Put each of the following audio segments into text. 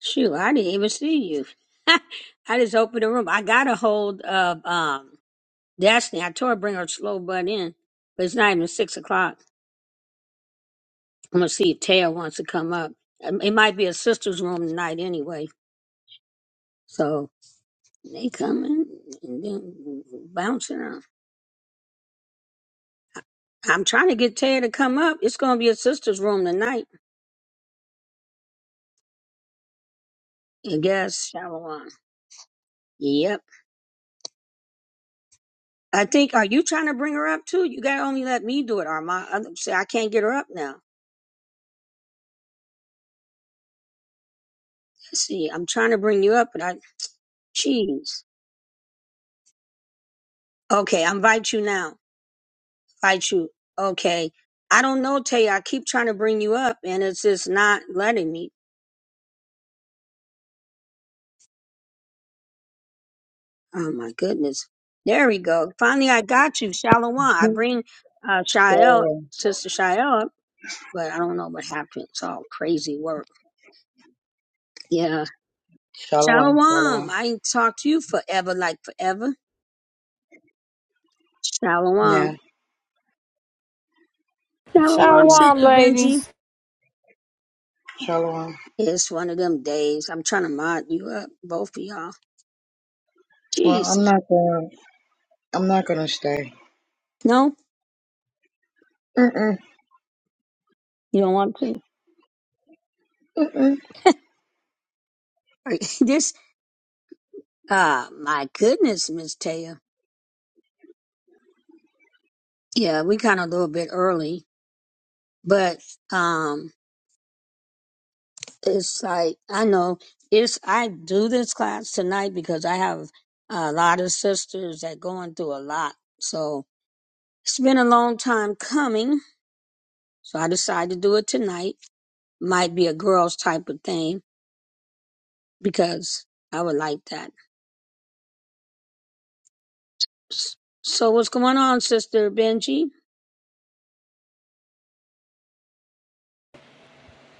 Shoot, I didn't even see you. I just opened the room. I got a hold of um Destiny. I told her bring her slow butt in, but it's not even six o'clock. I'm gonna see if Tail wants to come up. Um, It might be a sister's room tonight anyway. So they coming and then bouncing around. I'm trying to get Tail to come up. It's gonna be a sister's room tonight. I guess Shalom. Yep. I think are you trying to bring her up too? You gotta only let me do it, Armand. I- See, I can't get her up now. Let's see, I'm trying to bring you up, but I, jeez. Okay, I invite you now. Invite you. Okay. I don't know, Tay. I keep trying to bring you up and it's just not letting me. Oh my goodness. There we go. Finally, I got you, Shalom. I bring uh, Shael, Shalom, Sister Shael up, but I don't know what happened. It's all crazy work. Yeah. shalom, Shalom. shalom. I ain't talked to you forever, like forever. Yeah, Shalom. Shalom, shalom, Shalom, Sister Benji. ladies. shalom. It's one of them days. I'm trying to mod you up, both of y'all. Well, Jesus. I'm not gonna, I'm not gonna stay. No, Mm-mm. you don't want to. Are you- this, uh, my goodness, Miss Taya. Yeah, we kind of a little bit early, but, um, it's like, I know it's, I do this class tonight because I have a lot of sisters that going through a lot. So it's been a long time coming. So I decided to do it tonight. Might be a girls type of thing because I would like that. S- So what's going on, Sister Benji?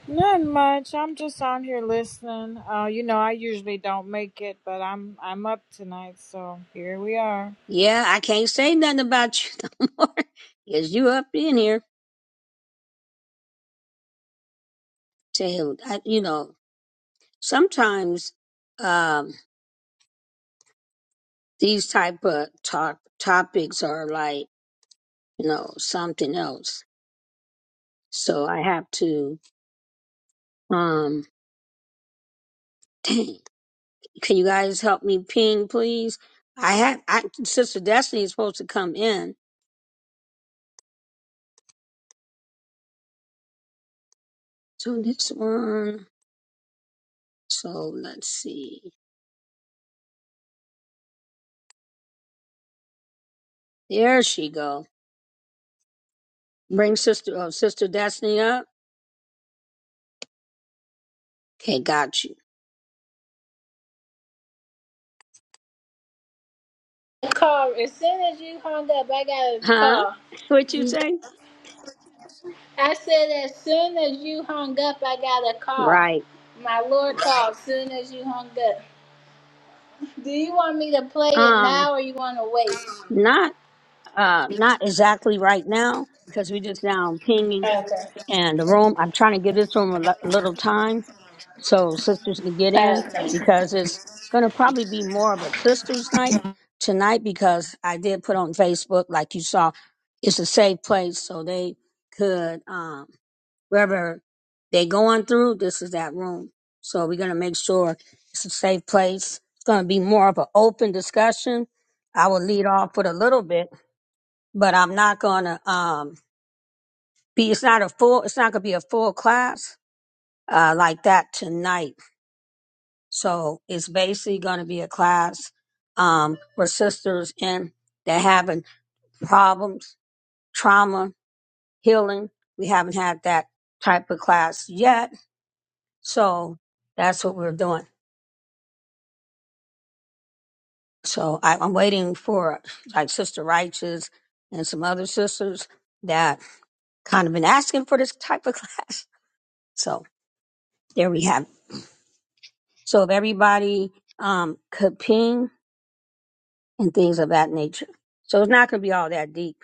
Not much. I'm just on here listening. Uh, you know, I usually don't make it, but I'm I'm up tonight, so here we are. Yeah, I can't say nothing about you no more. 'cause you up in here. Tell I, you know, sometimes um these type of talk topics are like, you know, something else. So I have to um dang, can you guys help me ping please? I have I Sister Destiny is supposed to come in. So this one so let's see. There she go. Bring sister, uh, sister Destiny up. Okay, got you. car as soon as you hung up i got a Huh? call What you say? i said as soon as you hung up i got a call Right. my lord called as soon as you hung up do you want me to play it Um, now or you want to wait not, uh, not exactly right now because we just now pinging okay and the room. I'm trying to give this room a li- a little time so sisters can get in okay because it's gonna probably be more of a sisters night tonight because I did put on Facebook like you saw. It's a safe place so they could. um. wherever they going through, this is that room. So we're gonna make sure it's a safe place. It's gonna be more of an open discussion. I will lead off with a little bit, but I'm not gonna um be it's not a full it's not gonna be a full class uh like that tonight. So it's basically gonna be a class um for sisters in that having problems, trauma, healing. We haven't had that type of class yet. So that's what we're doing. So I, I'm waiting for like Sister Righteous and some other sisters that kind of been asking for this type of class. So there we have it. So if everybody um, could ping and things of that nature. So it's not going to be all that deep.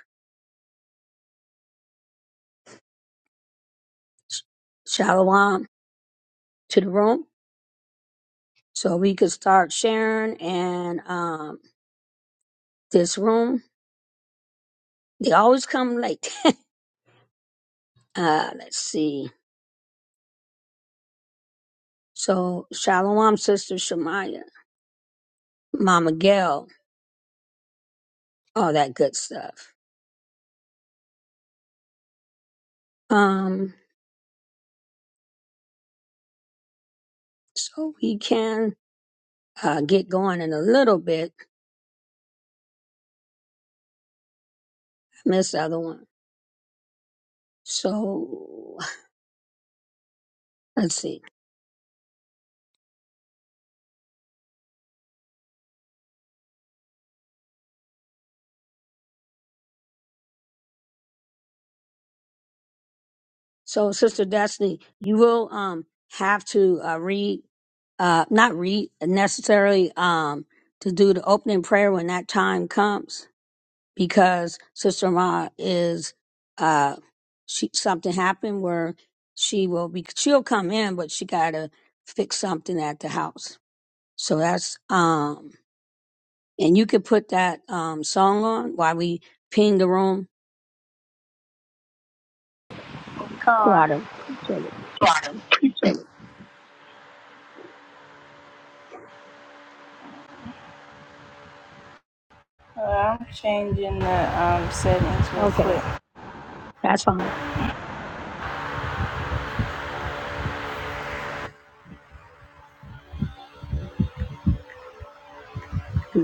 Shalom to the room. So we could start sharing and um, this room. They always come late. uh, let's see. So Shalom, Sister Shemaya, Mama Gail, all that good stuff. um, so we can uh, get going in a little bit. I missed the other one. So let's see. So Sister Destiny, you will um have to uh, read, uh, not read necessarily um to do the opening prayer when that time comes because Sister Ma is uh she something happened where she will be she'll come in but she gotta fix something at the house. So that's um And you could put that um, song on while we ping the room. So car I'd appreciate it. Well, i'm changing the um settings real Okay, that's fine.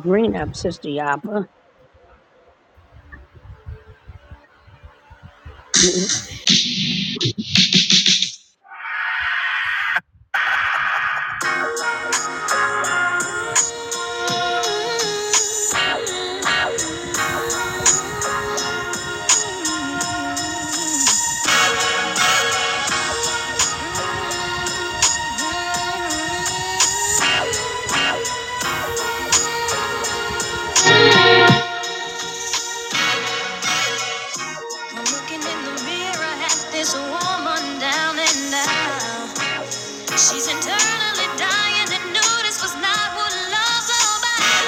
Green up, Sister Yapa. quick I'm looking in the mirror at this woman down and out. She's internally dying to know this was not what love's all about.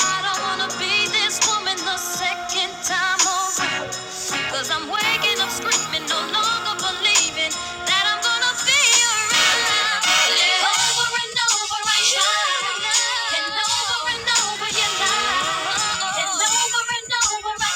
I don't wanna be this woman the second time around. i I'm waking up screaming, no longer believing that I'm gonna be around. Over and over I try, and over and over you lie, and over and over I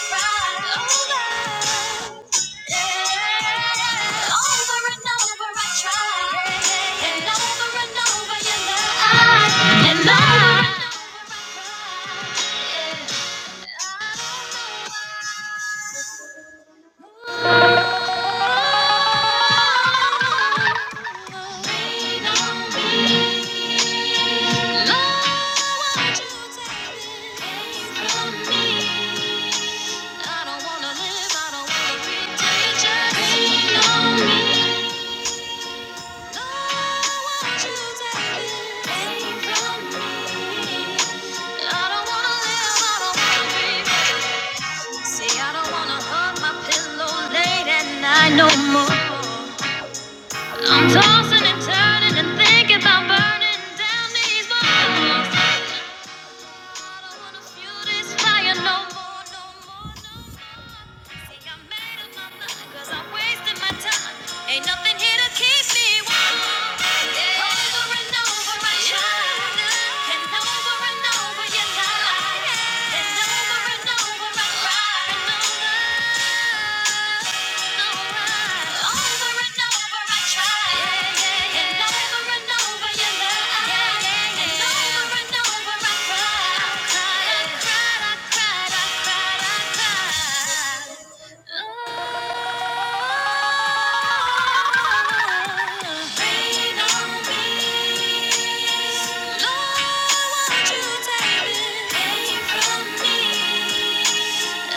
cry, Oh, over and over I tried, and over and over you lied, and over and over I cried. Yeah. No, See, I don't wanna hug my pillow late at night no more. I'm tossing and turning and thinking about burning down these walls. Ain't nothing here to keep me warm. Over and over I try, and over and over you lie, and over and Lord, won't you take it away from me? I'm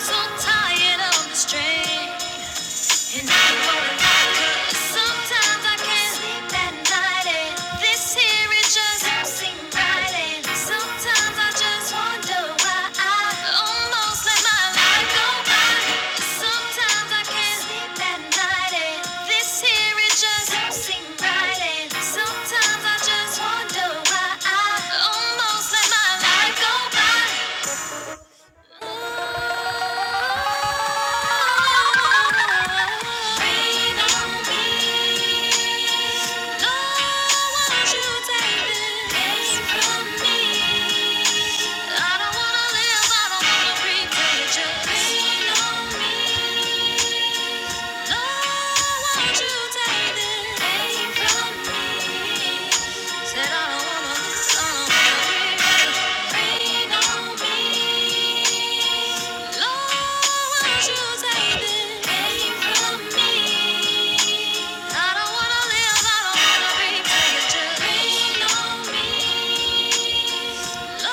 so tired of the strain. Sometimes I can't sleep at night, and this here is just don't seem right. And sometimes I just wonder why I almost let my life go by. Sometimes I can't sleep at night, and this here is just don't seem right. And sometimes I just wonder why I almost let my life go by. I don't wanna live, I don't wanna breathe, just rain on me. I don't wanna live, I don't wanna be, till you just lean on me. Thank you.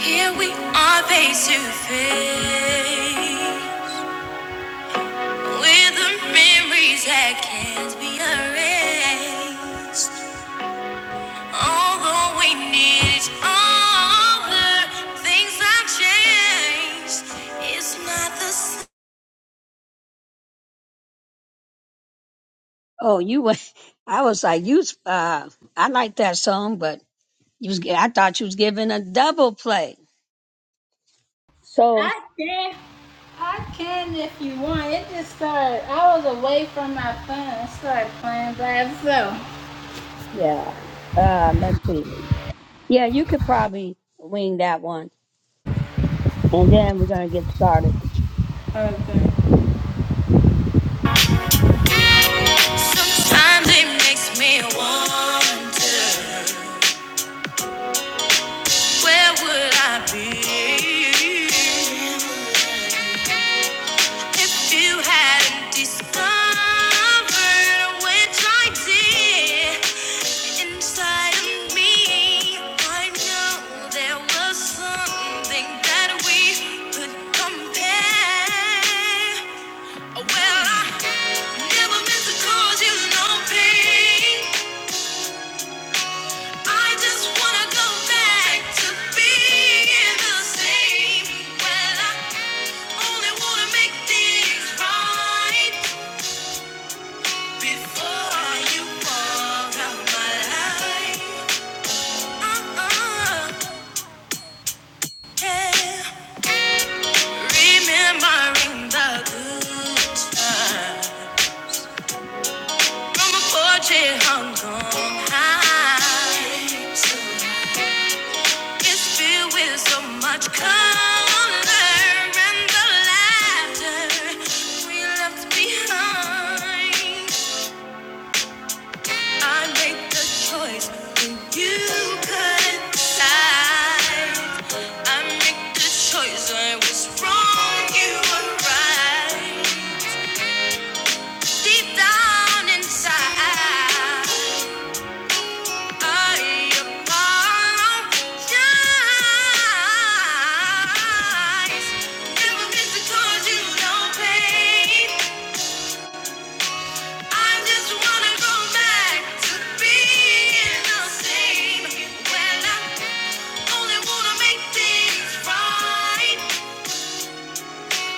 Here we are face to face with the memories that can't be erased. Although we need each other, things have changed. It's not the same. Oh, you were. I was like, you. was, Uh, I like that song, but you was. I thought you was giving a double play. So I can, I can if you want. It just started. I was away from my phone. It started playing by itself. yeah. Uh, let's see. Yeah, you could probably wing that one, and then we're gonna get started. Sometimes it makes me wonder where would I be if you hadn't discovered which I did inside of me. I know there was something that we could compare. Well, I never meant to cause you no pain. I just wanna go back to being the same. Well, I only wanna make things right before you walk out my life. Uh-uh, yeah. Remembering the good times from a porch Hong Kong high. It's filled with so much color and the laughter we left behind. I make the choice when you could decide. I make the choice when was wrong, you were right. Deep down inside.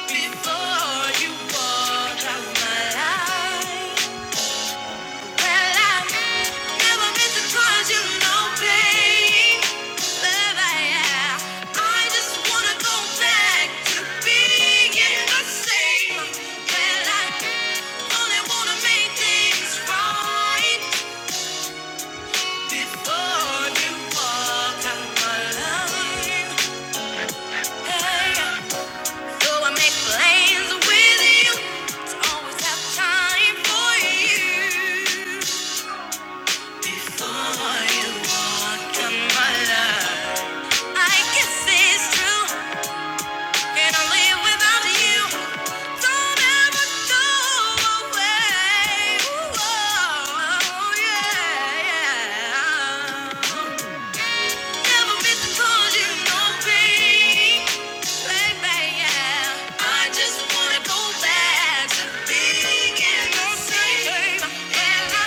Before you walk out my life Well, I never meant to cause you no pain, but I, uh, I just wanna go back to being the same. Well, I only wanna make things right before you walk out my life. So I make plans with you to always have time for you. Yeah. Never been told you no pain. Like, yeah, I just wanna go back to being the same. And I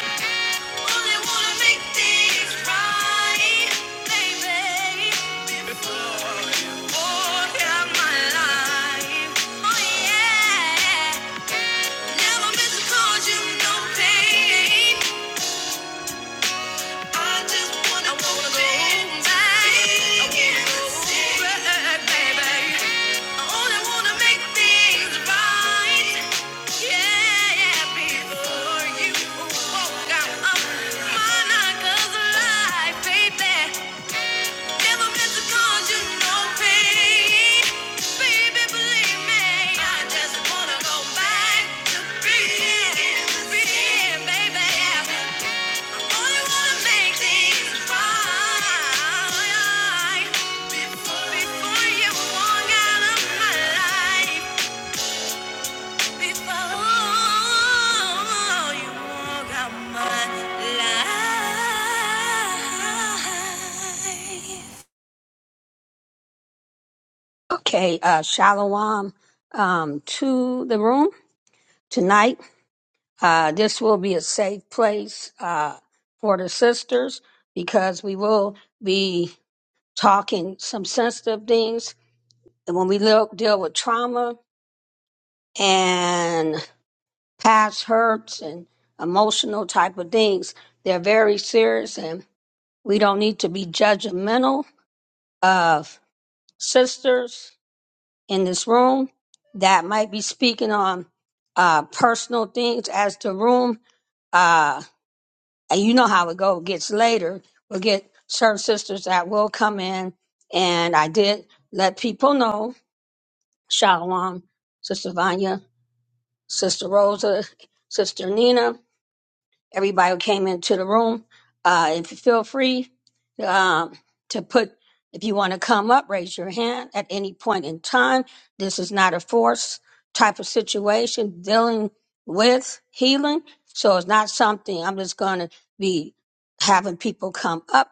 only wanna make things right, baby. Oh, yeah, my life. Oh, yeah. Never been told you no pain. I just wanna go baby. I baby. I only wanna make things right. Yeah, yeah, before you walk out my night 'cause life, baby, never meant to cause you no pain. Baby, believe me, I just wanna go back to being, being, baby. Okay, uh, Shalom um, to the room tonight. Uh, this will be a safe place uh, for the sisters because we will be talking some sensitive things. And when we look, deal with trauma and past hurts and emotional type of things, they're very serious. And we don't need to be judgmental of sisters in this room that might be speaking on uh, personal things as the room. Uh, and you know how it go gets later we'll get certain sisters that will come in and i did let people know shalom sister vanya sister rosa sister nina everybody who came into the room. Uh, if you feel free um, to put, if you want to come up, raise your hand at any point in time. This is not a force type of situation dealing with healing. So it's not something I'm just going to be having people come up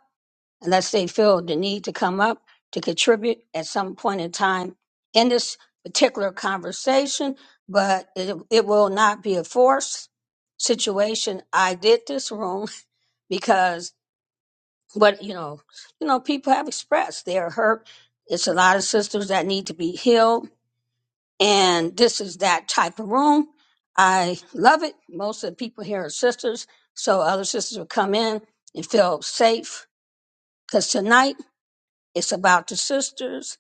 unless they feel the need to come up to contribute at some point in time in this particular conversation, but it, it will not be a forced situation. I did this room because what you know, you know, people have expressed they are hurt. It's a lot of sisters that need to be healed, and this is that type of room. I love it. Most of the people here are sisters, so other sisters will come in and feel safe. Because tonight it's about the sisters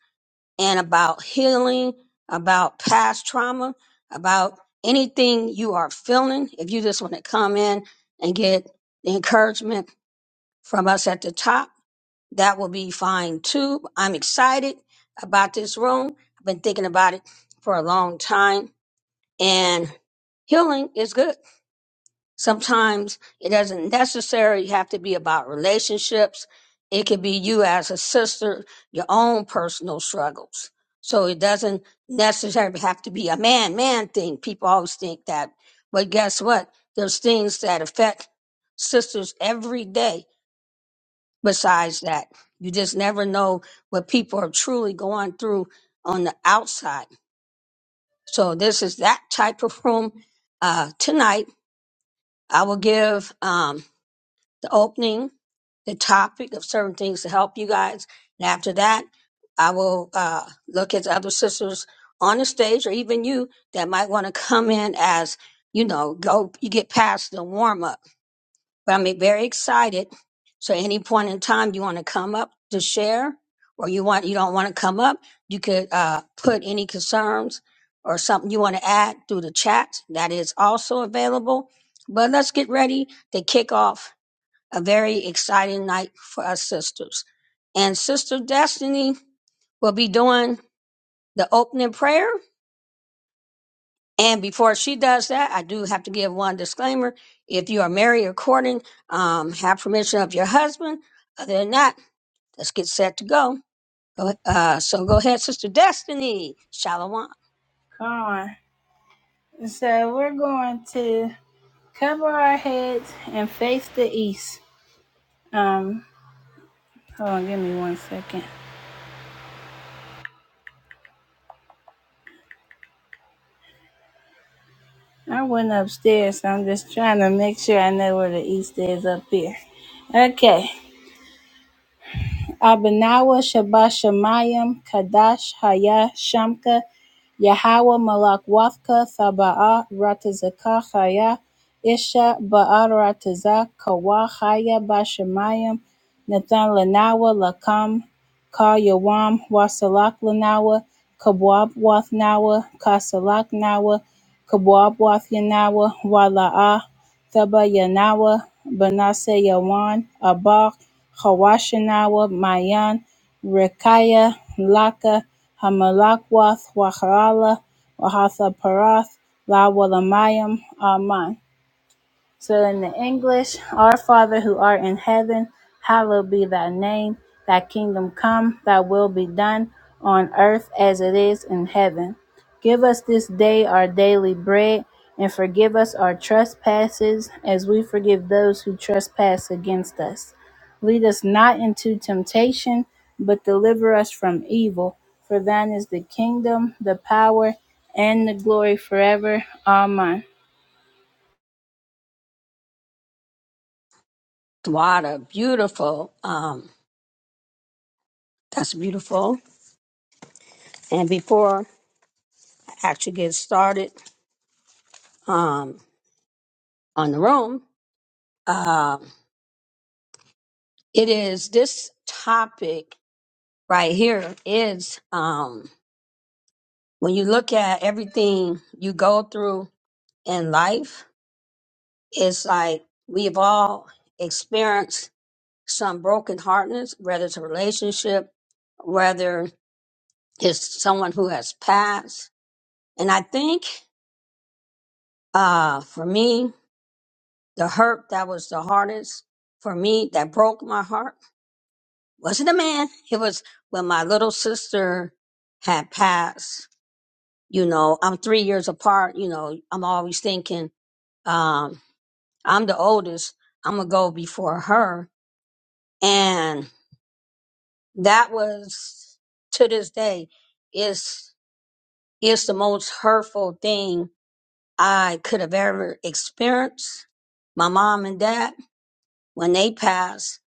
and about healing, about past trauma, about anything you are feeling. If you just want to come in and get the encouragement from us at the top, that will be fine too. I'm excited about this room. I've been thinking about it for a long time and healing is good. Sometimes it doesn't necessarily have to be about relationships. It could be you as a sister, your own personal struggles. So it doesn't necessarily have to be a man man thing. People always think that. But guess what? There's things that affect sisters every day besides that. You just never know what people are truly going through on the outside. So this is that type of room. Uh, tonight, I will give. Um, the opening, the topic of certain things to help you guys. And after that, I will uh, look at the other sisters on the stage or even you that might want to come in as, you know, go, you get past the warm up. But I'm very excited. So at any point in time you want to come up to share or you want, you don't want to come up, you could uh, put any concerns or something you want to add through the chat. That is also available. But let's get ready to kick off a very exciting night for us sisters. And Sister Destiny will be doing the opening prayer. And before she does that, I do have to give one disclaimer. If you are married or courting, um, have permission of your husband. Other than that, let's get set to go. Go- Uh, so go ahead, Sister Destiny. Shalom. Gone. So we're going to cover our heads and face the east. Um, hold on, give me one second. I went upstairs, so I'm just trying to make sure I know where the east is up here. Okay. Abinawa, Shabashamayim, Kadash, Haya, Shamka, Yahweh, Malak, Wafka, Thaba'a, Ratazaka, Haya, Isha, Ba'a, Ratazak, Kawa, Haya, Bashamayim, Nathan, Lanawa, Lakam, Ka, Yawam, Wasalak, Lanawa, Kabwab, Wathnawa, Kasalak, Nawa, Kabwab, Wathyanawa, Wala'a, Thaba, Yanawa, Banase, Yawan, Abak. Hawashinawa, Mayan, Rekaya, Laka, Hamalakwath, Waharala, Wahatha Parath, Lawalamayam, Aman. So in the English, Our Father who art in heaven, hallowed be thy name. Thy kingdom come, thy will be done on earth as it is in heaven. Give us this day our daily bread and forgive us our trespasses as we forgive those who trespass against us. Lead us not into temptation, but deliver us from evil. For thine is the kingdom, the power, and the glory forever. Amen. What a beautiful, um, that's beautiful. And before I actually get started um, on the room, um, It is this topic right here is um when you look at everything you go through in life, it's like we've all experienced some broken heartness, whether it's a relationship, whether it's someone who has passed. And I think uh for me, the hurt that was the hardest for me that broke my heart wasn't a man. It was when my little sister had passed you know i'm three years apart you know i'm always thinking um i'm the oldest i'm gonna go before her and that was to this day is is the most hurtful thing i could have ever experienced my mom and dad when they passed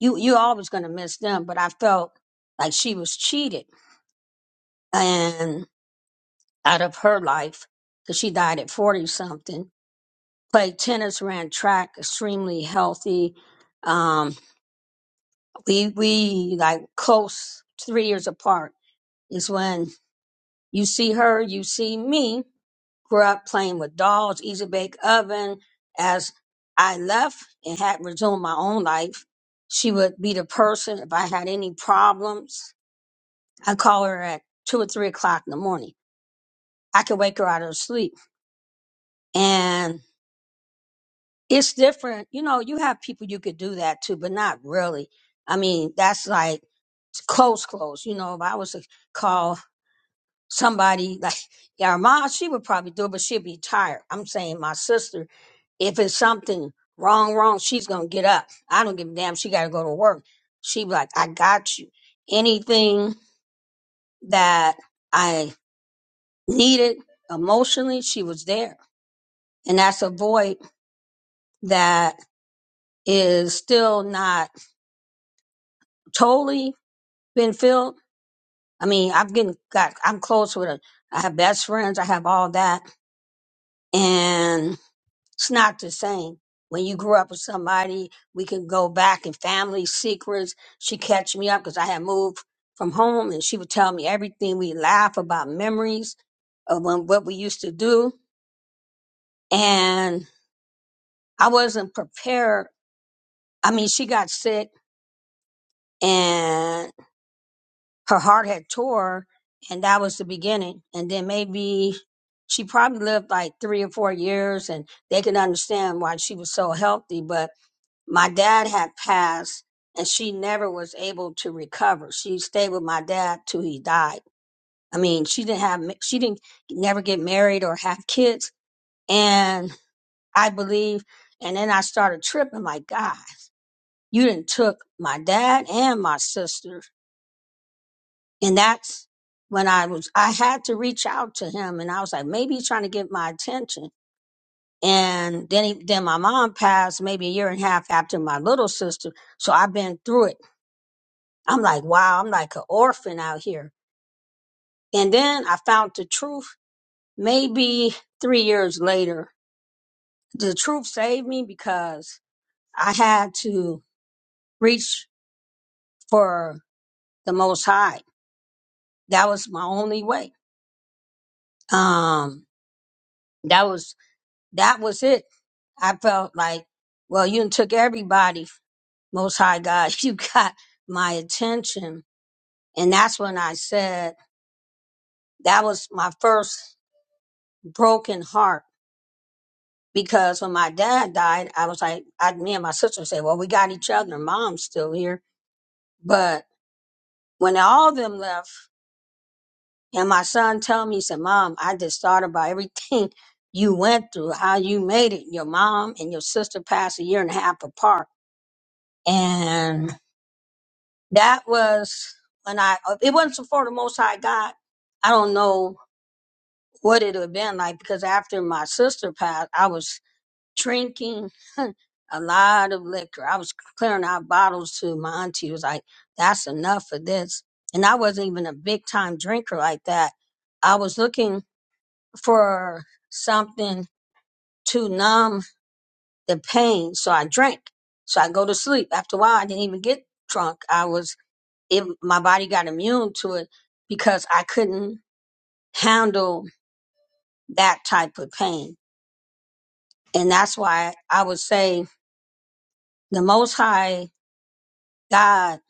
you you always gonna miss them but i felt like she was cheated and out of her life because she died at 40 something played tennis, ran track, extremely healthy. Um, we we like close three years apart is when you see her, you see me. Grew up playing with dolls, easy bake oven. As I left and had resumed my own life, she would be the person if I had any problems. I call her at two or three o'clock in the morning. I could wake her out of her sleep, and it's different. You know, you have people you could do that to, but not really. I mean, that's like close, close. You know, if I was to call somebody like your mom, she would probably do it, but she'd be tired. I'm saying my sister, if it's something wrong, wrong, she's gonna get up. I don't give a damn. She gotta go to work. She be like, I got you. Anything that I needed emotionally, she was there. And that's a void that is still not totally been filled. I mean, I've getting got I'm close with her. I have best friends, I have all that. And it's not the same. When you grew up with somebody, we can go back in family secrets. She catch me up because I had moved from home and she would tell me everything. We laugh about memories of when, what we used to do. And I wasn't prepared. I mean, she got sick and her heart had tore and that was the beginning and then maybe she probably lived like three or four years and they could understand why she was so healthy but my dad had passed and she never was able to recover she stayed with my dad till he died i mean she didn't have she didn't never get married or have kids and i believe and then i started tripping like god you didn't took my dad and my sister. And that's when I was, I had to reach out to him and I was like, maybe he's trying to get my attention. And then, he, then my mom passed maybe a year and a half after my little sister. So I've been through it. I'm like, wow, I'm like an orphan out here. And then I found the truth maybe three years later. The truth saved me because I had to reach for the most high. That was my only way. Um, that was, that was it I felt like, well, you done took everybody, Most High God, you got my attention. And that's when I said that was my first broken heart because when my dad died, I was like, I, me and my sister said, well, we got each other. Mom's still here. But when all of them left and my son told me, he said, mom, I just thought about everything you went through, how you made it. Your mom and your sister passed a year and a half apart. And That was when I, if it wasn't for the Most High God, I don't know what it would have been like because after my sister passed, I was drinking a lot of liquor. I was clearing out bottles to my auntie. It was like, that's enough of this. And I wasn't even a big time drinker like that. I was looking for something to numb the pain. So I drank. So I go to sleep. After a while, I didn't even get drunk. I was it my body got immune to it because I couldn't handle that type of pain. And that's why I would say the most high God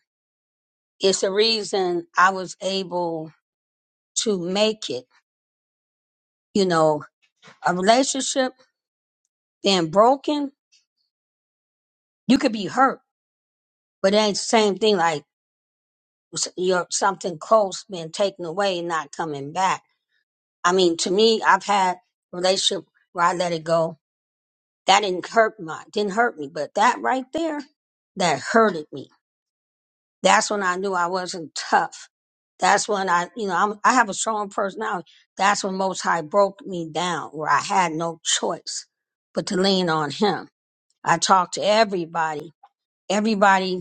is the reason I was able to make it. You know, a relationship being broken, you could be hurt, but it ain't the same thing like s- your something close being taken away and not coming back. I mean, to me, I've had relationship where I let it go That didn't hurt my didn't hurt me, but that right there, that hurted me. That's when I knew I wasn't tough. That's when I, you know, I'm, I have a strong personality. That's when Most High broke me down, where I had no choice but to lean on Him. I talked to everybody. Everybody,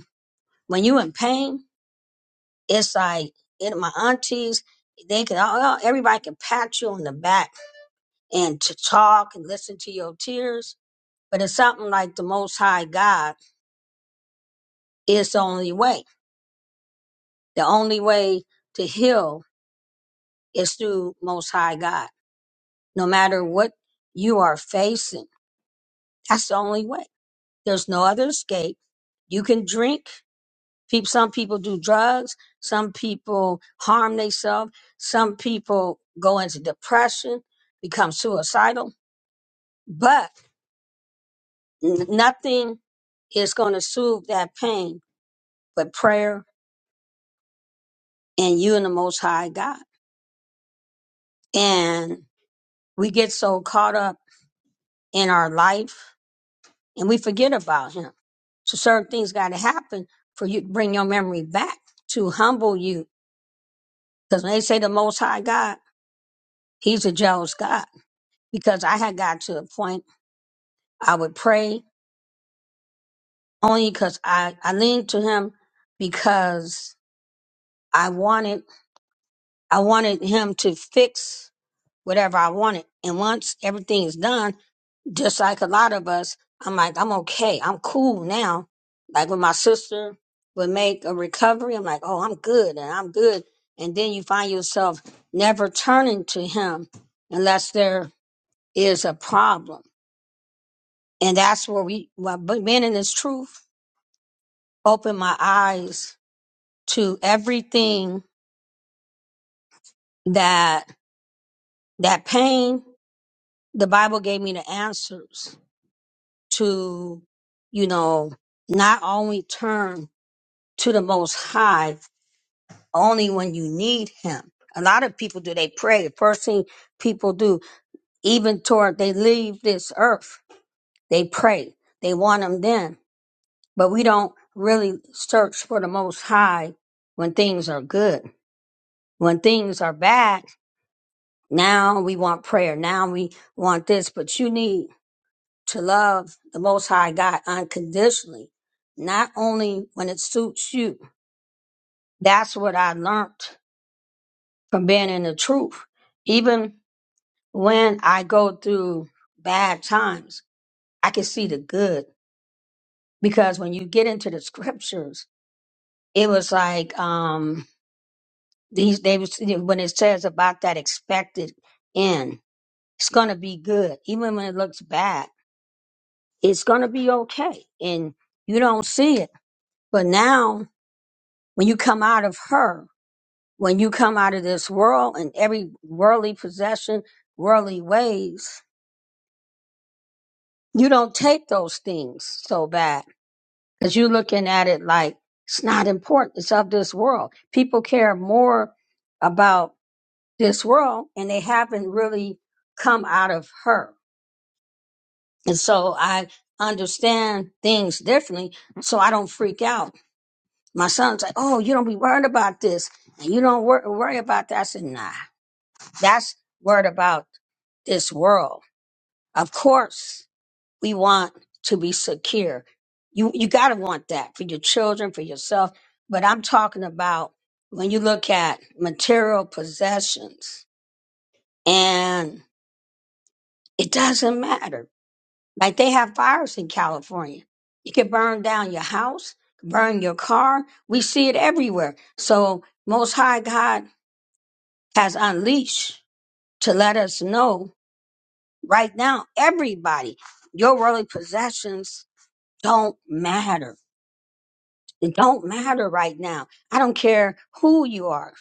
when you in pain, it's like it, my aunties. They can all everybody can pat you on the back and to talk and listen to your tears. But it's something like the Most High God Is the only way. The only way to heal is through Most High God. No matter what you are facing, that's the only way. There's no other escape. You can drink. People, some people do drugs. Some people harm themselves. Some people go into depression, become suicidal. But n- nothing is going to soothe that pain but prayer and you and the Most High God. And we get so caught up in our life and we forget about him. So certain things got to happen for you to bring your memory back to humble you. Because when they say the most high God, he's a jealous God. Because I had got to a point I would pray only because I, I leaned to him because I wanted I wanted him to fix whatever I wanted. And once everything is done, just like a lot of us, I'm like, I'm okay. I'm cool now. Like when my sister would make a recovery, I'm like, oh, I'm good and I'm good. And then you find yourself never turning to him unless there is a problem. And that's where we, well, but being in this truth opened my eyes to everything that, that pain, the Bible gave me the answers to, you know, not only turn to the Most High only when you need Him. A lot of people do. They pray. The first thing people do, even toward they leave this earth, they pray. They want Him then. But we don't really search for the Most High when things are good. When things are bad, now we want prayer. Now we want this. But you need to love the Most High God unconditionally, not only when it suits you. That's what I learned for being in the truth. Even when I go through bad times, I can see the good because when you get into the scriptures, it was like um these they was when it says about that expected end, it's gonna be good. Even when it looks bad, it's gonna be okay. And you don't see it. But now when you come out of her, when you come out of this world and every worldly possession, worldly ways, you don't take those things so bad because you're looking at it like it's not important. It's of this world. People care more about this world and they haven't really come out of her. And so I understand things differently. So I don't freak out. My son's like, Oh, you don't be worried about this and you don't wor- worry about that. I said, Nah, that's worried about this world. Of course. we want to be secure. You you gotta want that for your children, for yourself. But I'm talking about when you look at material possessions and it doesn't matter. Like they have fires in California. You can burn down your house, burn your car. We see it everywhere. So most high God has unleashed to let us know right now, everybody, your worldly possessions don't matter It don't matter right now. I don't care who you are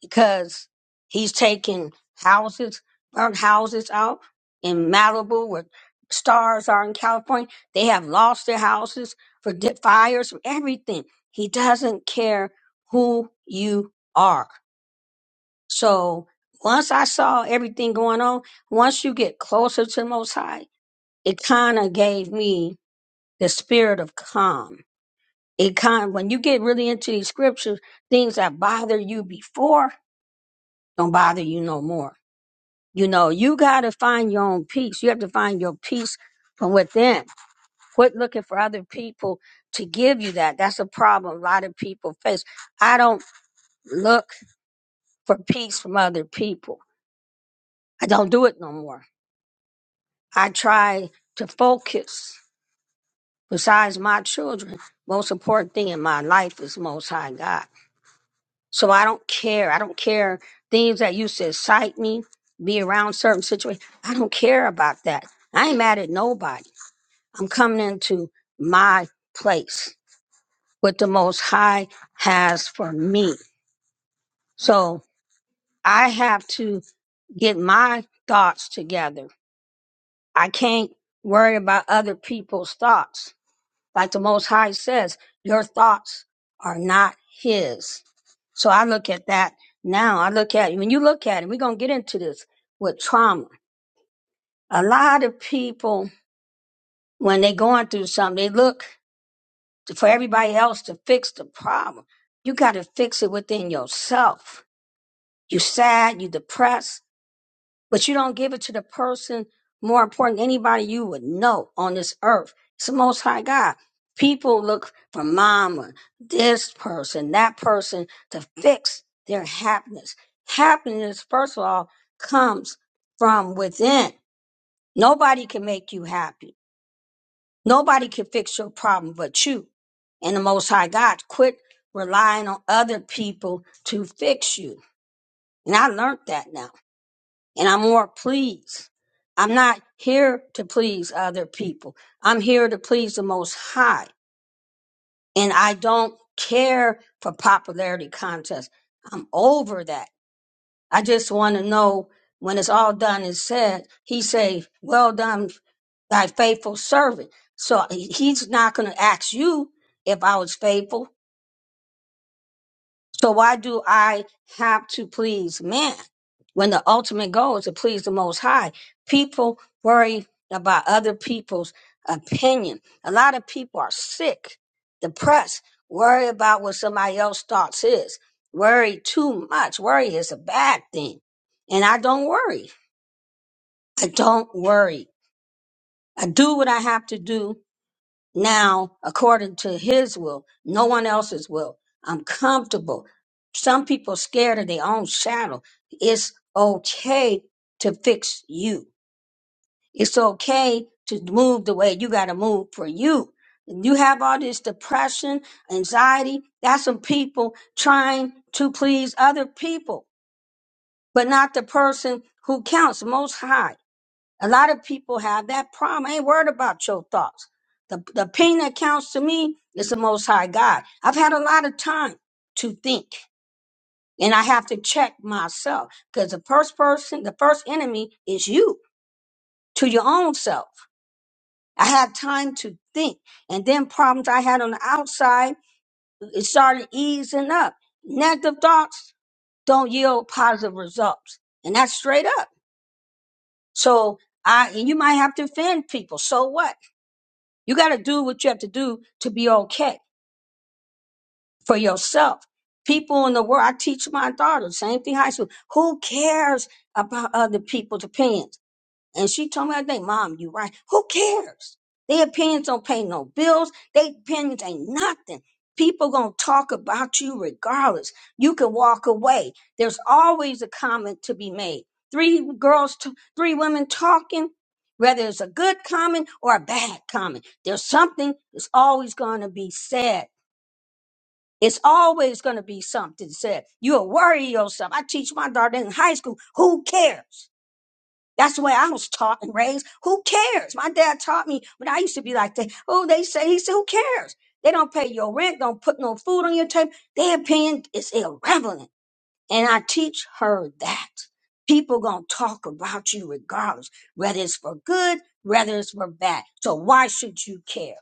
because he's taking houses, burnt houses out in Malibu where stars are in California. They have lost their houses for di- fires, for everything. He doesn't care who you are. So once I saw everything going on, once you get closer to the Most High, it kind of gave me the spirit of calm it kind when you get really into these scriptures, things that bother you before don't bother you no more. You know, you got to find your own peace. You have to find your peace from within. Quit looking for other people to give you that. That's a problem a lot of people face. I don't look for peace from other people. I don't do it no more. I try to focus. Besides my children, most important thing in my life is Most High God. So I don't care. I don't care things that used to excite me, be around certain situations. I don't care about that. I ain't mad at nobody. I'm coming into my place what the most high has for me. So I have to get my thoughts together. I can't worry about other people's thoughts. Like the Most High says, your thoughts are not His. So I look at that now. I look at, when you look at it, we're going to get into this with trauma. A lot of people, when they're going through something, they look for everybody else to fix the problem. You got to fix it within yourself. You sad, you depressed. but you don't give it to the person more important than anybody you would know on this earth. It's the most high God. People look for mama, this person, that person to fix their happiness. Happiness, first of all, comes from within. Nobody can make you happy. Nobody can fix your problem but you. And the most high God, quit relying on other people to fix you. And I learned that now and I'm more pleased. I'm not here to please other people. I'm here to please the Most High. And I don't care for popularity contests. I'm over that. I just want to know when it's all done and said, he say, well done, thy faithful servant. So he- he's not going to ask you if I was faithful. So why do I have to please man when the ultimate goal is to please the Most High? People worry about other people's opinion. A lot of people are sick, depressed, worry about what somebody else thoughts is. Worry too much. Worry is a bad thing. And I don't worry. I don't worry. I do what I have to do now according to his will, no one else's will. I'm comfortable. Some people scared of their own shadow. It's okay to fix you. It's okay to move the way you got to move for you. You have all this depression, anxiety. That's some people trying to please other people, but not the person who counts most high. A lot of people have that problem. I ain't worried about your thoughts. The, the pain that counts to me is the Most High God. I've had a lot of time to think, and I have to check myself because the first person, the first enemy is you to your own self. I had time to think, and then problems I had on the outside it started easing up. Negative thoughts don't yield positive results, and that's straight up. So I, and you might have to offend people. So what? You got to do what you have to do to be okay for yourself. People in the world, I teach my daughter, same thing high school. Who cares about other people's opinions? And she told me, I think, Mom, you right. Who cares? Their opinions don't pay no bills. Their opinions ain't nothing. People gonna talk about you regardless. You can walk away. There's always a comment to be made. Three girls, t- three women talking, whether it's a good comment or a bad comment. There's something that's always gonna be said. It's always gonna be something said. You'll worry yourself. I teach my daughter in high school. Who cares? That's the way I was taught and raised. Who cares? My dad taught me when I used to be like that. Oh, they say, he said, who cares? They don't pay your rent, don't put no food on your table. Their opinion is irrelevant. And I teach her that. People gonna talk about you regardless, whether it's for good, whether it's for bad. So why should you care?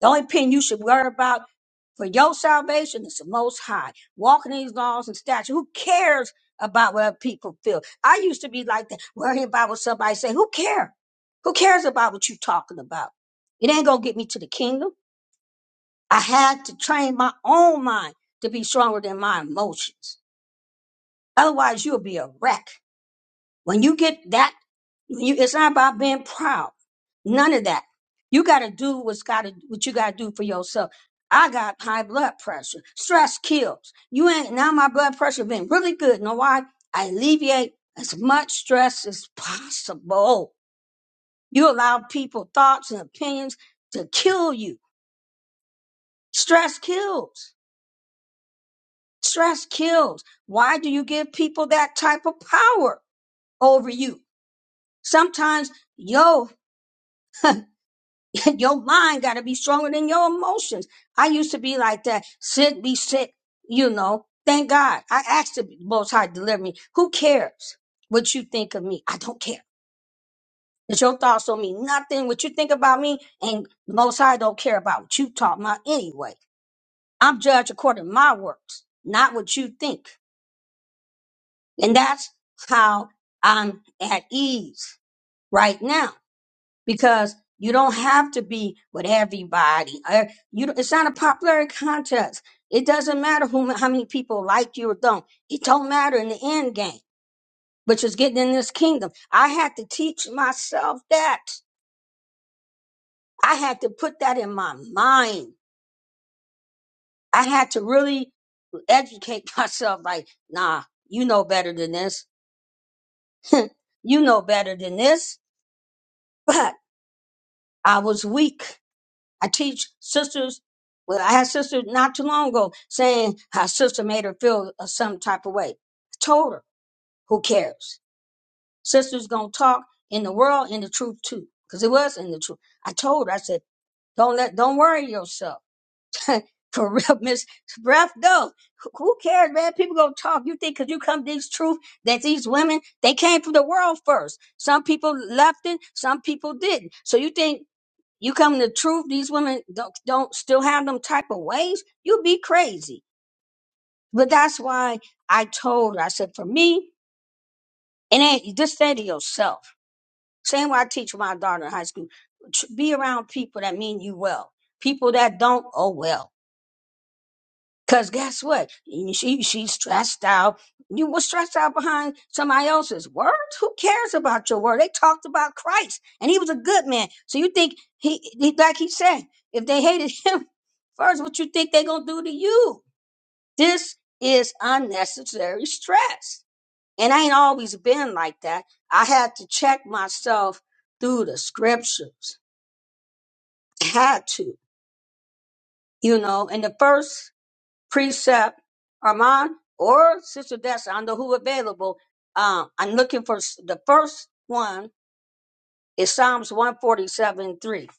The only opinion you should worry about for your salvation is the most high. Walking these laws and statutes. Who cares about what people feel? I used to be like that, worrying about what somebody say. Who cares? Who cares about what you talking about? It ain't gonna get me to the kingdom. I had to train my own mind to be stronger than my emotions. Otherwise, you'll be a wreck. When you get that you, it's not about being proud. None of that. You got to do what's got to what you got to do for yourself. I got high blood pressure. Stress kills. You ain't now. My blood pressure been really good. Know why? I alleviate as much stress as possible. You allow people thoughts and opinions to kill you. Stress kills. Stress kills. Why do you give people that type of power over you? Sometimes, yo, your mind got to be stronger than your emotions. I used to be like that. Sick, be sick, you know. Thank God. I asked the Most High to deliver me. Who cares what you think of me? I don't care. It's your thoughts on me. Nothing. What you think about me and the Most High don't care about what you talk about anyway. I'm judged according to my works, not what you think. And that's how I'm at ease right now because you don't have to be with everybody. Uh, You, don't- it's not a popularity contest. It doesn't matter who, how many people like you or don't. It don't matter in the end game, which is getting in this kingdom. I had to teach myself that. I had to put that in my mind. I had to really educate myself. Like, nah, you know better than this. you know better than this. But I was weak. I teach sisters. Well, I had sisters not too long ago saying how sister made her feel a some type of way. I told her, who cares? Sister's gonna talk in the world in the truth too, because it was in the truth. I told her, I said, don't let, don't worry yourself. For real, Miss Breath, go. Who who cares, man? People gonna talk. You think because you come to these truth that these women they came from the world first. Some people left it, some people didn't. So you think you come to truth, these women don't, don't still have them type of ways. You'd be crazy. But that's why I told her, I said, for me, it ain't just say to yourself. Same way I teach my daughter in high school. tr- Be around people that mean you well. People that don't, oh well. Cause guess what? You- She she's stressed out. You were stressed out behind somebody else's word. Who cares about your word? They talked about Christ, and he was a good man. So you think he, he like he said, if they hated him, First, what you think they gonna do to you? This is unnecessary stress. And I ain't always been like that. I had to check myself through the scriptures. Had to, you know. And the first precept, Armand or Sister Dessa, I know who available. Um, I'm looking for s- the first one is Psalms one forty-seven three.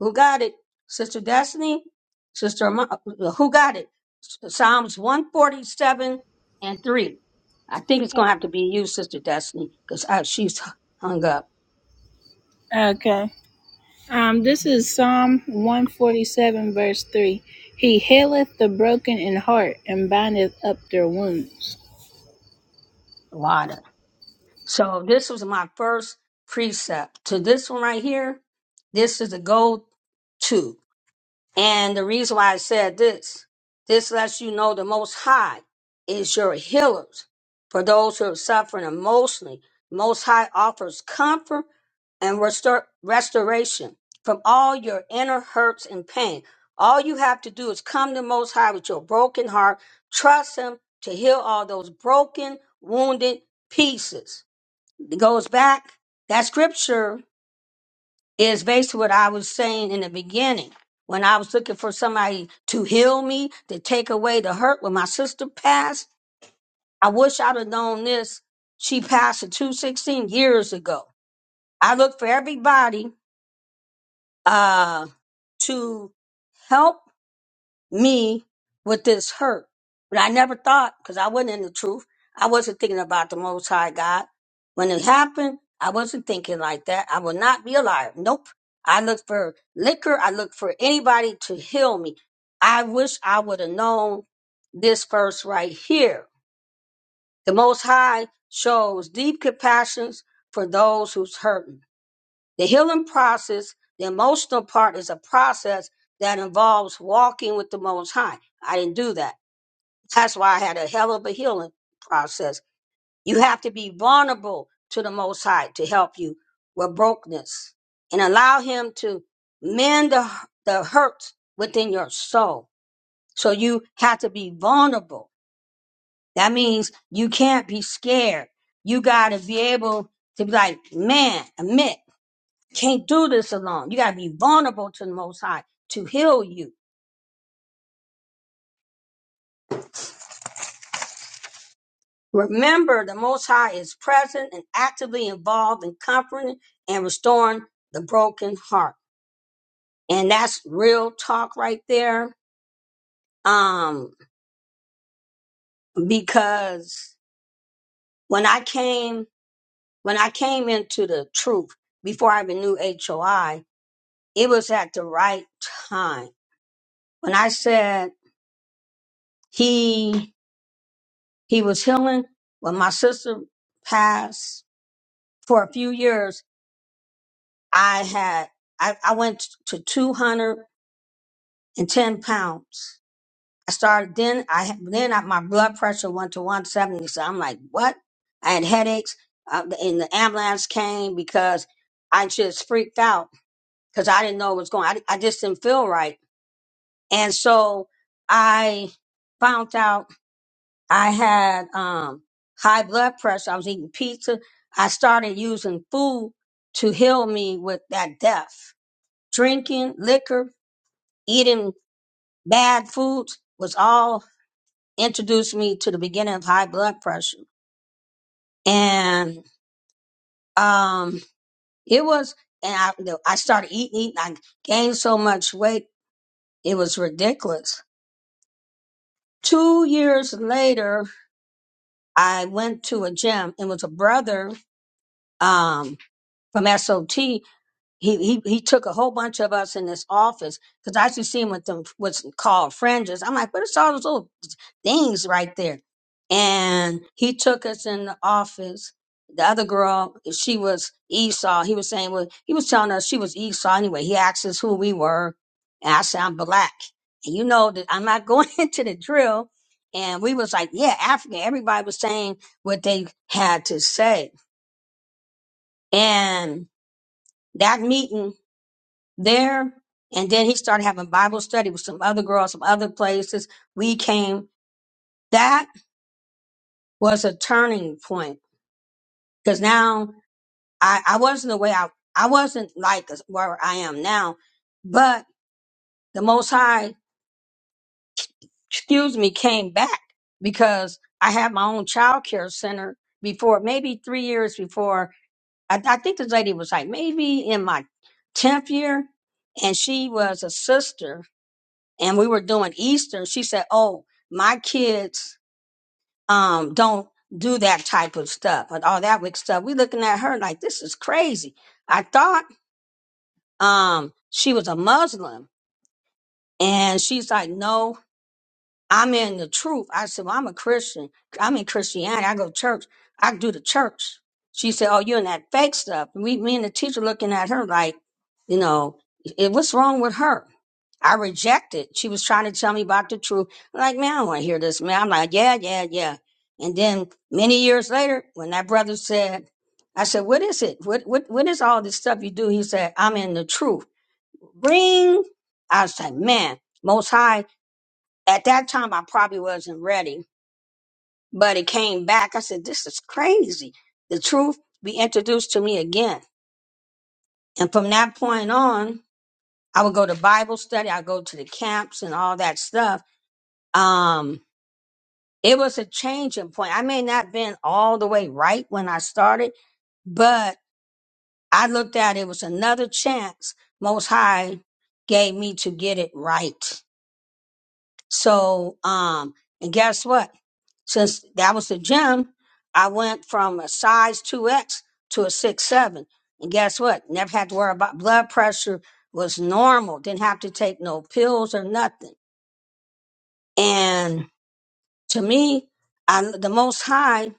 Who got it? Sister Destiny? Sister, Ama- uh, who got it? Psalms 147 and 3. I think it's going to have to be you, Sister Destiny, because she's hung up Okay. Um, this is Psalm 147, verse 3. He healeth the broken in heart and bindeth up their wounds. a lot. Of, so this was my first precept. To this one right here, this is a go to. And the reason why I said this, this lets you know the Most High is your healers. For those who are suffering emotionally, Most High offers comfort and restor- restoration from all your inner hurts and pain. All you have to do is come to Most High with your broken heart, trust Him to heal all those broken, wounded pieces. It goes back, that scripture is basically what I was saying in the beginning. When I was looking for somebody to heal me, to take away the hurt when my sister passed, I wish I'd have known this. She passed at 216 years ago. I looked for everybody uh, to help me with this hurt. But I never thought, because I wasn't in the truth, I wasn't thinking about the Most High God. When it happened, I wasn't thinking like that. I will not be a liar. Nope. I look for liquor. I look for anybody to heal me. I wish I would have known this verse right here. The Most High shows deep compassion for those who's hurting. The healing process, the emotional part is a process that involves walking with the Most High. I didn't do that. That's why I had a hell of a healing process. You have to be vulnerable to the Most High to help you with brokenness and allow Him to mend the, the hurts within your soul. So you have to be vulnerable. That means you can't be scared. You got to be able to be like, man, admit. Can't do this alone. You got to be vulnerable to the Most High to heal you. Remember, the Most High is present and actively involved in comforting and restoring the broken heart. And that's real talk right there. Um, because when I came, when I came into the truth before I even knew HOI, it was at the right time. When I said he, he was healing, when my sister passed, for a few years, I had, I, I went to 210 pounds. I started then, I, had- then I, my blood pressure went to 170. So I'm like, what? I had headaches. Uh, and the ambulance came because I just freaked out because I didn't know what was going on. I, I just didn't feel right. And so I found out I had, um, high blood pressure. I was eating pizza. I started using food to heal me with that death drinking liquor, eating bad foods was all introduced me to the beginning of high blood pressure. And um, it was, and I, I started eating, eating. I gained so much weight, it was ridiculous. Two years later, I went to a gym. It was a brother um, from SOT. he he he took a whole bunch of us in his office because I used to see him with them what's called fringes. I'm like, what is all those little things right there? And he took us in the office. The other girl, she was Esau. He was saying, well, he was telling us she was Esau anyway. He asked us who we were, and I said I'm black. And you know that I'm not going into the drill. And we was like, yeah, African. Everybody was saying what they had to say. And that meeting there. And then he started having Bible study with some other girls from other places. We came. That was a turning point because now I, I wasn't the way I, I wasn't like as- where I am now, but the Most High, excuse me, came back because I had my own child care center before, maybe three years before. I, I think this lady was like maybe in my 10th year and she was a sister and we were doing Easter, she said, "Oh, my kids um don't do that type of stuff and all that weird stuff." We looking at her like this is crazy. I thought um she was a Muslim, and she's like, "No, I'm in the truth. I said, well, I'm a Christian. I'm in Christianity. I go to church. I do the church. She said, oh, you're in that fake stuff. We, me and the teacher looking at her like, you know, it, what's wrong with her? I rejected. She was trying to tell me about the truth. I'm like, man, I don't want to hear this, man. I'm like, yeah, yeah, yeah. And then many years later, when that brother said, I said, what is it? What, what, what is all this stuff you do? He said, I'm in the truth. Bring. I was like, man, most high at that time I probably wasn't ready, but it came back. I said, This is crazy. The truth be introduced to me again. And from that point on, I would go to Bible study, I go to the camps and all that stuff. Um, it was a changing point. I may not been all the way right when I started, but I looked at it was another chance most high gave me to get it right. So, um, and guess what? Since that was the gym, I went from a size 2X to a six seven. And guess what? Never had to worry about blood pressure was normal. Didn't have to take no pills or nothing. And to me, I, the most high,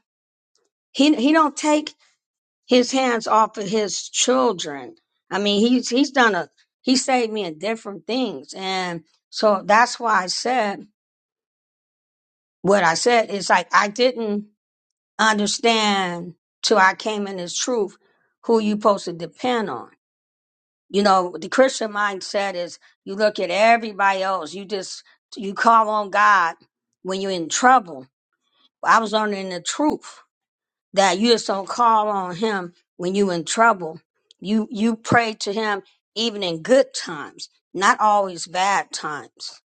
he, he don't take his hands off of his children. I mean, he's, he's done a, he saved me in different things. And so that's why I said, what I said is like, I didn't understand till I came in this truth who you supposed to depend on. You know, the Christian mindset is you look at everybody else. You just you call on God when you're in trouble. I was learning the truth that you just don't call on him when you're in trouble. You you pray to him even in good times, not always bad times.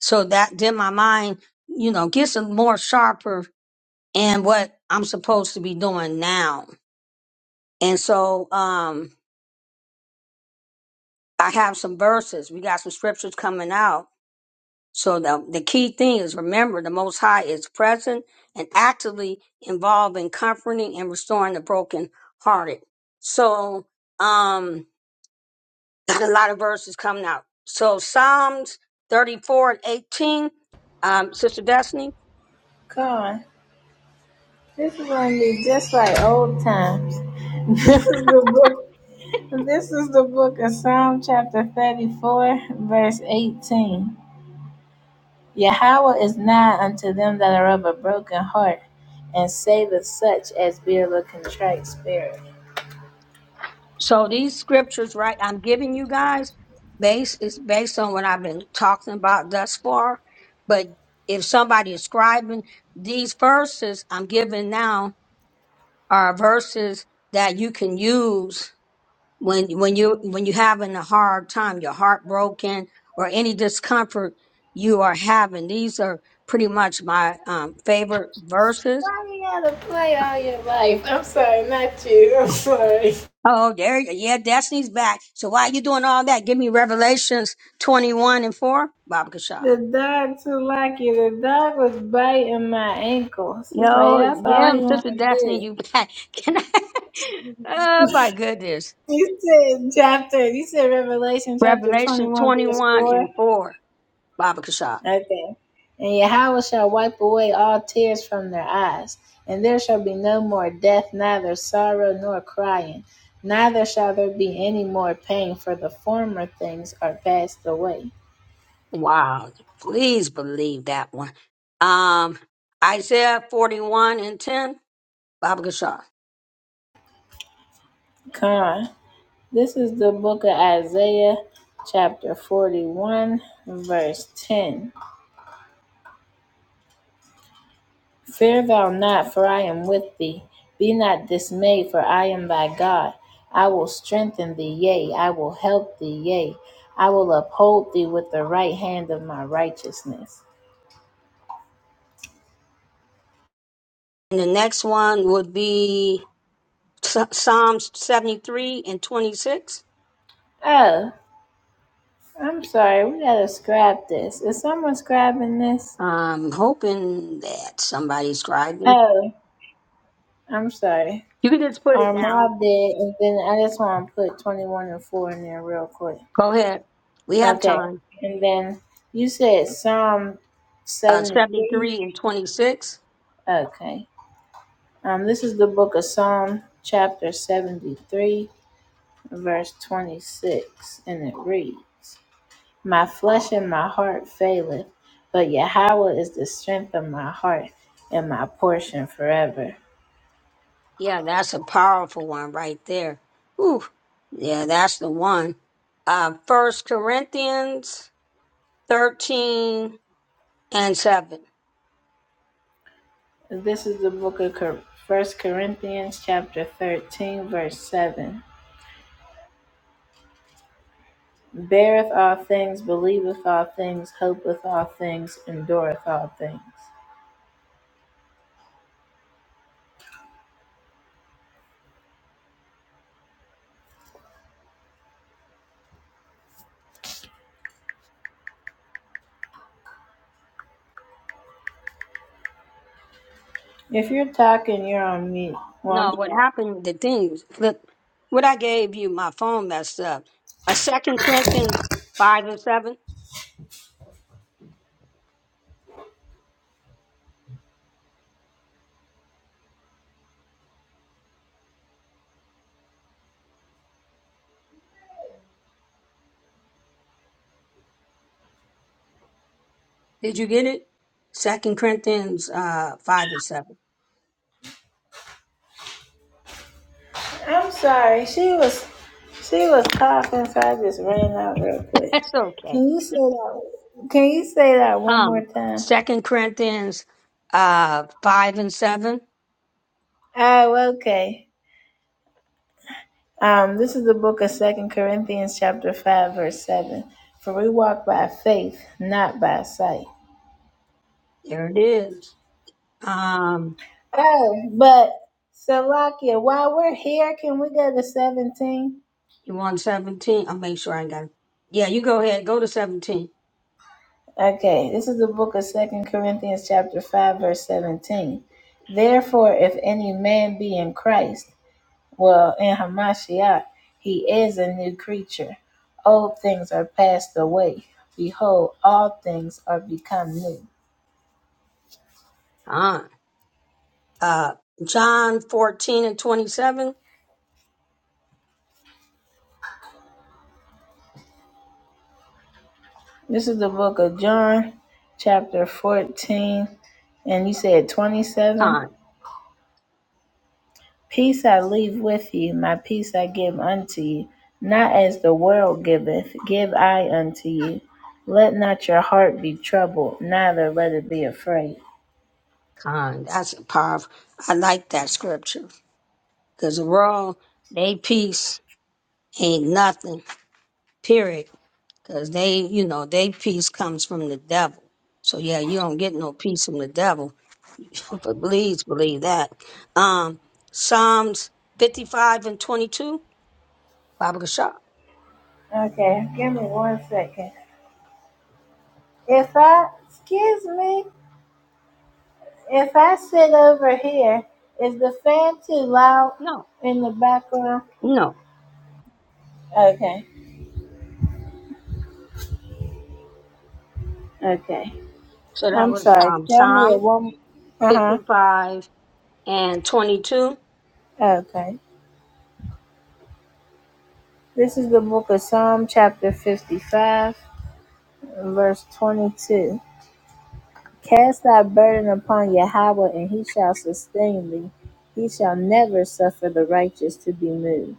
So that then my mind, you know, gets a more sharper in what I'm supposed to be doing now And so um, I have some verses. We got some scriptures coming out. So the, the key thing is remember the Most High is present and actively involved in comforting and restoring the broken hearted. So um, got a lot of verses coming out. So Psalms 34 and 18, um, Sister Destiny. God, this is gonna be just like old times. This is the book. This is the book of Psalm chapter thirty-four, verse eighteen. Yahweh is nigh unto them that are of a broken heart, and saveth such as be of a contrite spirit. So these scriptures, right, I'm giving you guys based is based on what I've been talking about thus far. But if somebody is scribing these verses I'm giving now are verses that you can use when when you when you are having a hard time, your heart broken or any discomfort you are having. These are pretty much my um, favorite verses Why do you gotta play all your life? I'm sorry, not you. I'm sorry. Oh, there you go. Yeah, Destiny's back. So while you doing all that, give me Revelations 21 and 4, Baba Kasha. The dog too lucky. The dog was biting my ankles. It's like Yo, that's all yeah, he wanted Sister to Destiny, do. you back. Can I? Oh, my goodness. You said chapter. You said Revelation chapter Revelation twenty-one verse 21 four. and 4, Baba Kasha. Okay. And Yahweh shall wipe away all tears from their eyes, and there shall be no more death, neither sorrow nor crying, neither shall there be any more pain, for the former things are passed away. Wow. Please believe that one. Um, Isaiah 41 and 10, Baba Kasha. Come on. This is the book of Isaiah, chapter 41, verse 10. Fear thou not, for I am with thee. Be not dismayed, for I am thy God. I will strengthen thee, yea, I will help thee, yea, I will uphold thee with the right hand of my righteousness. And the next one would be Psalms 73 and 26. Oh, I'm sorry, we gotta scrap this. Is someone scrapping this? I'm hoping that somebody's driving. Oh, I'm sorry. You can just put it Our down. mob did, and then I just want to put 21 and 4 in there real quick. Go ahead. We have Okay. time. And then you said Psalm Uh, 73. 73 and 26. Okay. Um, this is the book of Psalm, chapter 73, verse 26, and it reads My flesh and my heart faileth, but Yahweh is the strength of my heart and my portion forever. Yeah, that's a powerful one right there. Whew. Yeah, that's the one. Uh, 1 Corinthians 13 and 7. This is the book of Cor- 1 Corinthians, chapter 13, verse 7. beareth all things, believeth all things, hopeth all things, endureth all things. If you're talking, you're on mute. Well, I'm No, what sorry. happened, the thing, look, what I gave you, my phone messed up. A Second Corinthians 5 and 7. Did you get it? Second Corinthians uh, 5 and 7. I'm sorry. She was she was coughing, so I just ran out real quick. That's okay. Can you say that? Can you say that one more Um, time? Second Corinthians uh five and seven. Oh, okay. Um, this is the book of Second Corinthians, chapter five, verse seven. For we walk by faith, not by sight. There it is. Um, Oh, but Salakia, while we're here, can we go to 17? you want seventeen? I'll make sure I got it. Yeah, you go ahead. Go to seventeen. Okay, this is the book of Second Corinthians chapter 5, verse 17. Therefore, if any man be in Christ, well, in Hamashiach, he is a new creature. Old things are passed away. Behold, all things are become new. Con. Uh, John fourteen and twenty seven. This is the book of John, chapter 14, and you said 27? Con. Peace I leave with you, my peace I give unto you. Not as the world giveth, give I unto you. Let not your heart be troubled, neither let it be afraid. Con. That's powerful. I like that scripture because the world they peace ain't nothing. Period. Because they, you know, they peace comes from the devil. So yeah, you don't get no peace from the devil But please believe that. Um, Psalms 55 and 22, Baba Gashar. Okay, give me one second. If I, excuse me, if I sit over here, is the fan too loud No, in the background? no. Okay, okay. So that I'm was sorry. um, Tell me it Psalms one. Uh huh. 55 and 22. Okay. This is the book of Psalm, chapter 55. verse 22 cast thy burden upon yahweh and he shall sustain thee he shall never suffer the righteous to be moved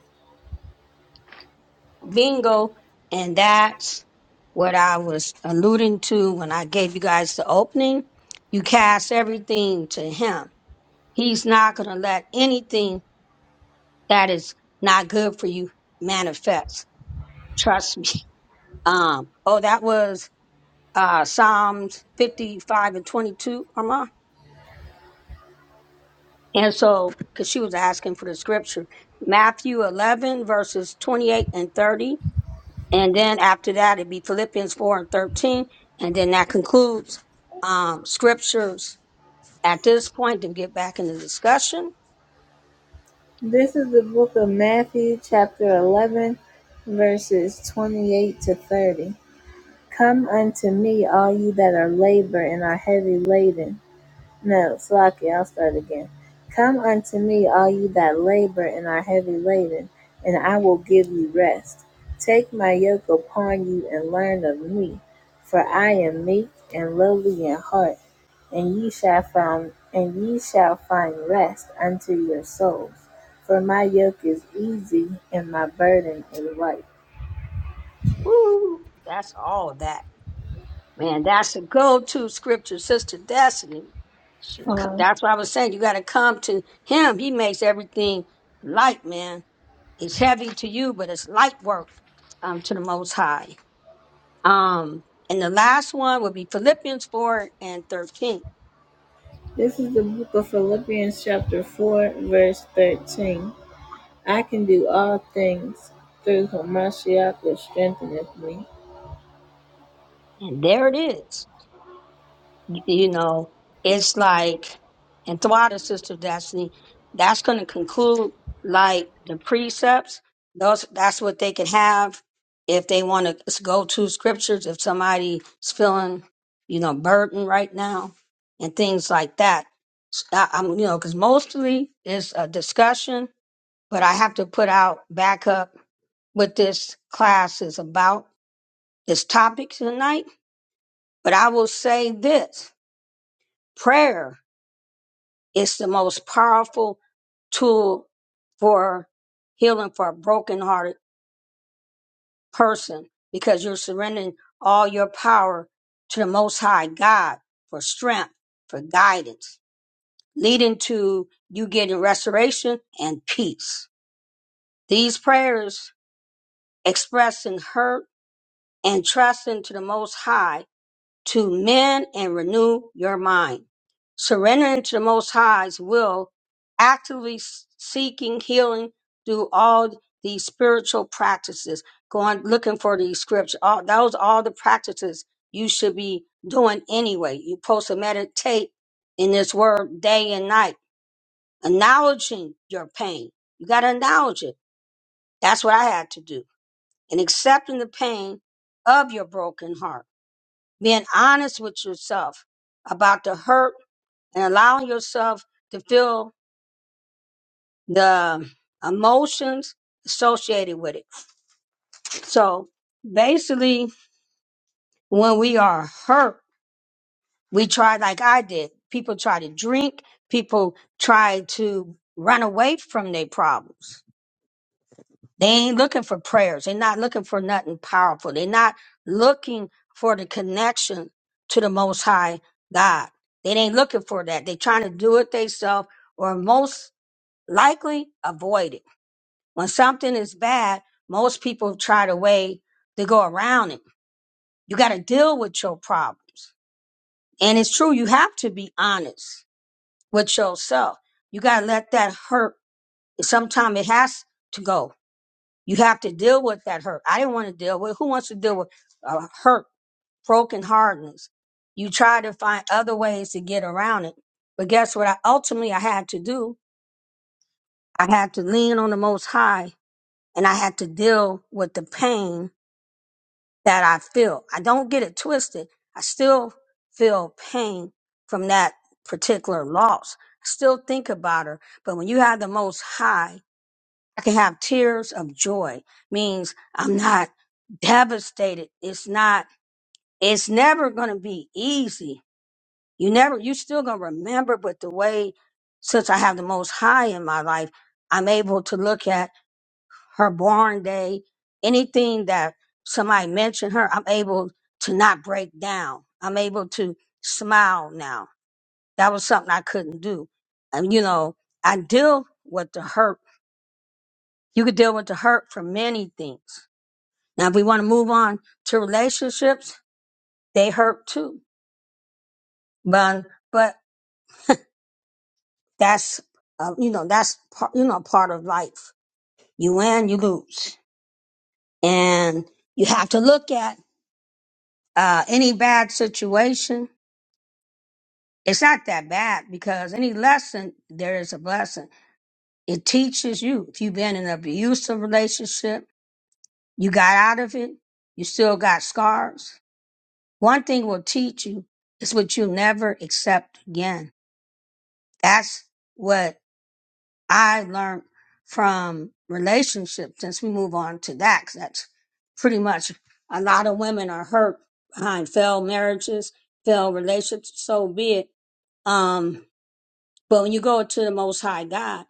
Bingo. And that's what I was alluding to when I gave you guys the opening. You cast everything to Him. He's not going to let anything that is not good for you manifest. Trust me. Um, oh, that was uh, Psalms 55 and 22, Armand. And so, because she was asking for the scripture, Matthew 11, verses 28 and 30. And then after that, it'd be Philippians 4 and 13. And then that concludes um, scriptures at this point to get back in the discussion. this is the book of matthew chapter 11 verses 28 to 30 come unto me all ye that are labor and are heavy laden No, slack I'll start again. Come unto me, all you that labor and are heavy laden, and I will give you rest. Take my yoke upon you and learn of me, for I am meek and lowly in heart, and ye shall find and ye shall find rest unto your souls. For my yoke is easy and my burden is light. Woo! That's all of that. Man, that's a go-to scripture, Sister Destiny. She come- Um, That's what I was saying. You got to come to Him. He makes everything light, man. It's heavy to you, but it's light work um, to the Most High. Um, and the last one would be Philippians four and thirteen, this is the book of Philippians, chapter four, verse thirteen. I can do all things through whom Mashiach strengtheneth me. and there it is. you know, it's like, and throughout the Sister Destiny, that's going to conclude like the precepts. Those, that's what they can have if they want to go to scriptures, if somebody's feeling, you know, burdened right now and things like that. S- I, am you know, because mostly it's a discussion, but I have to put out back up what this class is about, this topic tonight. But I will say this prayer. It's the most powerful tool for healing for a brokenhearted person because you're surrendering all your power to the Most High God for strength, for guidance, leading to you getting restoration and peace. These prayers expressing hurt and trusting to the Most High to mend and renew your mind. Surrendering to the Most High's will, actively s- seeking healing through all these spiritual practices, going looking for these scriptures. All, those are all the practices you should be doing anyway. You're supposed to meditate in this word day and night, acknowledging your pain. You got to acknowledge it. That's what I had to do. And accepting the pain of your broken heart being honest with yourself about the hurt and allowing yourself to feel the emotions associated with it. So basically, when we are hurt, we try, like I did, people try to drink, people try to run away from their problems They ain't looking for prayers. They're not looking for nothing powerful. They're not looking for the connection to the Most High God. They ain't looking for that. They're trying to do it themselves or most likely avoid it. When something is bad, most people try to way to go around it. You got to deal with your problems. And it's true, you have to be honest with yourself. You got to let that hurt. Sometimes it has to go You have to deal with that hurt. I didn't want to deal with. Who wants to deal with uh, hurt, broken hardness? You try to find other ways to get around it. But guess what? I ultimately I had to do. I had to lean on the Most High, and I had to deal with the pain that I feel. I don't get it twisted. I still feel pain from that particular loss. I still think about her. But when you have the Most High. I can have tears of joy means I'm not devastated. It's not, it's never going to be easy. You never, you still going to remember, but the way, since I have the most high in my life, I'm able to look at her born day, anything that somebody mentioned her, I'm able to not break down. I'm able to smile now. That was something I couldn't do. And you know, I deal with the hurt. You could deal with the hurt for many things Now, if we want to move on to relationships, they hurt too. But but that's uh, you know that's part you know part of life. You win, you lose, and you have to look at uh, any bad situation. It's not that bad because any lesson there is a blessing. It teaches you. If you've been in an abusive relationship, you got out of it. You still got scars. One thing will teach you is what you'll never accept again That's what I learned from relationships. Since we move on to that, 'cause that's pretty much a lot of women are hurt behind failed marriages, failed relationships. So be it. Um, but when you go to the Most High God,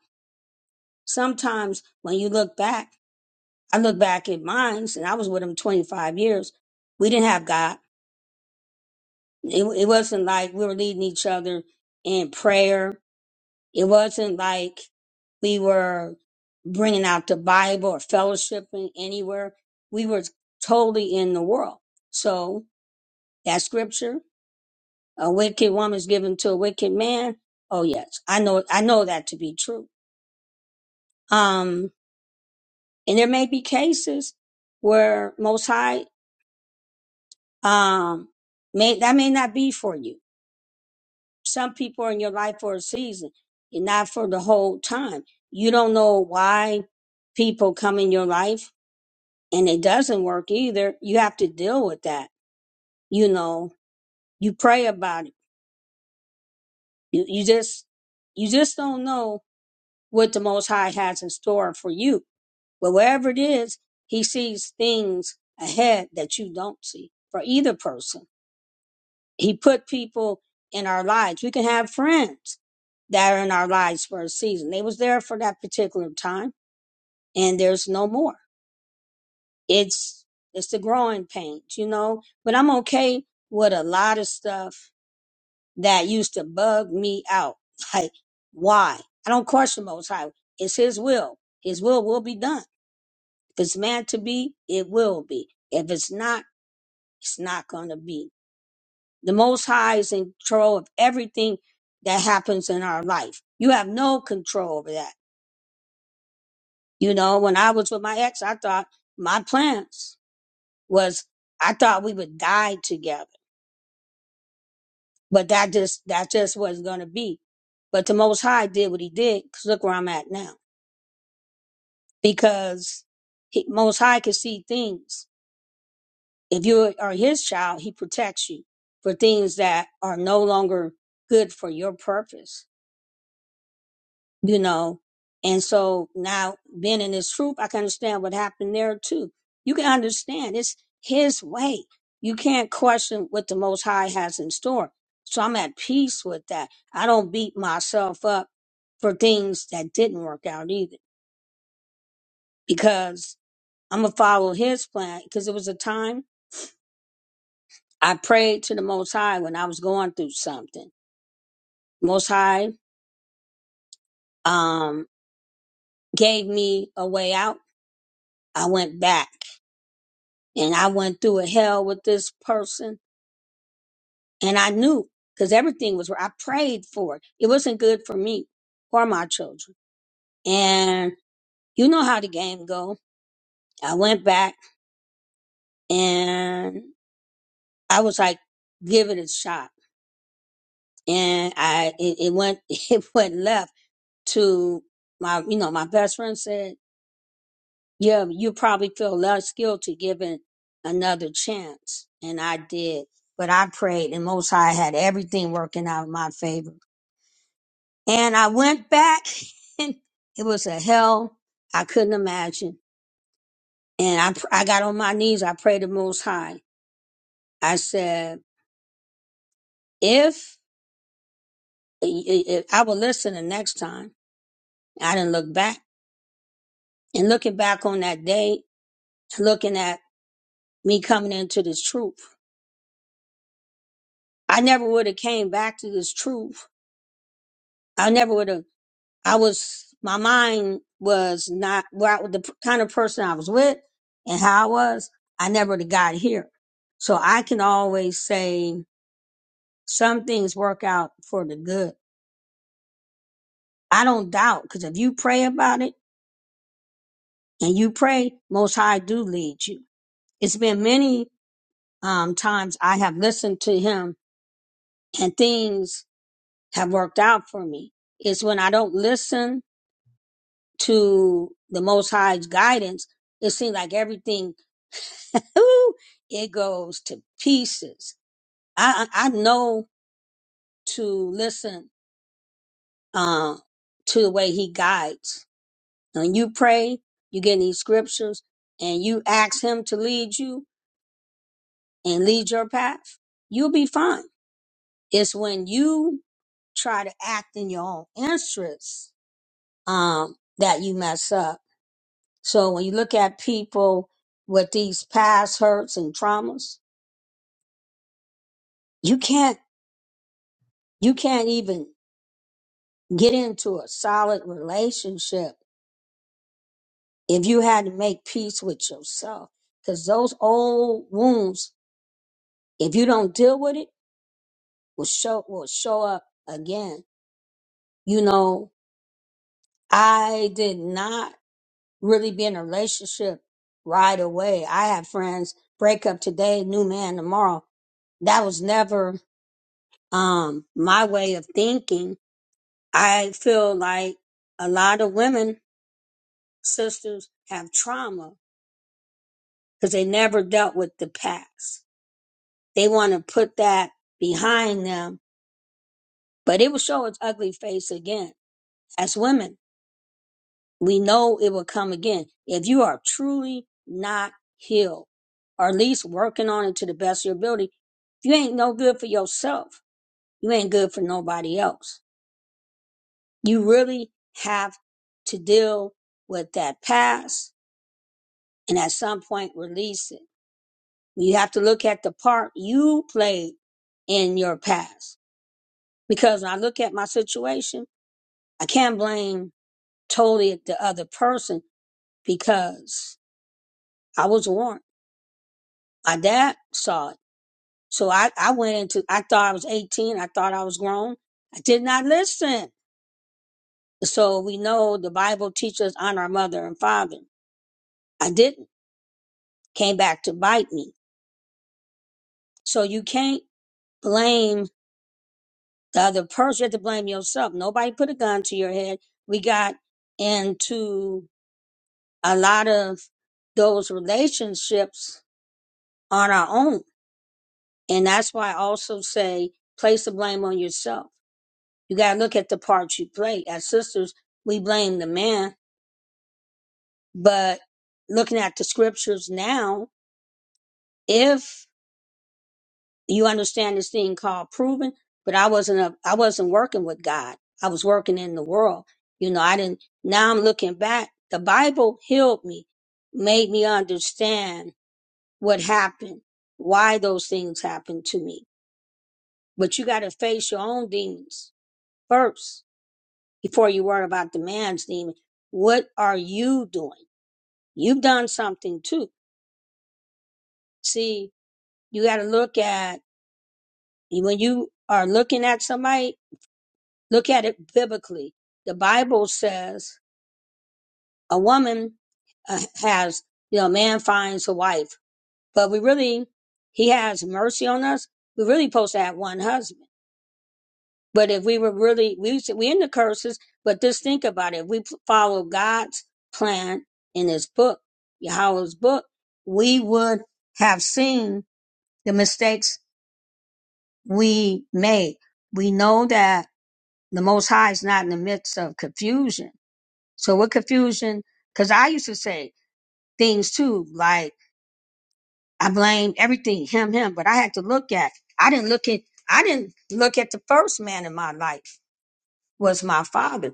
sometimes when you look back, I look back at mine, and I was with him 25 years. We didn't have God. It, it wasn't like we were leading each other in prayer It wasn't like we were bringing out the Bible or fellowshipping anywhere. We were totally in the world. So that scripture, a wicked woman is given to a wicked man. Oh yes, I know, I know that to be true. Um, and there may be cases where Most High, um, may, that may not be for you. Some people are in your life for a season and not for the whole time. You don't know why people come in your life and it doesn't work either, you have to deal with that. You know, you pray about it. You, you just, you just don't know what the Most High has in store for you. But whatever it is, He sees things ahead that you don't see for either person. He put people in our lives. We can have friends that are in our lives for a season. They was there for that particular time and there's no more. It's, it's the growing pains, you know, but I'm okay with a lot of stuff that used to bug me out. Like, why? I don't question Most High. It's His will. His will will be done. If it's meant to be, it will be. If it's not, it's not going to be. The Most High is in control of everything that happens in our life. You have no control over that. You know, when I was with my ex, I thought my plans was, I thought we would die together, but that just, that just wasn't going to be. But the Most High did what he did. Cause look where I'm at now. because he, Most High can see things. If you are His child, He protects you for things that are no longer good for your purpose, you know. And so now, being in His troop, I can understand what happened there too. You can understand it's His way. You can't question what the Most High has in store. So I'm at peace with that. I don't beat myself up for things that didn't work out either because I'm gonna follow His plan. Because it was a time I prayed to the Most High when I was going through something. Most High um, gave me a way out. I went back and I went through a hell with this person. And I knew because everything was, I prayed for it. It wasn't good for me or my children. And you know how the game go. I went back and I was like, give it a shot. And I, it, it went, it went left to my, you know, my best friend said, Yeah, you probably feel less guilty given another chance. And I did. But I prayed and most high had everything working out in my favor. And I went back and it was a hell I couldn't imagine. And I, pr- I got on my knees. I prayed to most high. I said, if, i i if I will listen the next time. I didn't look back and looking back on that day, looking at me coming into this truth. I never would have came back to this truth. I never would have I was, my mind was not where I, the kind of person I was with and how I was. I never would've got here. So I can always say some things work out for the good. I don't doubt because if you pray about it and you pray, most high do lead you. It's been many um, times I have listened to him and things have worked out for me. It's when I don't listen to the most high's guidance, it seems like everything ooh, it goes to pieces. I I I know to listen uh, to the way he guides. When you pray, you get in these scriptures, and you ask him to lead you and lead your path. You'll be fine. It's when you try to act in your own interests um, that you mess up. So when you look at people with these past hurts and traumas, you can't you can't even get into a solid relationship if you had to make peace with yourself because those old wounds if you don't deal with it will show will show up again you know i did not really be in a relationship right away i had friends break up today new man tomorrow that was never um my way of thinking i feel like a lot of women sisters have trauma because they never dealt with the past. They want to put that behind them, but it will show its ugly face again. As women, we know it will come again. If you are truly not healed, or at least working on it to the best of your ability, you ain't no good for yourself. You ain't good for nobody else. You really have to deal with that past and at some point release it. You have to look at the part you played in your past because when I look at my situation, I can't blame totally the other person because I was warned. My dad saw it. So I, I went into, I thought I was 18. I thought I was grown. I did not listen. So we know the Bible teaches honor our mother and father. I didn't. Came back to bite me. So you can't blame the other person. You have to blame yourself. Nobody put a gun to your head. We got into a lot of those relationships on our own. And that's why I also say place the blame on yourself. You got to look at the part you play. As sisters, we blame the man, but looking at the scriptures now, if you understand this thing called proven, but I wasn't a, I wasn't working with God. I was working in the world. You know, I didn't, now I'm looking back. The Bible healed me, made me understand what happened, why those things happened to me. But you got to face your own demons first before you worry about the man's demon. What are you doing? You've done something too. See, you got to look at when you are looking at somebody, look at it biblically. The Bible says a woman uh, has, you know, a man finds a wife, but we really, he has mercy on us. We really supposed to have one husband But if we were really, we should, we in the curses, but just think about it. If we p- follow God's plan in his book, Yahweh's book, we would have seen the mistakes we made. We know that the Most High is not in the midst of confusion. So what confusion? Cause I used to say things too, like I blamed everything, him, him, but I had to look at, I didn't look at, I didn't look at the first man in my life. was my father.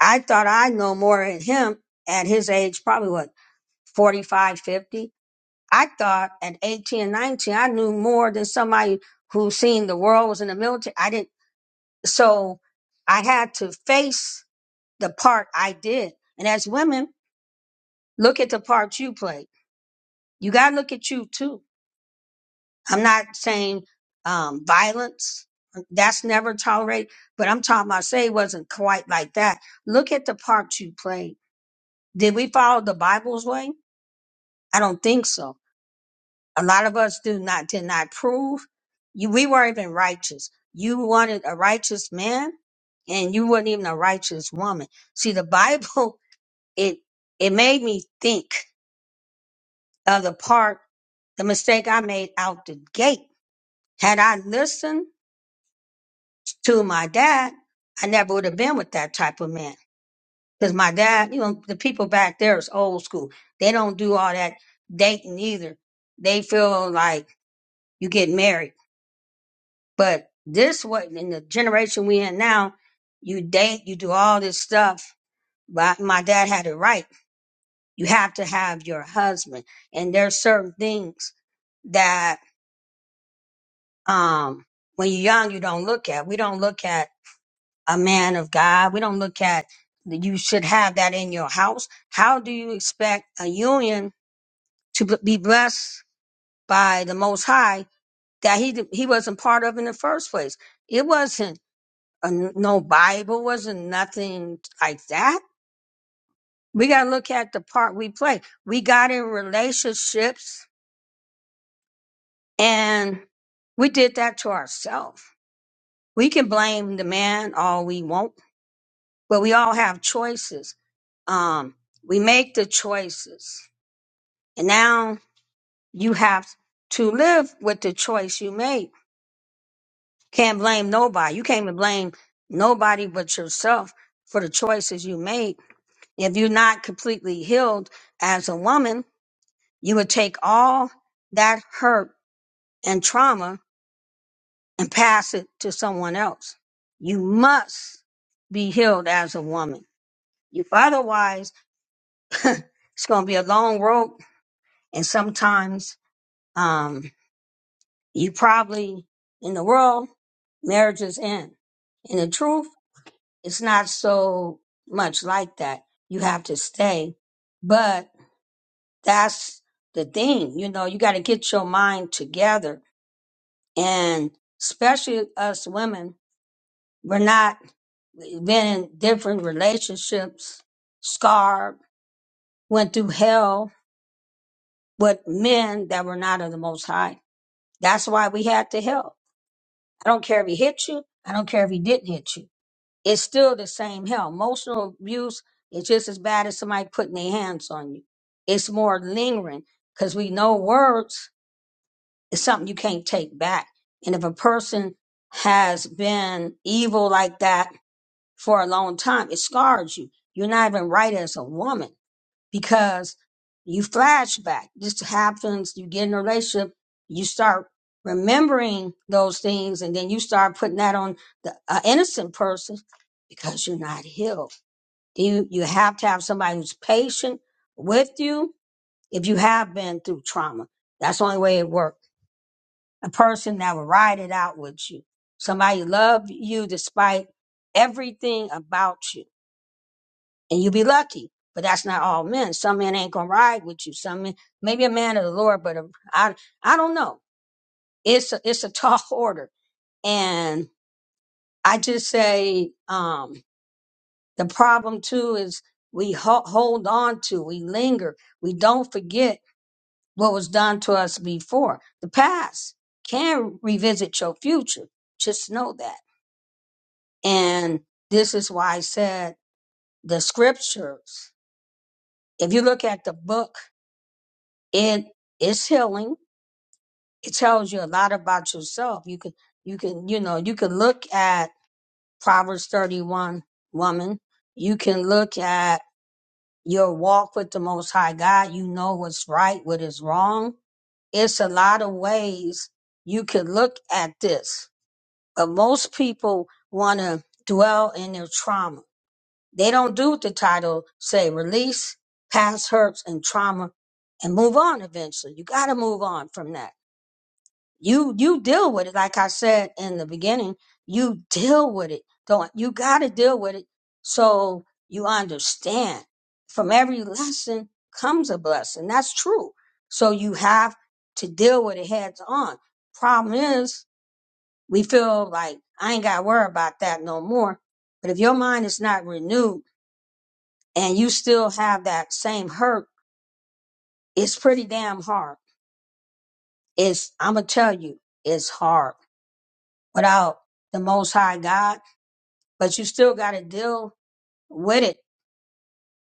I thought I know more than him at his age, probably what, 45, 50. I thought at 18, 19, I knew more than somebody who seen the world was in the military. I didn't. So I had to face the part I did. And as women, look at the part you played. You got to look at you too. I'm not saying um, violence. That's never tolerated. but I'm talking about say it wasn't quite like that. Look at the part you played Did we follow the Bible's way? I don't think so. A lot of us do not did not prove you we weren't even righteous. You wanted a righteous man and you weren't even a righteous woman. See the Bible it it made me think of the part the mistake I made out the gate. Had I listened to my dad, I never would have been with that type of man. Because my dad, you know, the people back there is old school. They don't do all that dating either. They feel like you get married. But this what in the generation we in now, you date, you do all this stuff. But my dad had it right. You have to have your husband. And there's certain things that um when you're young you don't look at. We don't look at a man of God. We don't look at that you should have that in your house. How do you expect a union to b- be blessed by the Most High that he d- he wasn't part of in the first place. It wasn't a, n- no Bible, wasn't nothing like that. We got to look at the part we play. We got in relationships and we did that to ourselves. We can blame the man all we want, but we all have choices. Um, we make the choices, and now you have to live with the choice you made Can't blame nobody. You can't even blame nobody but yourself for the choices you made. If you're not completely healed as a woman, you would take all that hurt and trauma and pass it to someone else. You must be healed as a woman. If otherwise, it's going to be a long road. And sometimes, um, you probably in the world, marriages end. And the truth it's not so much like that. You have to stay. But that's the thing, you know, you got to get your mind together. And especially us women, we're not been in different relationships, scarred, went through hell with men that were not of the most high. That's why we had to help. I don't care if he hit you. I don't care if he didn't hit you it's still the same hell. Emotional abuse is just as bad as somebody putting their hands on you. It's more lingering because we know words is something you can't take back. And if a person has been evil like that for a long time, it scars you. You're not even right as a woman because you flashback. This happens, you get in a relationship, you start remembering those things, and then you start putting that on the uh, innocent person because you're not healed. You, you have to have somebody who's patient with you if you have been through trauma. That's the only way it works. A person that will ride it out with you. Somebody love you despite everything about you and you be lucky. But that's not all men. Some men ain't gonna ride with you. Some men, maybe a man of the Lord, but a, I, I don't know. It's a, it's a tall order, and I just say um, the problem too is we ho- hold on to, we linger, we don't forget what was done to us before. The past can revisit your future. Just know that, and this is why I said the scriptures. If you look at the book it is healing. It tells you a lot about yourself. You can you can you know you can look at Proverbs thirty one woman. You can look at your walk with the Most High God. You know what's right, what is wrong. It's a lot of ways you can look at this, but most people want to dwell in their trauma. They don't do what the title say: release past hurts and trauma, and move on. Eventually, you got to move on from that you you deal with it like i said in the beginning you deal with it don't you got to deal with it so you understand from every lesson comes a blessing that's true so you have to deal with it heads on problem is we feel like i ain't got to worry about that no more but if your mind is not renewed and you still have that same hurt it's pretty damn hard it's i'm gonna tell you it's hard without the most high god but you still got to deal with it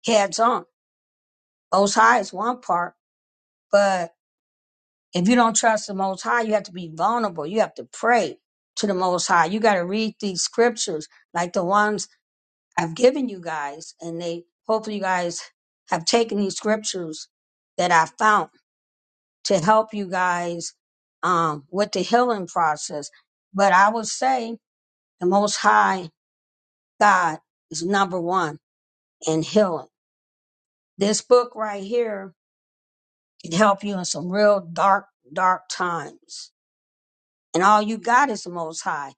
heads on. Most High is one part, but if you don't trust the Most High, you have to be vulnerable. You have to pray to the Most High. You got to read these scriptures like the ones I've given you guys, and they hopefully you guys have taken these scriptures that I found to help you guys um, with the healing process. But I would say the Most High God is number one in healing. This book right here can help you in some real dark, dark times. And all you got is the Most High.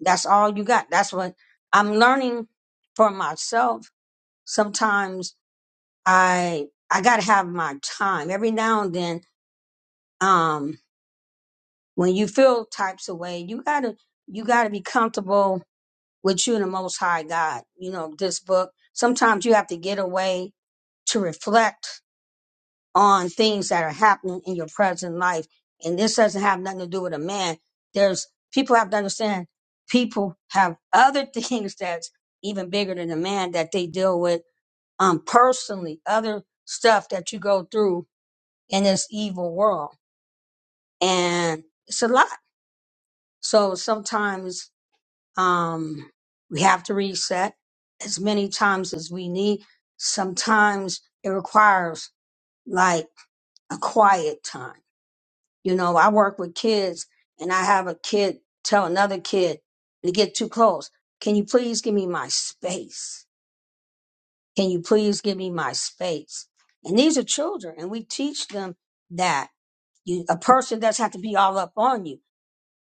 That's all you got. That's what I'm learning for myself. Sometimes I I gotta have my time. Every now and then, um, when you feel types of way, you gotta you gotta be comfortable with you and the Most High God. You know this book. Sometimes you have to get away to reflect on things that are happening in your present life. And this doesn't have nothing to do with a man. There's people have to understand people have other things that's even bigger than a man that they deal with um personally, other stuff that you go through in this evil world. And it's a lot. So sometimes um we have to reset as many times as we need. Sometimes it requires like a quiet time You know, I work with kids and I have a kid tell another kid to get too close. Can you please give me my space? Can you please give me my space? And these are children and we teach them that you, a person doesn't have to be all up on you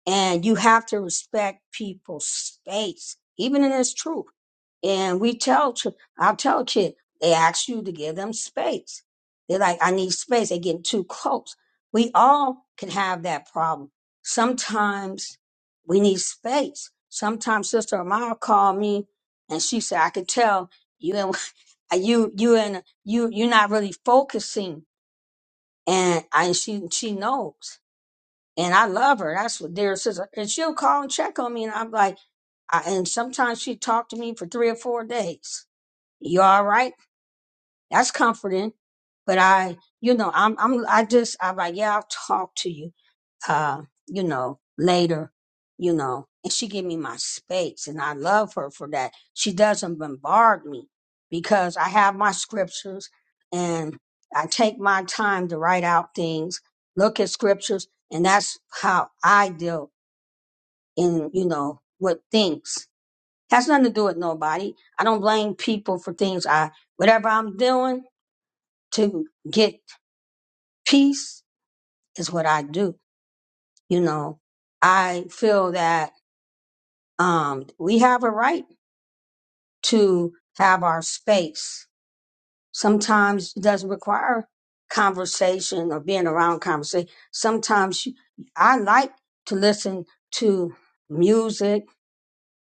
and you have to respect people's space, even in this truth. And we tell, chi- I'll tell a kid, they ask you to give them space. They're like, I need space. They're getting too close. We all can have that problem. Sometimes we need space. Sometimes Sister Amara called me and she said, I could tell you and you, you and you, you're not really focusing. And I, she, she knows and I love her. That's what dear sister. And she'll call and check on me, and I'm like, I, and sometimes she talked to me for three or four days. You all right? That's comforting. But I, you know, I'm, I'm, I just, I'm like, yeah, I'll talk to you, uh, you know, later, you know. And she give me my space, and I love her for that. She doesn't bombard me because I have my scriptures, and I take my time to write out things, look at scriptures, and that's how I deal and you know with things has nothing to do with nobody i don't blame people for things i whatever i'm doing to get peace is what i do you know i feel that um we have a right to have our space sometimes it doesn't require conversation or being around conversation sometimes you- i like to listen to music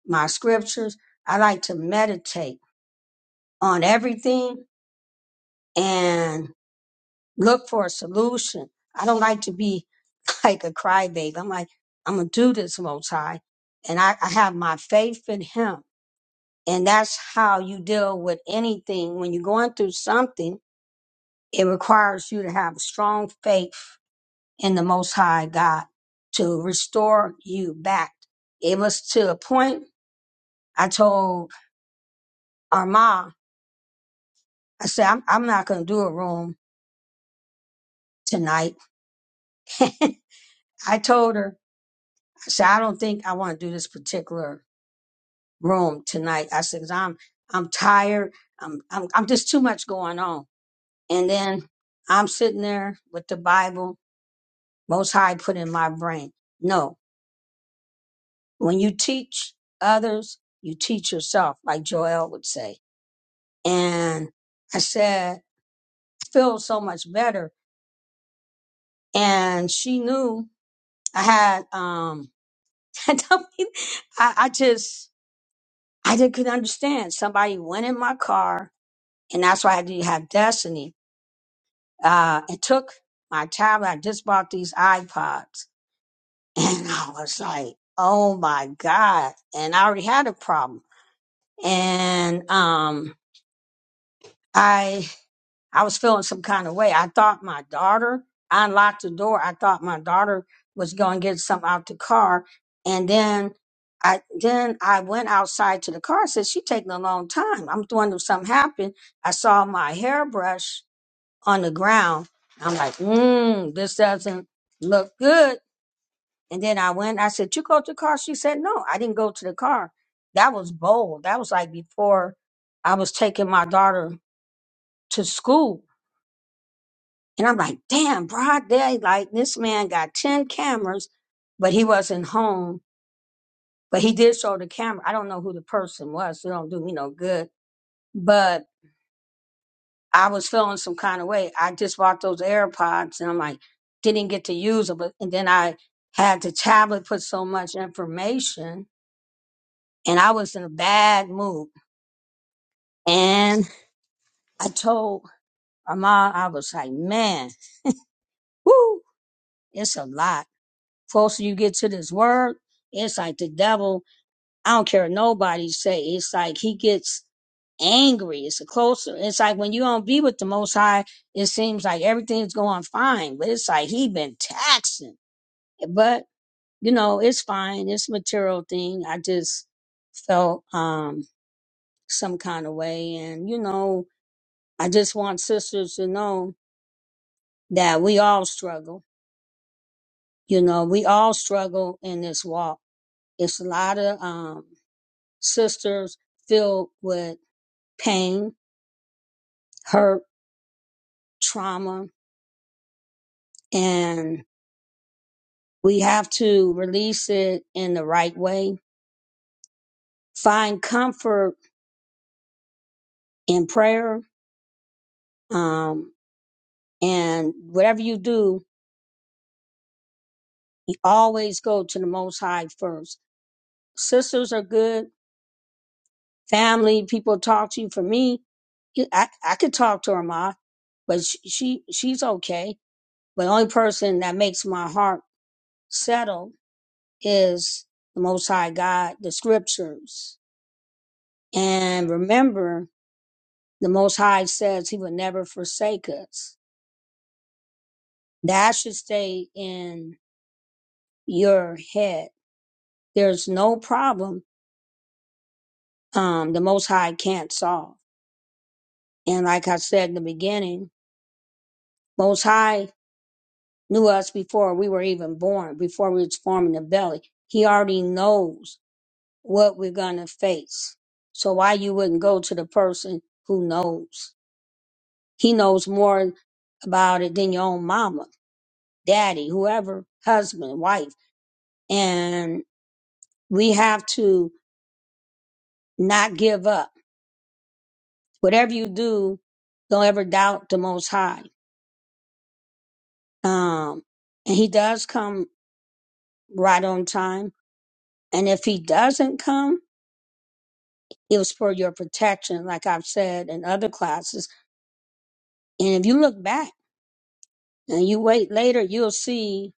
my scriptures i like to meditate on everything and look for a solution. I don't like to be like a crybaby. I'm like, I'm gonna do this most high. And I, I have my faith in him. And that's how you deal with anything. When you're going through something, it requires you to have strong faith in the most high God to restore you back. It was to a point I told Arma, I said, I'm, I'm not gonna do a room tonight. I told her So I don't think I want to do this particular room tonight. I said, 'cause I'm, I'm tired. I'm, I'm, I'm just too much going on. And then I'm sitting there with the Bible, most high put in my brain. No, when you teach others, you teach yourself, like Joel would say. And I said, I feel so much better. And she knew I had, um, I, don't- mean- I I just, I didn't understand. Somebody went in my car and that's why I do have Destiny. Uh, it took my tablet. I just bought these iPods, and I was like, "Oh my god!" And I already had a problem, and um, I I was feeling some kind of way. I thought my daughter. I unlocked the door. I thought my daughter was going to get something out the car, and then. I then I went outside to the car. I said, "She taking a long time. I'm wondering if something happened." I saw my hairbrush on the ground. I'm like, mmm, this doesn't look good. And then I went, I said, You go to the car? She said, No, I didn't go to the car. That was bold. That was like before I was taking my daughter to school. And I'm like, damn, broad day. Like this man got 10 cameras, but he wasn't home. But he did show the camera. I don't know who the person was. So it don't do me no good. But I was feeling some kind of way. I just bought those AirPods and I'm like, didn't get to use them. But, and then I had the tablet put so much information and I was in a bad mood. And I told my mom, I was like, man, woo, it's a lot. Closer you get to this word, it's like the devil I don't care what nobody say. It's like he gets angry. It's a closer. It's like when you don't be with the Most High, it seems like everything's going fine. But it's like he been taxing. But you know, it's fine. It's a material thing. I just felt um some kind of way, and you know, I just want sisters to know that we all struggle. You know, we all struggle in this walk. It's a lot of um sisters filled with pain, hurt trauma and we have to release it in the right way. Find comfort in prayer. Um, and whatever you do, you always go to the Most High first. Sisters are good. Family, people talk to you. For me, I, I could talk to her ma, but she, she she's okay. But the only person that makes my heart settle is the Most High God, the Scriptures, and remember The Most High says he will never forsake us. That should stay in your head. There's no problem um, the Most High can't solve. And like I said in the beginning, Most High knew us before we were even born, before we was forming the belly. He already knows what we're going to face. So why you wouldn't go to the person who knows? He knows more about it than your own mama, daddy, whoever, husband, wife. And we have to not give up. Whatever you do, don't ever doubt the Most High. Um, and He does come right on time. And if He doesn't come, it was for your protection, like I've said in other classes. And if you look back and you wait later, you'll see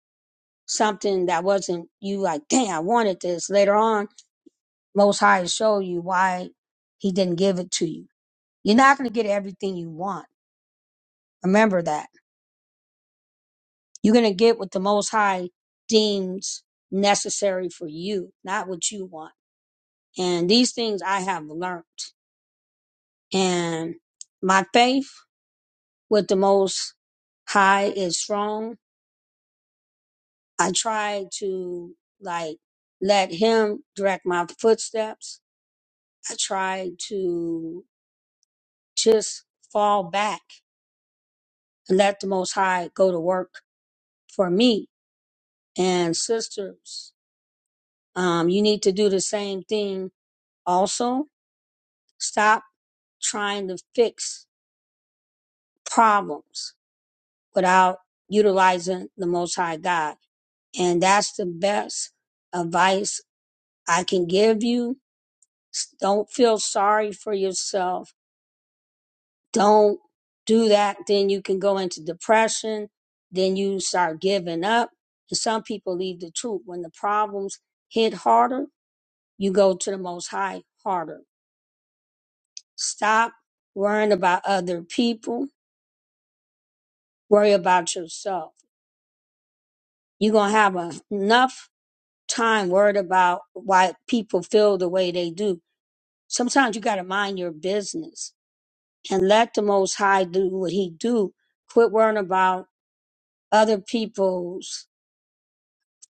something that wasn't you like, dang, I wanted this. Later on, Most High will show you why He didn't give it to you. You're not going to get everything you want. Remember that You're going to get what the Most High deems necessary for you, not what you want. And these things I have learned. And my faith with the Most High is strong. I try to like let Him direct my footsteps. I try to just fall back and let the Most High go to work for me. And sisters, um, you need to do the same thing also. Stop trying to fix problems without utilizing the Most High God. And that's the best advice I can give you. Don't feel sorry for yourself. Don't do that. Then you can go into depression. Then you start giving up. And some people leave the truth. When the problems hit harder, you go to the Most High harder. Stop worrying about other people. Worry about yourself You're going to have a- enough time worried about why people feel the way they do. Sometimes you got to mind your business and let the Most High do what He do. Quit worrying about other people's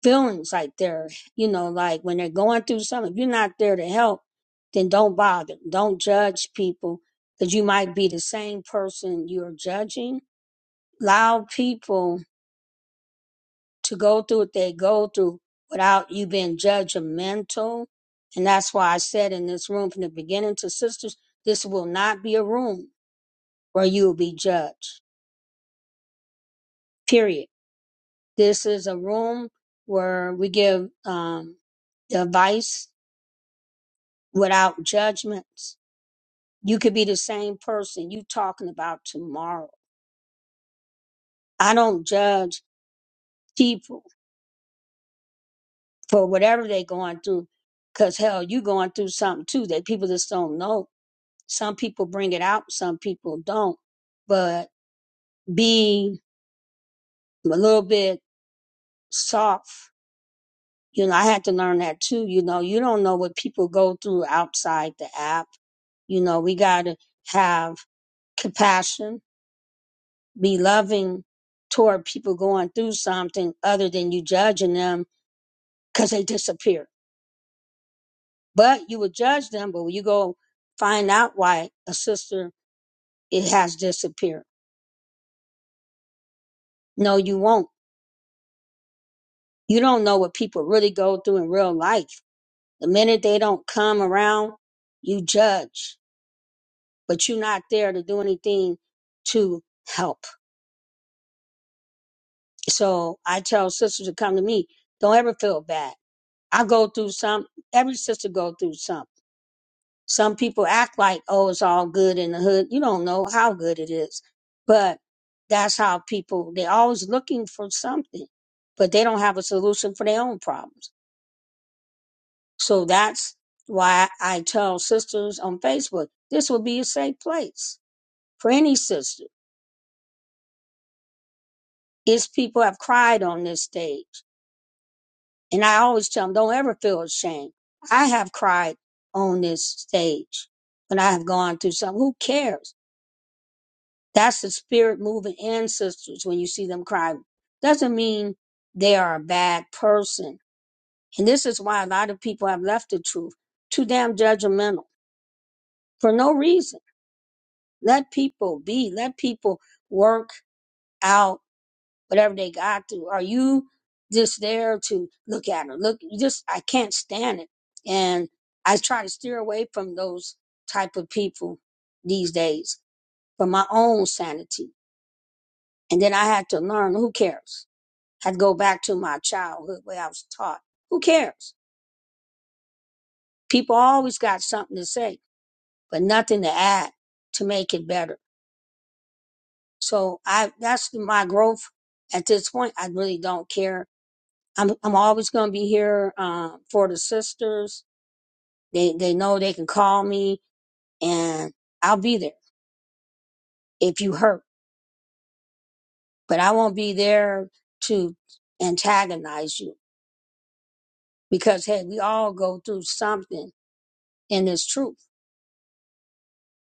feelings like they're, you know, like when they're going through something. If you're not there to help, then don't bother. Don't judge people because you might be the same person you're judging. Allow people to go through what they go through without you being judgmental. And that's why I said in this room from the beginning to sisters, this will not be a room where you will be judged, period. This is a room where we give um, advice without judgments. You could be the same person you talking about tomorrow. I don't judge people for whatever they going through because hell, you going through something too that people just don't know Some people bring it out, some people don't. But being a little bit soft, you know, I had to learn that too. You know, you don't know what people go through outside the app. You know, we got to have compassion, be loving toward people going through something other than you judging them because they disappear. But you would judge them, but when you go find out why a sister, it has disappeared. No, you won't you don't know what people really go through in real life. The minute they don't come around, you judge, but you're not there to do anything to help. So I tell sisters to come to me, don't ever feel bad. I go through some, every sister go through some. Some people act like, oh, it's all good in the hood. You don't know how good it is, but that's how people, they're always looking for something, but they don't have a solution for their own problems. So that's why I tell sisters on Facebook, this will be a safe place for any sister. It's people have cried on this stage. And I always tell them, don't ever feel ashamed. I have cried on this stage when I have gone through something. Who cares? That's the spirit moving in sisters when you see them cry. Doesn't mean they are a bad person. And this is why a lot of people have left the truth. Too damn judgmental for no reason Let people be. Let people work out whatever they got to. Are you just there to look at her? Look, you just I can't stand it, and I try to steer away from those type of people these days for my own sanity. And then I had to learn who cares. had to go back to my childhood where I was taught who cares. People always got something to say, but nothing to add to make it better. So I that's my growth at this point. I really don't care. I'm I'm always going to be here uh, for the sisters. They they know they can call me and I'll be there if you hurt, but I won't be there to antagonize you because hey, we all go through something in this truth.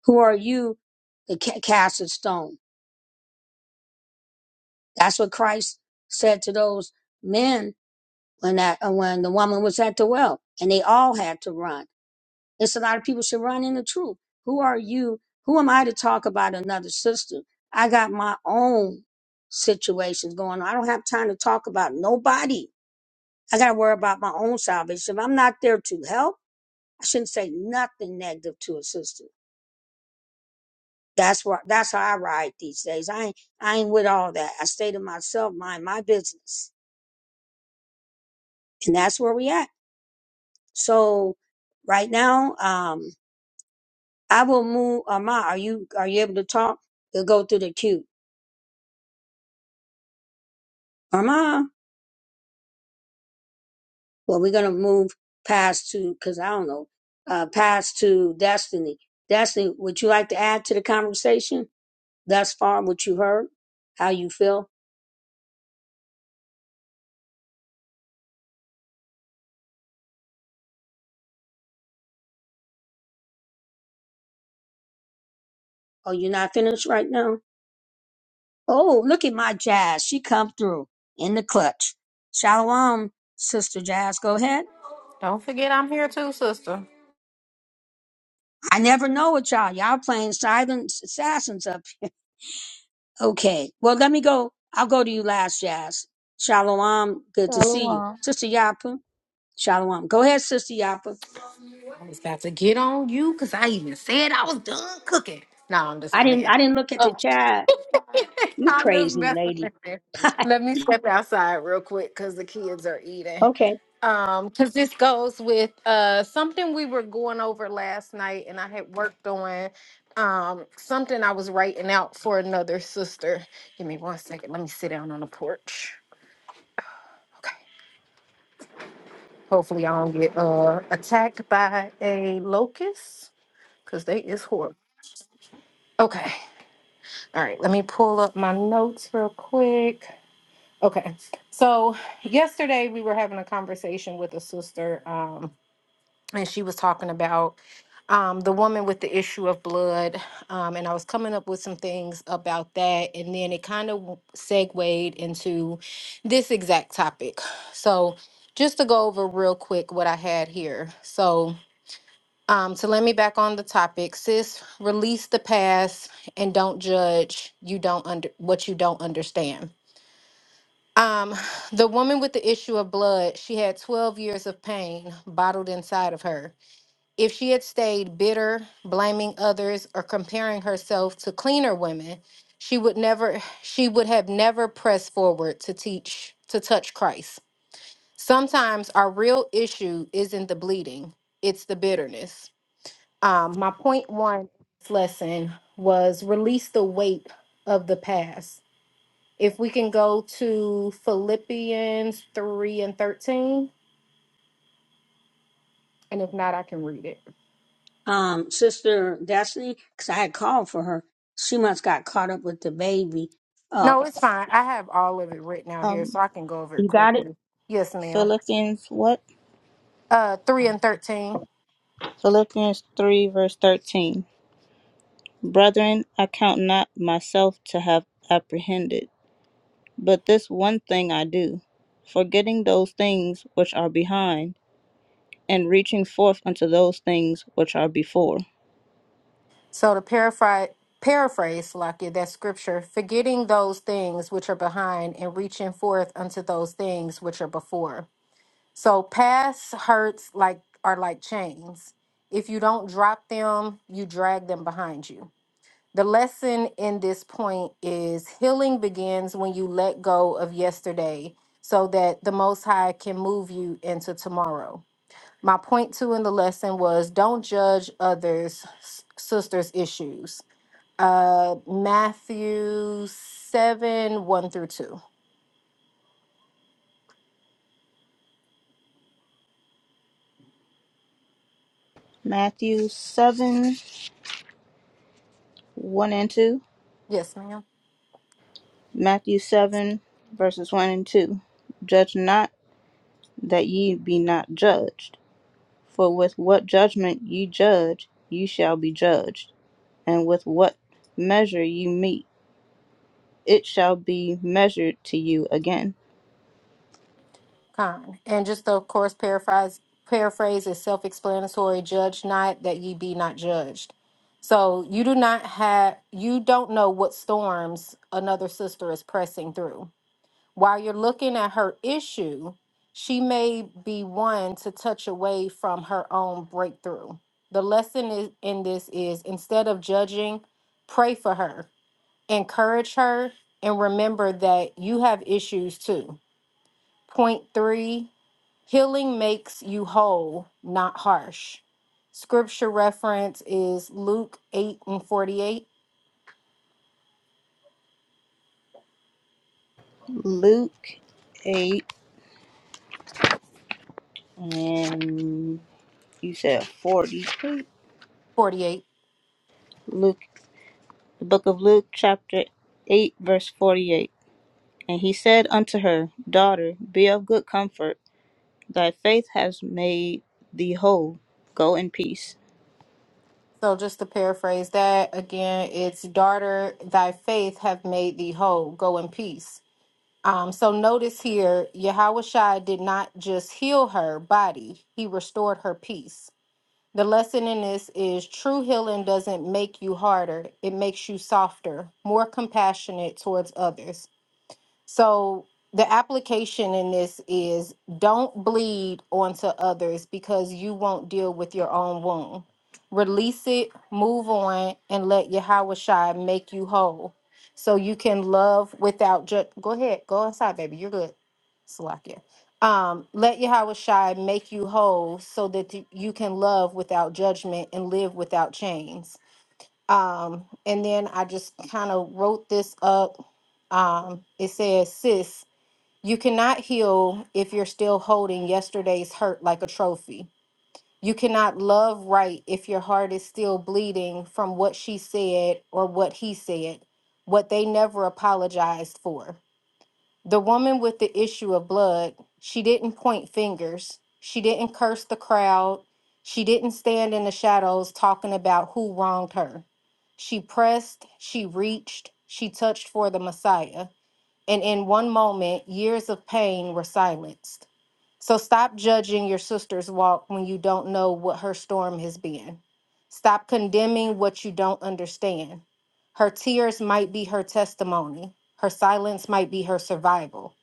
Who are you to ca- cast a stone? That's what Christ said to those men when that uh, when the woman was at the well and they all had to run It's a lot of people should run in the truth. Who are you? Who am I to talk about another sister? I got my own situations going on. I don't have time to talk about nobody. I got to worry about my own salvation. If I'm not there to help, I shouldn't say nothing negative to a sister. That's where that's how I ride these days. I ain't I ain't with all that. I stay to myself, mind my business. And that's where we at. So right now, um, I will move Ama, are you are you able to talk? We'll go through the queue. uh-huh. Well, we're gonna move past to because I don't know, uh, past to Destiny. Destiny, would you like to add to the conversation thus far? What you heard, how you feel? Oh, you're not finished right now. Oh, look at my Jazz. She come through in the clutch. Shalom, sister Jazz. Go ahead. Don't forget I'm here too, sister. I never know what y'all. Y'all playing silent assassins up. Okay. Well, let me go. I'll go to you last, Jazz. Shalom. Good to see you, Shalom. sister Yapu. Shalom. Go ahead, Sister Yapa. I was about to get on you because I even said I was done cooking. No, I'm just I didn't playing. I didn't look at Uh, the chat. You I'm just crazy messing lady. with you. Let me step outside real quick because the kids are eating. okay. Um, because this goes with uh something we were going over last night and I had worked on um something I was writing out for another sister. Give me one second. Let me sit down on the porch. Okay. Hopefully, I don't get uh, attacked by a locust because they is horrible. Okay. All right. Let me pull up my notes real quick. Okay. So, yesterday we were having a conversation with a sister, um, and she was talking about um, the woman with the issue of blood. Um, and I was coming up with some things about that. And then it kind of segued into this exact topic. So, just to go over real quick what I had here. So, Um, so let me back on the topic. Sis, release the past and don't judge you don't under what you don't understand. Um, the woman with the issue of blood, she had 12 years of pain bottled inside of her. If she had stayed bitter, blaming others, or comparing herself to cleaner women, she would never she would have never pressed forward to teach to touch Christ. Sometimes our real issue isn't the bleeding, it's the bitterness. Um, my point one lesson was release the weight of the past. If we can go to Philippians 3 and 13, and if not, I can read it. Um, Sister Destiny, because I had called for her. She must got caught up with the baby. Uh No, it's fine. I have all of it written out here, Um, so I can go over it you got it? quickly. Yes, ma'am. Philippians what? Uh, 3 and 13. Philippians three verse thirteen. Brethren, I count not myself to have apprehended, but this one thing I do, forgetting those things which are behind, and reaching forth unto those things which are before. So to paraphrase, paraphrase, Lakia, that scripture, forgetting those things which are behind and reaching forth unto those things which are before. So past hurts like are like chains. If you don't drop them, you drag them behind you. The lesson in this point is healing begins when you let go of yesterday so that the most high can move you into tomorrow. My point two in the lesson was don't judge others s- sisters issues. Uh Matthew 7 1 through 2. Matthew seven one and two. Yes, ma'am. Matthew seven verses one and two. Judge not that ye be not judged For with what judgment you judge, you shall be judged, and with what measure you meet, it shall be measured to you again. Con. And just to, of course, paraphrase paraphrase is self explanatory. Judge not that ye be not judged. So you do not have you don't know what storms another sister is pressing through. While you're looking at her issue, she may be one to touch away from her own breakthrough. The lesson is, in this is instead of judging, pray for her, encourage her, and remember that you have issues too. Point three Healing makes you whole, not harsh. Scripture reference is Luke 8 and 48. Luke 8 and you said 48. 48. Luke, the book of Luke, chapter 8, verse 48. And he said unto her, Daughter, be of good comfort. Thy faith has made thee whole. Go in peace. So just to paraphrase that again, it's daughter, thy faith have made thee whole. Go in peace. Um, so notice here, Yahushua did not just heal her body, he restored her peace. The lesson in this is true healing doesn't make you harder, it makes you softer, more compassionate towards others. So the application in this is don't bleed onto others because you won't deal with your own wound. Release it, move on, and let Yahweh Shai make you whole. So you can love without just go ahead, go inside, baby. You're good. Salakia. Um, let Yahweh Shai make you whole so that you can love without judgment and live without chains. Um, and then I just kind of wrote this up. Um, it says, Sis, you cannot heal if you're still holding yesterday's hurt like a trophy. You cannot love right if your heart is still bleeding from what she said or what he said, what they never apologized for. The woman with the issue of blood, she didn't point fingers. She didn't curse the crowd. She didn't stand in the shadows talking about who wronged her. She pressed, she reached, she touched for the Messiah and in one moment, years of pain were silenced. So stop judging your sister's walk when you don't know what her storm has been. Stop condemning what you don't understand. Her tears might be her testimony, her silence might be her survival.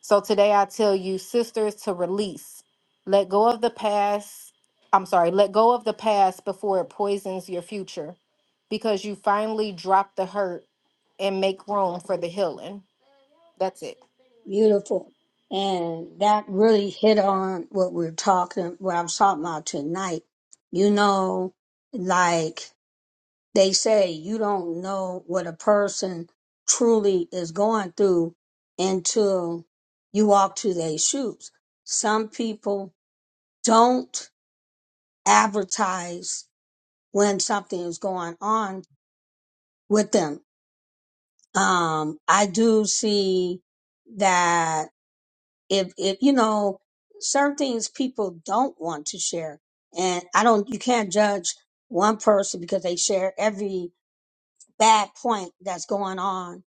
So today I tell you, sisters, to release. Let go of the past. I'm sorry, let go of the past before it poisons your future because you finally drop the hurt and make room for the healing. That's it. Beautiful. And that really hit on what we're talking what I'm talking about tonight. You know, like they say you don't know what a person truly is going through until you walk to their shoes. Some people don't advertise when something is going on with them. Um, I do see that if, if, you know, certain things people don't want to share and I don't, you can't judge one person because they share every bad point that's going on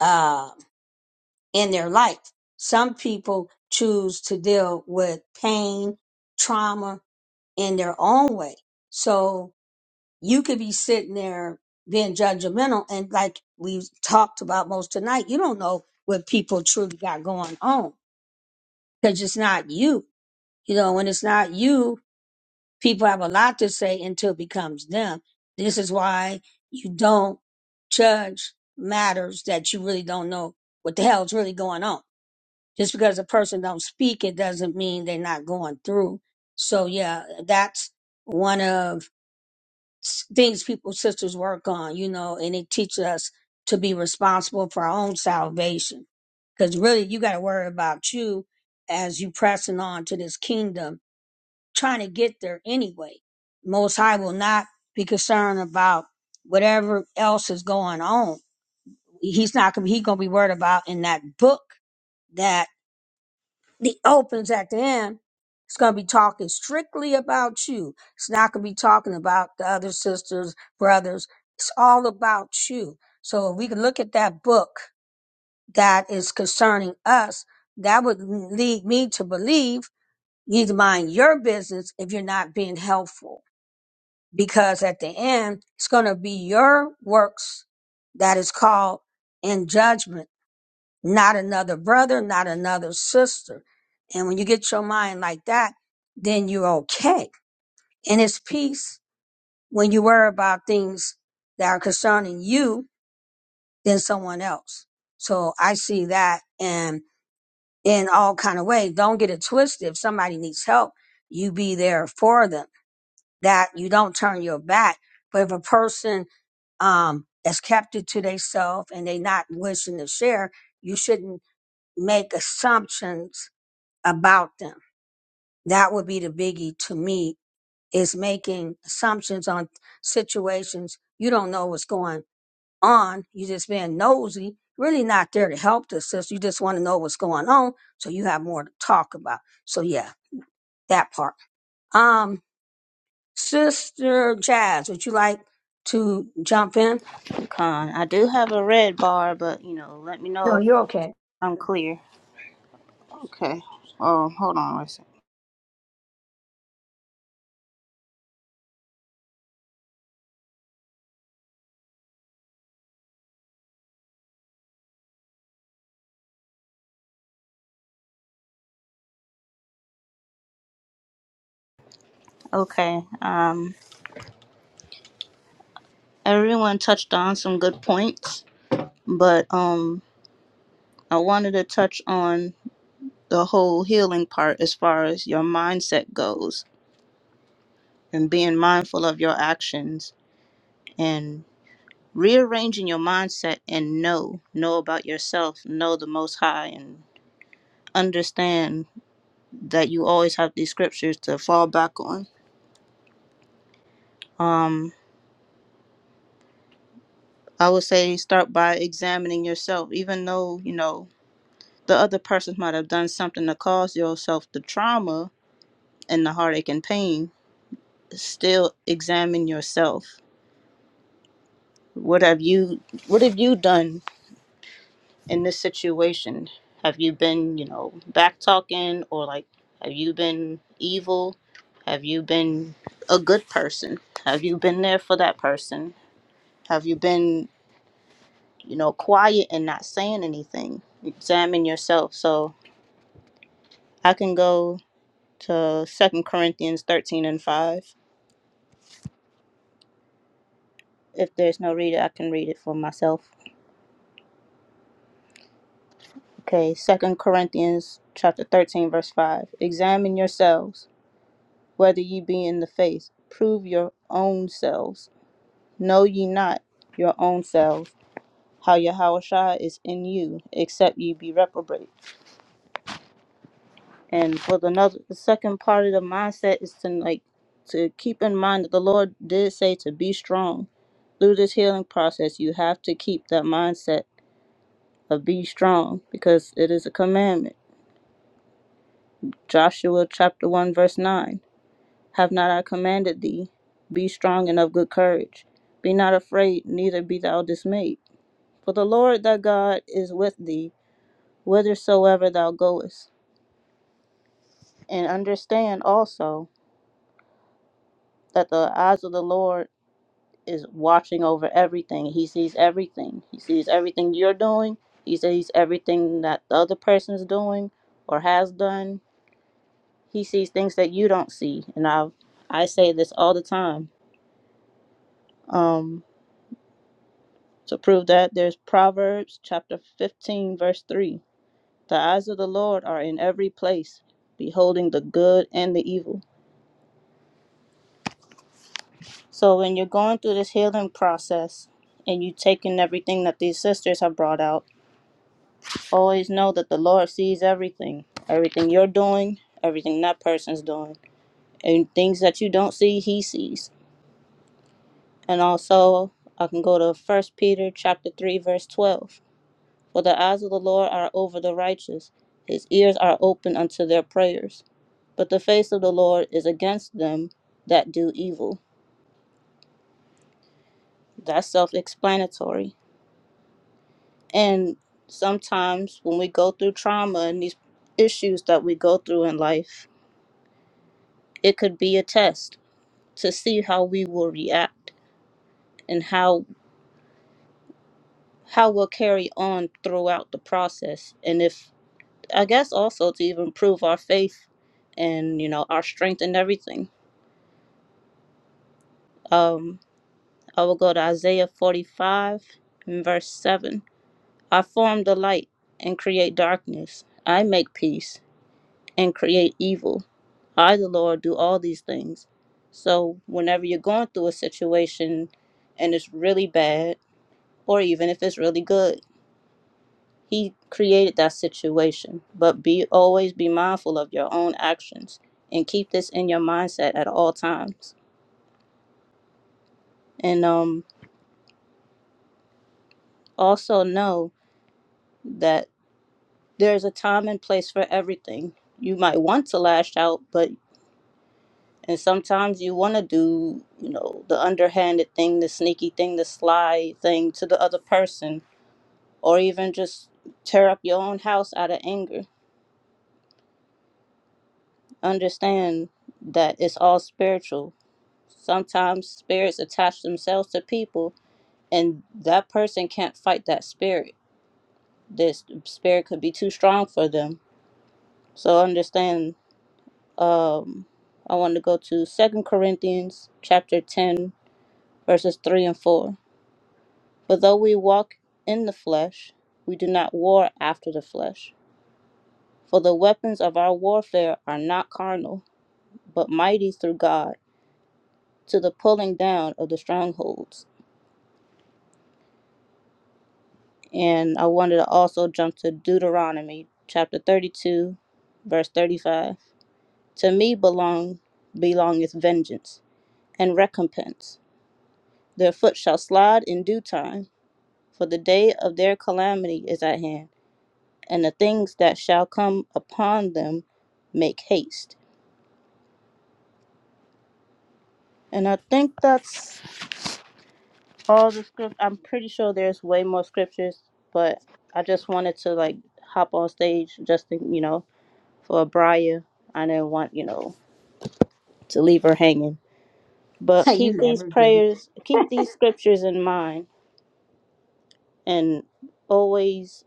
uh, in their life. Some people choose to deal with pain, trauma in their own way. So you could be sitting there being judgmental. And like we've talked about most tonight, you don't know what people truly got going on because it's not you. You know, when it's not you, people have a lot to say until it becomes them. This is why you don't judge matters that you really don't know what the hell's really going on just because a person don't speak it doesn't mean they're not going through so yeah that's one of s- things people sisters work on you know and it teaches us to be responsible for our own salvation because really you got to worry about you as you pressing on to this kingdom trying to get there anyway most high will not be concerned about whatever else is going on he's not gonna he gonna be worried about in that book that the opens at the end, it's going to be talking strictly about you. It's not going to be talking about the other sisters, brothers. It's all about you. So if we can look at that book that is concerning us, that would lead me to believe you need to mind your business if you're not being helpful. Because at the end, it's going to be your works that is called in judgment not another brother, not another sister. And when you get your mind like that, then you're okay. And it's peace when you worry about things that are concerning you than someone else. So I see that and in all kind of ways. Don't get it twisted. If somebody needs help, you be there for them. That you don't turn your back. But if a person um is kept it to themselves and they not wishing to share, you shouldn't make assumptions about them. That would be the biggie to me is making assumptions on situations you don't know what's going on. You just being nosy, really not there to help the sister. You just want to know what's going on so you have more to talk about. So yeah, that part. Um, Sister Jazz, would you like to jump in? Con, I do have a red bar, but you know, let me know No, you're if okay. I'm clear. Okay. Oh, hold on a second. Okay. Um, everyone touched on some good points, but um, I wanted to touch on the whole healing part as far as your mindset goes and being mindful of your actions and rearranging your mindset and know, know about yourself, know the Most High, and understand that you always have these scriptures to fall back on. Um, I would say start by examining yourself, even though you know the other person might have done something to cause yourself the trauma and the heartache and pain still examine yourself what have you what have you done in this situation have you been you know back talking or like have you been evil have you been a good person have you been there for that person have you been you know quiet and not saying anything examine yourself so i can go to second corinthians 13 and 5 If there's no reader, I can read it for myself. Okay, Second Corinthians chapter 13, verse 5. Examine yourselves whether ye be in the faith. Prove your own selves. Know ye not your own selves how Yahushua is in you, except ye be reprobate. And for the another, the second part of the mindset is to like to keep in mind that the Lord did say to be strong. Through this healing process, you have to keep that mindset of be strong because it is a commandment. Joshua chapter 1 verse 9. Have not I commanded thee? Be strong and of good courage. Be not afraid, neither be thou dismayed. For the Lord thy God is with thee whithersoever thou goest. And understand also that the eyes of the Lord is watching over everything. He sees everything. He sees everything you're doing. He sees everything that the other person's doing or has done. He sees things that you don't see. And I I say this all the time. Um To prove that, there's Proverbs chapter 15, verse 3. The eyes of the Lord are in every place, beholding the good and the evil. So when you're going through this healing process and you taking everything that these sisters have brought out, always know that the Lord sees everything. Everything you're doing, everything that person's doing. And things that you don't see, he sees. And also I can go to first Peter chapter three verse twelve. For the eyes of the Lord are over the righteous, his ears are open unto their prayers. But the face of the Lord is against them that do evil. That's self explanatory. And sometimes when we go through trauma and these issues that we go through in life, it could be a test to see how we will react and how how we'll carry on throughout the process and if I guess also to even prove our faith and you know our strength and everything. Um I will go to Isaiah 45 and verse 7. I form the light and create darkness. I make peace and create evil. I, the Lord, do all these things. So, whenever you're going through a situation and it's really bad, or even if it's really good, He created that situation. But be always be mindful of your own actions and keep this in your mindset at all times. And um, also know that there's a time and place for everything. You might want to lash out, but and sometimes you want to do, you know, the underhanded thing, the sneaky thing, the sly thing to the other person, or even just tear up your own house out of anger. Understand that it's all spiritual. Sometimes spirits attach themselves to people, and that person can't fight that spirit. This spirit could be too strong for them. So understand Um, I want to go to Second Corinthians chapter 10, verses 3 and 4. For though we walk in the flesh, we do not war after the flesh. For the weapons of our warfare are not carnal, but mighty through God to the pulling down of the strongholds. And I wanted to also jump to Deuteronomy chapter 32, verse 35. To me belong belongeth vengeance and recompense. Their foot shall slide in due time for the day of their calamity is at hand, and the things that shall come upon them make haste. And I think that's all the script. I'm pretty sure there's way more scriptures, but I just wanted to like hop on stage just to, you know, for Briar. I didn't want, you know, to leave her hanging. But you keep these never do. prayers, keep these scriptures in mind, and always,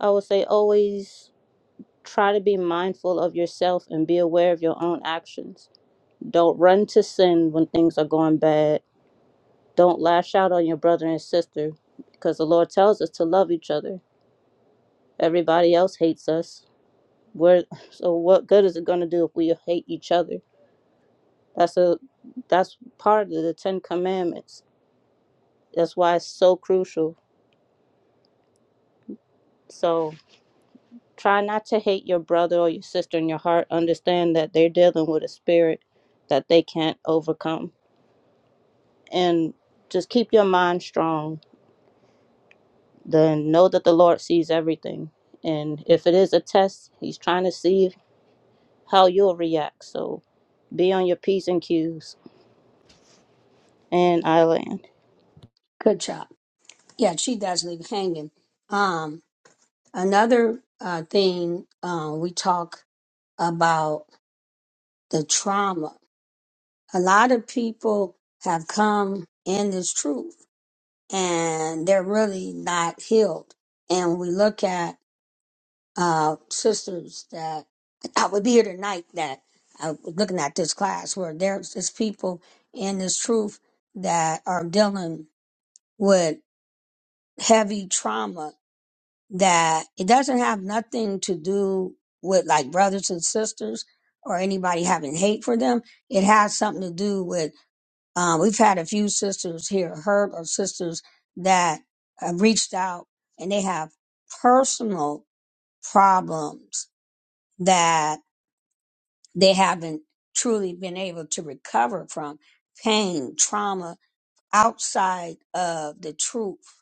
I would say, always try to be mindful of yourself and be aware of your own actions Don't run to sin when things are going bad. Don't lash out on your brother and sister because the Lord tells us to love each other. Everybody else hates us. We're, so what good is it going to do if we hate each other? That's a that's part of the 10 commandments. That's why it's so crucial. So try not to hate your brother or your sister in your heart. Understand that they're dealing with a spirit that they can't overcome and just keep your mind strong then know that the Lord sees everything. And if it is a test, He's trying to see how you'll react. So be on your P's and Q's. And I land. Good job. Yeah, she does leave hanging. Um, another uh, thing uh, we talk about the trauma. A lot of people have come in this truth and they're really not healed. And we look at uh, sisters that I would be here tonight that I was looking at this class where there's just people in this truth that are dealing with heavy trauma that it doesn't have nothing to do with like brothers and sisters or anybody having hate for them. It has something to do with um, we've had a few sisters here, Herb or sisters that have reached out and they have personal problems that they haven't truly been able to recover from pain, trauma outside of the truth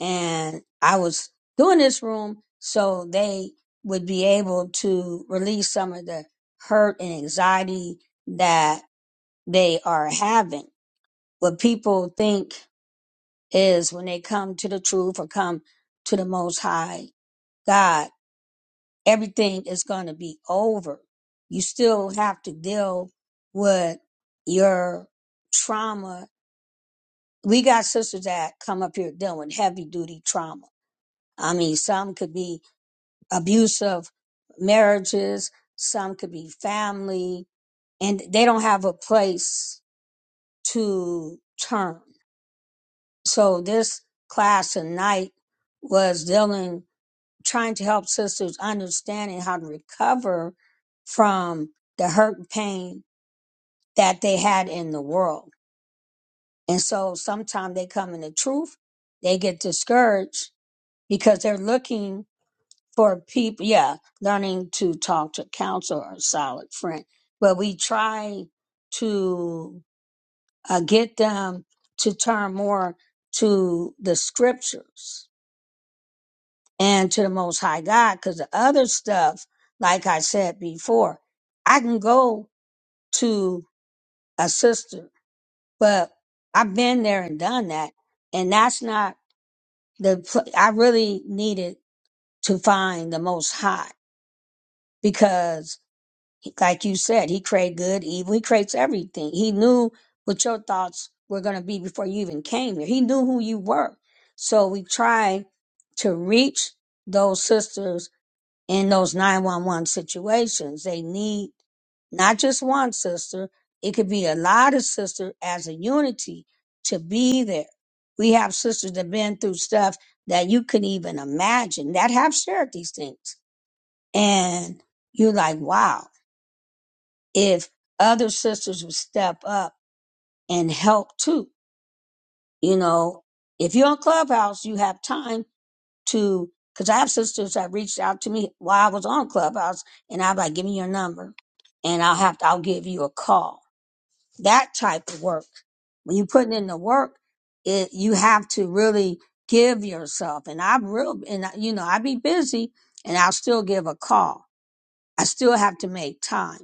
and I was doing this room so they would be able to release some of the hurt and anxiety that they are having. What people think is when they come to the truth or come to the Most High God, everything is going to be over. You still have to deal with your trauma. We got sisters that come up here dealing with heavy duty trauma. I mean, some could be abusive marriages, some could be family, and they don't have a place to turn. So this class tonight was dealing, trying to help sisters understanding how to recover from the hurt and pain that they had in the world. And so sometimes they come in the truth, they get discouraged because they're looking for people, yeah, learning to talk to counsel or solid friend. But we try to uh, get them to turn more to the scriptures and to the Most High God, because the other stuff, like I said before, I can go to a sister, but I've been there and done that, and that's not the. pl- I really needed to find the Most High because He- Like you said, he created good, evil. He creates everything. He knew what your thoughts were going to be before you even came here. He knew who you were. So we try to reach those sisters in those 911 situations. They need not just one sister. It could be a lot of sisters as a unity to be there. We have sisters that been through stuff that you couldn't even imagine that have shared these things. And you're like, wow if other sisters would step up and help too. You know, if you're on Clubhouse, you have time to, because I have sisters that reached out to me while I was on Clubhouse, and I'm like, give me your number, and I'll have to, I'll give you a call. That type of work. When you're putting in the work, it, you have to really give yourself. And I'm real, and I- you know, I be busy, and I'll still give a call. I still have to make time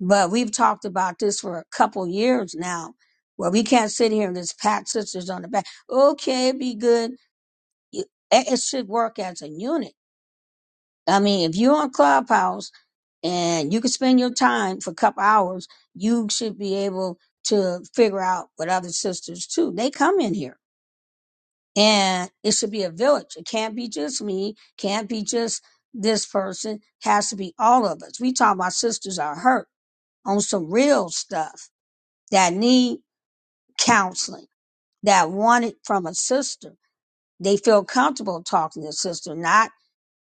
But we've talked about this for a couple years now, where we can't sit here and just pat sisters on the back. Okay, be good. You- It it should work as a unit. I mean, if you're on Clubhouse and you can spend your time for a couple hours, you should be able to figure out what other sisters too. They come in here and it should be a village. It can't be just me. Can't be just this person. Has to be all of us. We talk about sisters are hurt on some real stuff that need counseling, that want it from a sister. They feel comfortable talking to a sister, not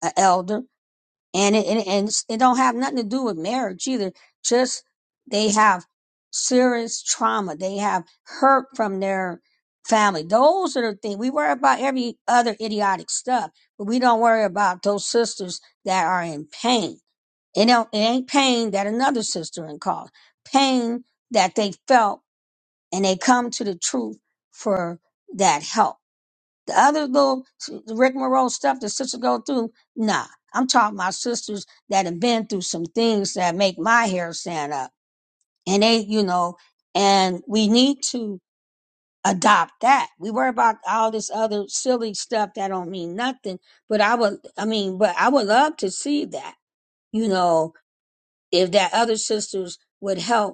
an elder. And it, and, and it's- it don't have nothing to do with marriage either. Just they have serious trauma. They have hurt from their family. Those are the things we worry about every other idiotic stuff, but we don't worry about those sisters that are in pain. It, don't, it ain't pain that another sister in cause. Pain that they felt and they come to the truth for that help. The other little s- Rick Moreau stuff that sisters go through, nah. I'm talking about sisters that have been through some things that make my hair stand up. And they, you know, and we need to adopt that. We worry about all this other silly stuff that don't mean nothing. But I would, I mean, but I would love to see that, you know, if that other sisters would help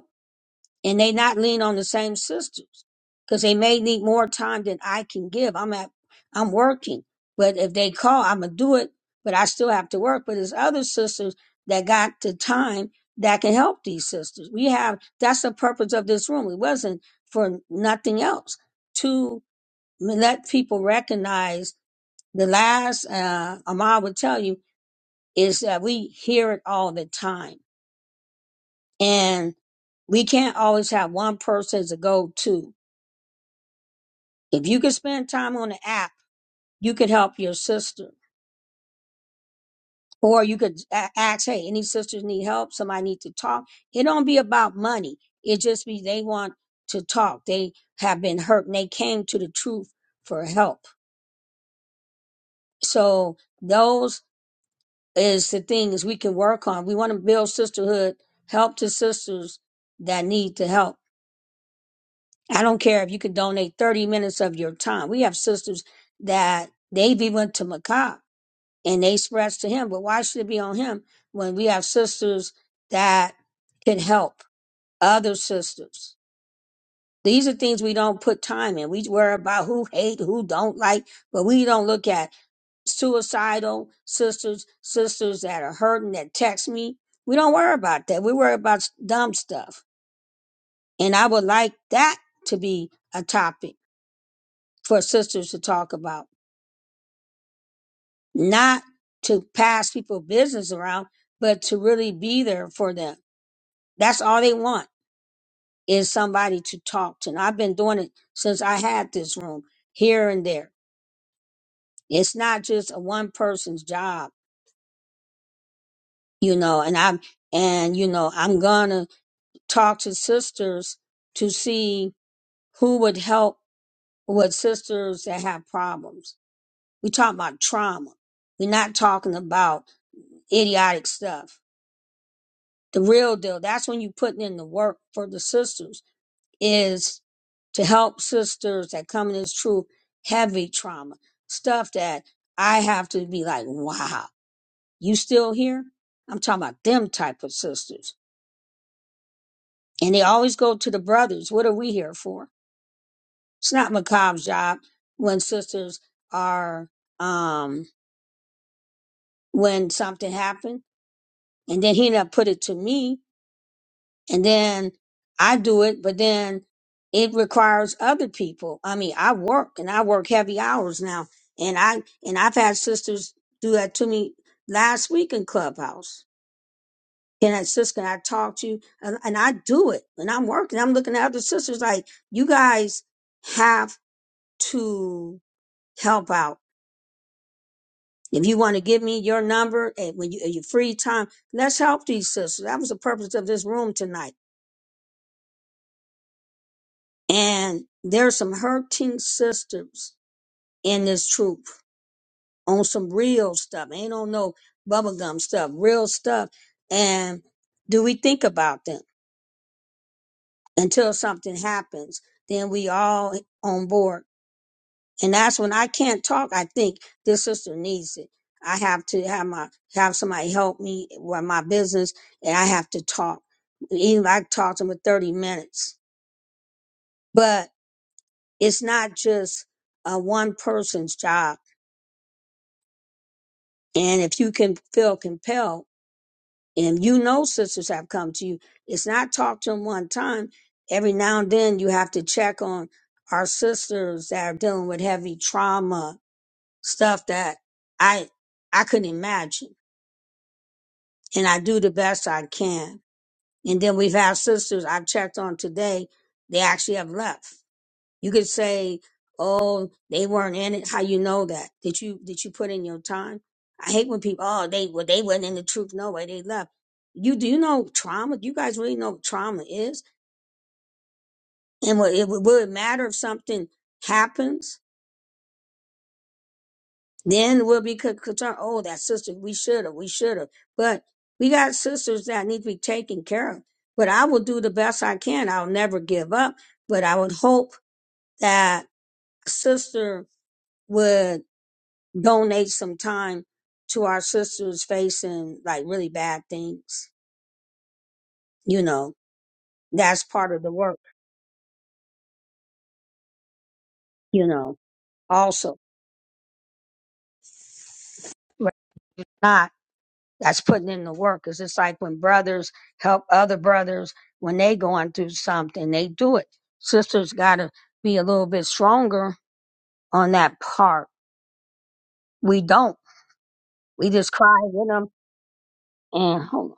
and they not lean on the same sisters because they may need more time than I can give. I'm at, I'm working, but if they call, I'm gonna do it. But I still have to work. But there's other sisters that got the time that can help these sisters. We have that's the purpose of this room. It wasn't for nothing else to let people recognize the last uh, Amal would tell you is that we hear it all the time and we can't always have one person as a go-to If you could spend time on the app, you could help your sister. Or you could a- ask, hey, any sisters need help? Somebody need to talk. It don't be about money. It just be they want to talk. They have been hurt and they came to the truth for help. So those is the things we can work on. We want to build sisterhood, help the sisters that need to help. I don't care if you can donate 30 minutes of your time. We have sisters that they've even went to Macau and they spread to him, but why should it be on him when we have sisters that can help other sisters? These are things we don't put time in. We worry about who hate, who don't like, but we don't look at suicidal sisters, sisters that are hurting that text me. We don't worry about that. We worry about dumb stuff. And I would like that to be a topic for sisters to talk about, not to pass people business around, but to really be there for them That's all they want is somebody to talk to. And I've been doing it since I had this room here and there. It's not just a one person's job, you know, and I'm, and you know, I'm gonna talk to sisters to see who would help with sisters that have problems. We talk about trauma. We're not talking about idiotic stuff. The real deal. That's when you putting in the work for the sisters is to help sisters that come in this true heavy trauma stuff that I have to be like, wow, you still here? I'm talking about them type of sisters, and they always go to the brothers. What are we here for? It's not macabre's job when sisters are um when something happened, and then he not put it to me and then I do it, but then it requires other people. I mean, I work and I work heavy hours now, and I and I've had sisters do that to me last week in Clubhouse. And that sister, I talk to you, and, and I do it, when I'm working. I'm looking at other sisters like you guys have to help out. If you want to give me your number and when you, your free time, let's help these sisters. That was the purpose of this room tonight And there's some hurting sisters in this troop on some real stuff. Ain't on no bubblegum stuff, real stuff. And do we think about them until something happens? Then we all on board. And that's when I can't talk. I think this sister needs it. I have to have my have somebody help me with my business and I have to talk. Even if I talk to them for 30 minutes. But it's not just a one person's job And if you can feel compelled, and you know sisters have come to you, it's not talk to them one time. Every now and then you have to check on our sisters that are dealing with heavy trauma, stuff that I I couldn't imagine. And I do the best I can. And then we've had sisters I've checked on today, they actually have left You could say, "Oh, they weren't in it." How you know that? Did you did you put in your time? I hate when people, "Oh, they well, they weren't in the truth. No way, they left." You do you know trauma? Do you guys really know what trauma is? And what it will it matter if something happens? Then we'll be con- concerned. Oh, that sister, we should have, we should have. But we got sisters that need to be taken care of. But I will do the best I can. I'll never give up. But I would hope that sister would. donate some time to our sisters facing like really bad things. You know, that's part of the work, you know, also. But not that's putting in the work. It's just like when brothers help other brothers when they going through something, they do it. Sisters gotta be a little bit stronger on that part. We don't. We just cry with them and hold on.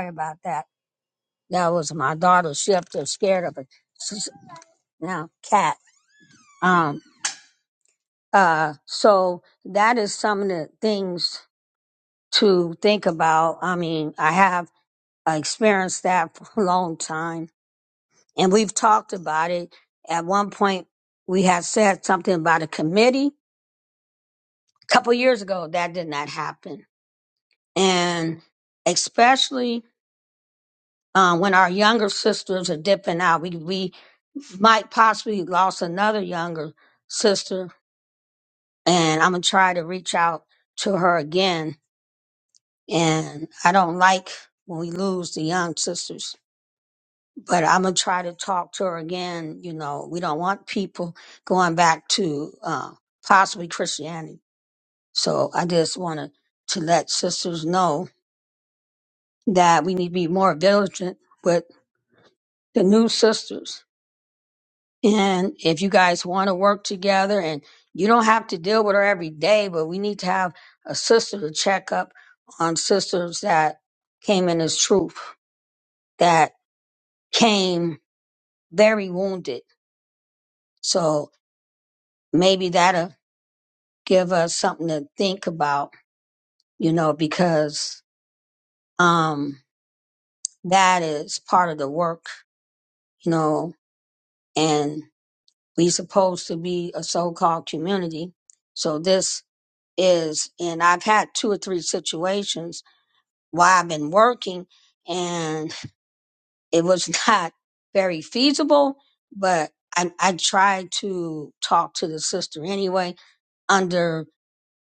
Sorry about that. That was my daughter. She up there scared of it. She's now cat. Um. Uh, so that is some of the things to think about. I mean, I have experienced that for a long time and we've talked about it. At one point, we had said something about a committee a couple years ago. That did not happen. And especially uh, when our younger sisters are dipping out, we, we might possibly lost another younger sister and I'm going to try to reach out to her again and I don't like when we lose the young sisters. But I'm gonna try to talk to her again. You know, we don't want people going back to uh, possibly Christianity. So I just wanted to let sisters know that we need to be more vigilant with the new sisters. And if you guys want to work together, and you don't have to deal with her every day, but we need to have a sister to check up on sisters that came in as truth that came very wounded. So maybe that'll give us something to think about, you know, because um that is part of the work, you know, and we supposed to be a so-called community. So this is and I've had two or three situations while I've been working and it was not very feasible, but I, I tried to talk to the sister anyway under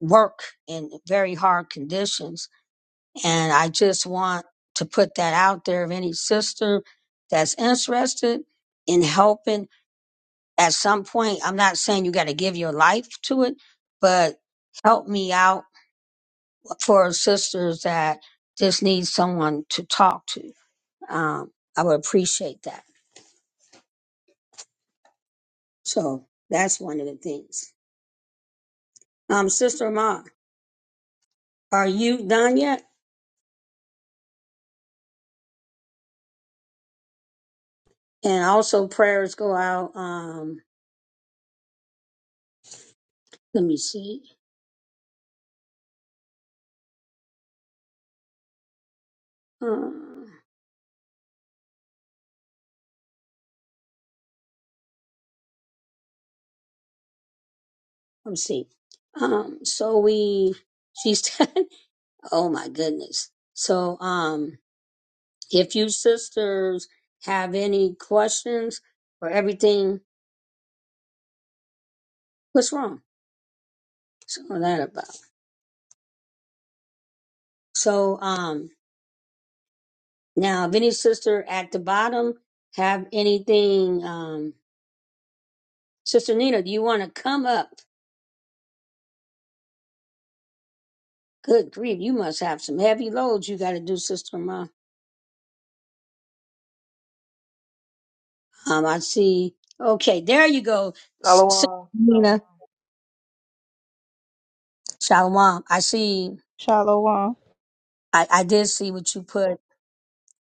work in very hard conditions. And I just want to put that out there of any sister that's interested in helping at some point. I'm not saying you got to give your life to it, but help me out for sisters that just need someone to talk to. Um, I would appreciate that. So that's one of the things. Um, Sister Ma, are you done yet? And also prayers go out. Um, let me see. Um, let's see. Um, so we, she's, oh my goodness. So, um, if you sisters have any questions or everything, what's wrong? So that about. So, um, now if any sister at the bottom have anything, um, Sister Nina, do you want to come up? Good grief, you must have some heavy loads you got to do, Sister Ma. Um, I see. Okay, there you go, S- Sister Shalom. Nina. Shalom. I see. Shalom. I, I did see what you put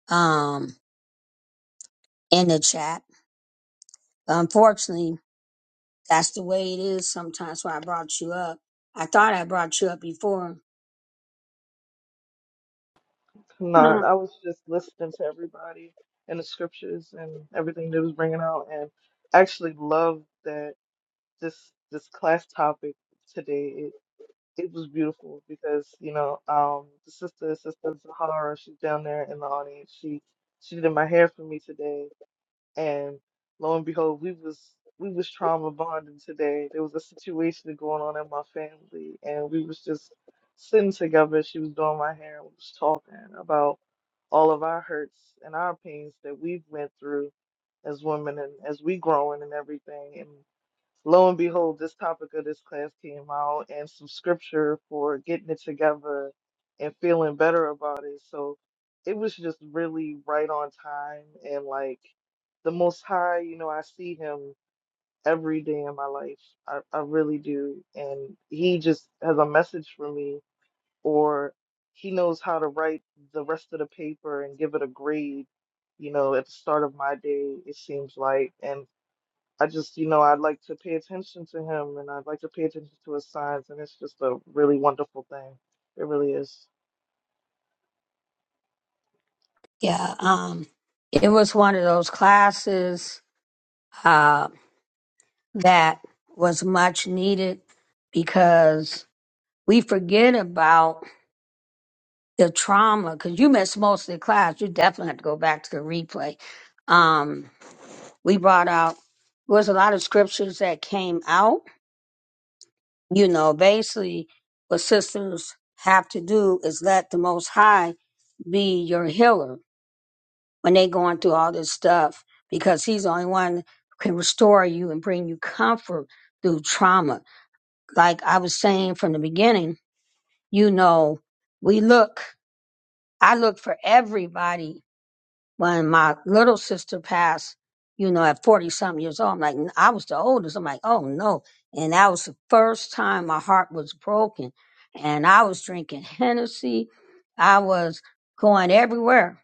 um in the chat. Unfortunately, that's the way it is sometimes. Why I brought you up. I thought I brought you up before. None. Uh, I was just listening to everybody and the scriptures and everything they was bringing out, and I actually loved that this this class topic today. It it was beautiful because you know um the sister sister Zahara she's down there in the audience. She she did my hair for me today, And lo and behold, we was we was trauma bonding today. There was a situation going on in my family, and we was just sitting together. She was doing my hair, and we was talking about all of our hurts and our pains that we've went through as women and as we growing and everything. Lo and behold, this topic of this class came out and some scripture for getting it together and feeling better about it. So it was just really right on time and like the most high, you know, I see him every day in my life. I, I really do. And he just has a message for me or he knows how to write the rest of the paper and give it a grade, you know, at the start of my day, it seems like. And I just, you know, I'd like to pay attention to him and I'd like to pay attention to his signs, and it's just a really wonderful thing. It really is. yeah. Um, it was one of those classes uh, that was much needed because we forget about the trauma. Because you missed most of the class, you definitely have to go back to the replay. Um, we brought out There was a lot of scriptures that came out. You know, basically what sisters have to do is let the most high be your healer when they going through all this stuff because he's the only one who can restore you and bring you comfort through trauma. Like I was saying from the beginning, you know, we look I look for everybody when my little sister passed, you know, at 40 something years old, I'm like, n- i am like I was the oldest. I'm like, oh no. And that was the first time my heart was broken. And I was drinking Hennessy. I was going everywhere,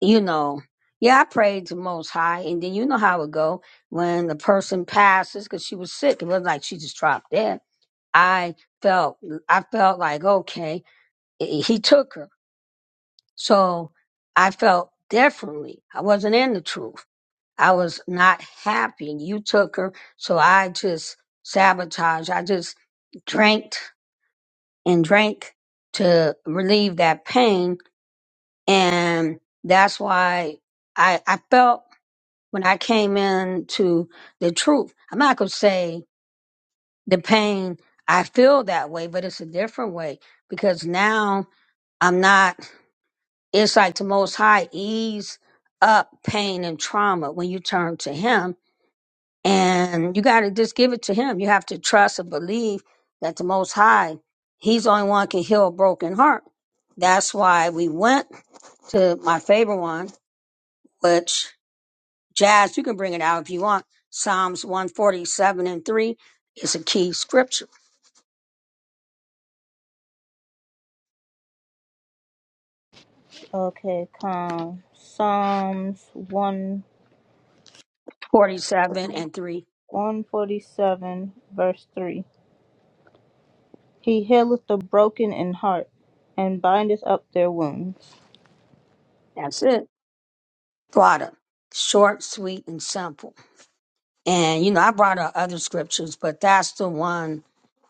you know. Yeah, I prayed to Most High. And then you know how it go when the person passes because she was sick. It wasn't like she just dropped dead. I felt, I felt like, okay, he he took her. So I felt differently. I wasn't in the truth. I was not happy. You took her, so I just sabotaged. I just drank and drank to relieve that pain, and that's why I I felt when I came into the truth. I'm not gonna say the pain. I feel that way, but it's a different way because now I'm not. It's like the Most High ease up pain and trauma when you turn to Him And you got to just give it to him. You have to trust and believe that the Most High, He's the only one can heal a broken heart. That's why we went to my favorite one, which Jazz, you can bring it out if you want. Psalms 147 and 3 is a key scripture. Okay, come. Psalms 1 47 and 3. 147, verse 3. He healeth the broken in heart and bindeth up their wounds. That's it. Thwada. Short, sweet, and simple. And, you know, I brought out other scriptures, but that's the one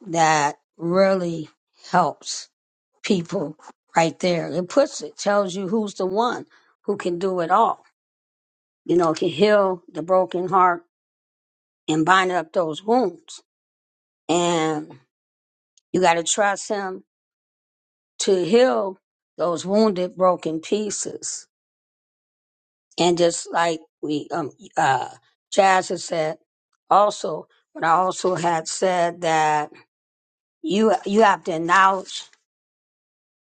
that really helps people right there. It puts it, tells you who's the one who can do it all. You know, can heal the broken heart and bind up those wounds. And you got to trust him to heal those wounded, broken pieces. And just like we, um, uh, Jazz has said also, but I also had said that you, you have to acknowledge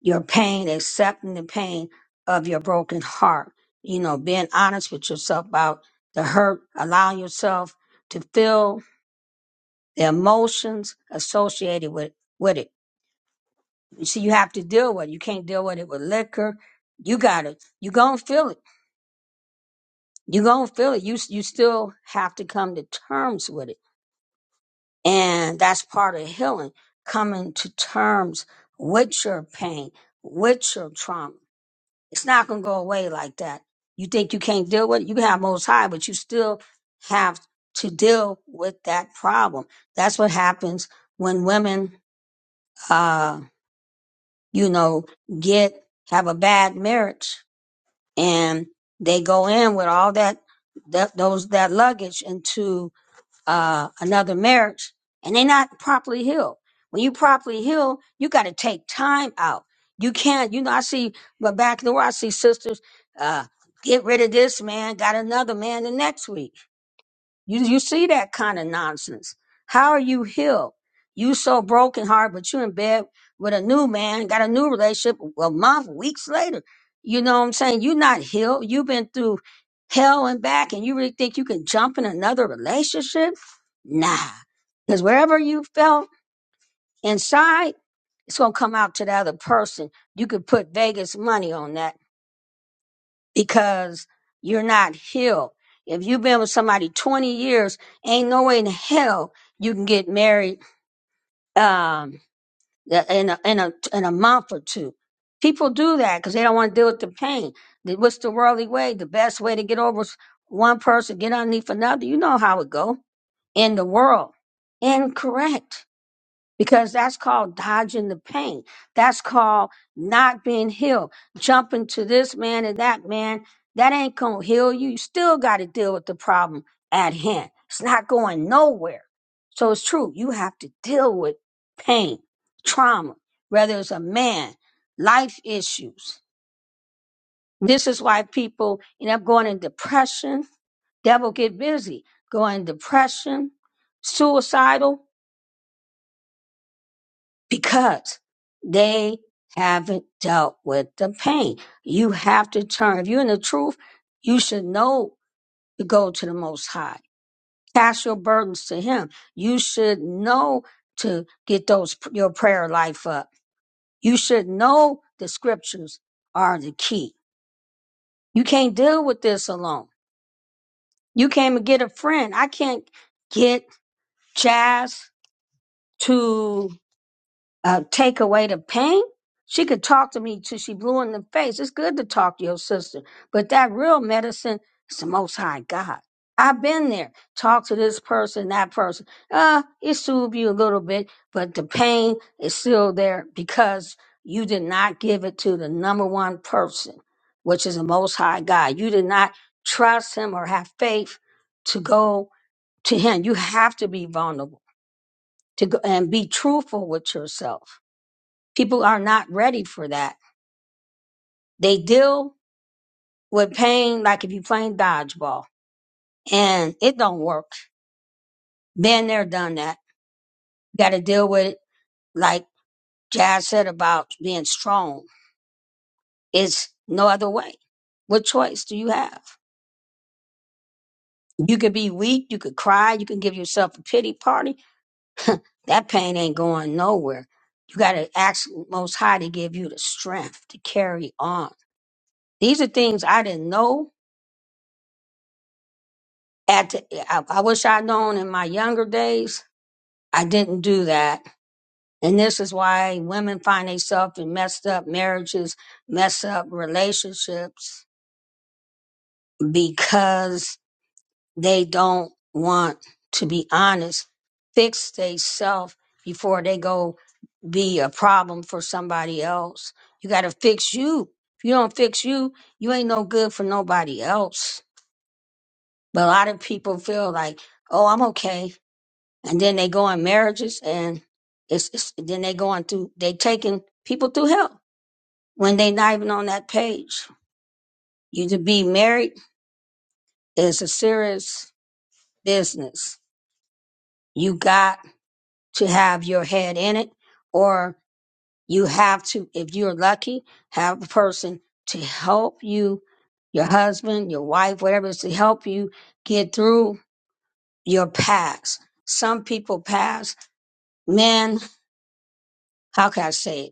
your pain, accepting the pain of your broken heart. You know, being honest with yourself about the hurt, allowing yourself to feel the emotions associated with, with it. You see, you have to deal with it. You can't deal with it with liquor. You got it. You gonna feel it. You gonna feel it. You, you still have to come to terms with it. And that's part of healing, coming to terms with your pain, with your trauma. It's not going to go away like that. You think you can't deal with it? You can have most high, but you still have to deal with that problem. That's what happens when women, uh, you know, get, have a bad marriage and they go in with all that, that, those, that luggage into uh, another marriage and they're not properly healed. When you properly heal, you got to take time out. You can't, you know, I see, but back in the world, I see sisters, uh, get rid of this man, got another man the next week. You you see that kind of nonsense. How are you healed? You so broken heart, but you in bed with a new man, got a new relationship a month, weeks later. You know what I'm saying? You're not healed. You've been through hell and back, and you really think you can jump in another relationship? Nah. Because wherever you felt inside, it's gonna come out to the other person. You could put Vegas money on that because you're not healed. If you've been with somebody 20 years, ain't no way in hell you can get married um, in a, in a in a month or two. People do that because they don't want to deal with the pain. The- What's the worldly way? The best way to get over is one person, get underneath another. You know how it go in the world. Incorrect because that's called dodging the pain. That's called not being healed. Jumping to this man and that man, that ain't going to heal you. You still got to deal with the problem at hand. It's not going nowhere. So it's true. You have to deal with pain, trauma, whether it's a man, life issues. This is why people end up going in depression. Devil get busy, going in depression, suicidal because they haven't dealt with the pain. You have to turn. If you're in the truth, you should know to go to the Most High. Cast your burdens to Him. You should know to get those your prayer life up. You should know the scriptures are the key. You can't deal with this alone. You can't even get a friend. I can't get Jazz to uh, take away the pain. She could talk to me till she blew in the face. It's good to talk to your sister, but that real medicine is the Most High God. I've been there. Talk to this person, that person. Uh, it soothed you a little bit, but the pain is still there because you did not give it to the number one person, which is the Most High God. You did not trust Him or have faith to go to Him. You have to be vulnerable to go and be truthful with yourself People are not ready for that. They deal with pain like if you're playing dodgeball and it don't work. Been there, done that. Got to deal with it like Jazz said about being strong. It's no other way. What choice do you have? You could be weak. You could cry. You can give yourself a pity party. That pain ain't going nowhere. You got to ask Most High to give you the strength to carry on. These are things I didn't know at the, I, I wish I'd known in my younger days I didn't do that. And this is why women find themselves in messed up marriages, messed up relationships, because they don't want to be honest, fix themselves before they go be a problem for somebody else. You got to fix you. If you don't fix you, you ain't no good for nobody else. But a lot of people feel like, oh, I'm okay. and then they go on marriages and it's, it's then they go on through they taking people through hell when they not even on that page you to be married is a serious business you got to have your head in it or you have to if you're lucky have a person to help you your husband your wife whatever it is to help you get through your past some people pass men how can i say it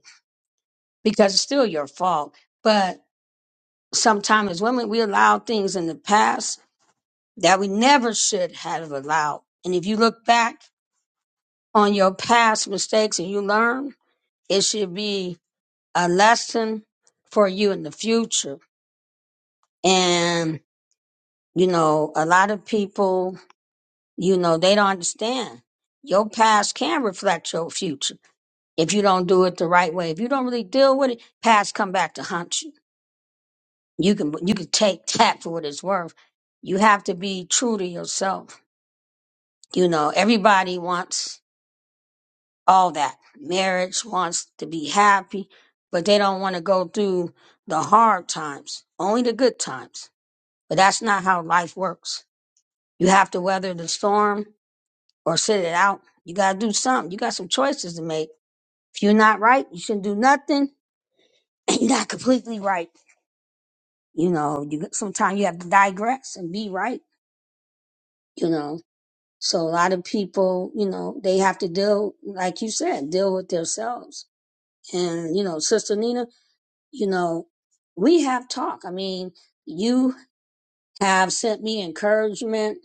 because it's still your fault. But sometimes as women, we allow things in the past that we never should have allowed. And if you look back on your past mistakes and you learn, it should be a lesson for you in the future. And, you know, a lot of people, you know, they don't understand. Your past can reflect your future if you don't do it the right way. If you don't really deal with it, past come back to haunt you you can you can take tap for what it's worth. You have to be true to yourself. You know, everybody wants all that. Marriage wants to be happy, but they don't want to go through the hard times, only the good times. But that's not how life works. You have to weather the storm or sit it out. You got to do something. You got some choices to make. If you're not right, you shouldn't do nothing. And you're not completely right. You know, you sometimes you have to digress and be right. You know, So a lot of people, you know, they have to deal, like you said, deal with themselves. And, you know, Sister Nina, you know, we have talk. I mean, you have sent me encouragement,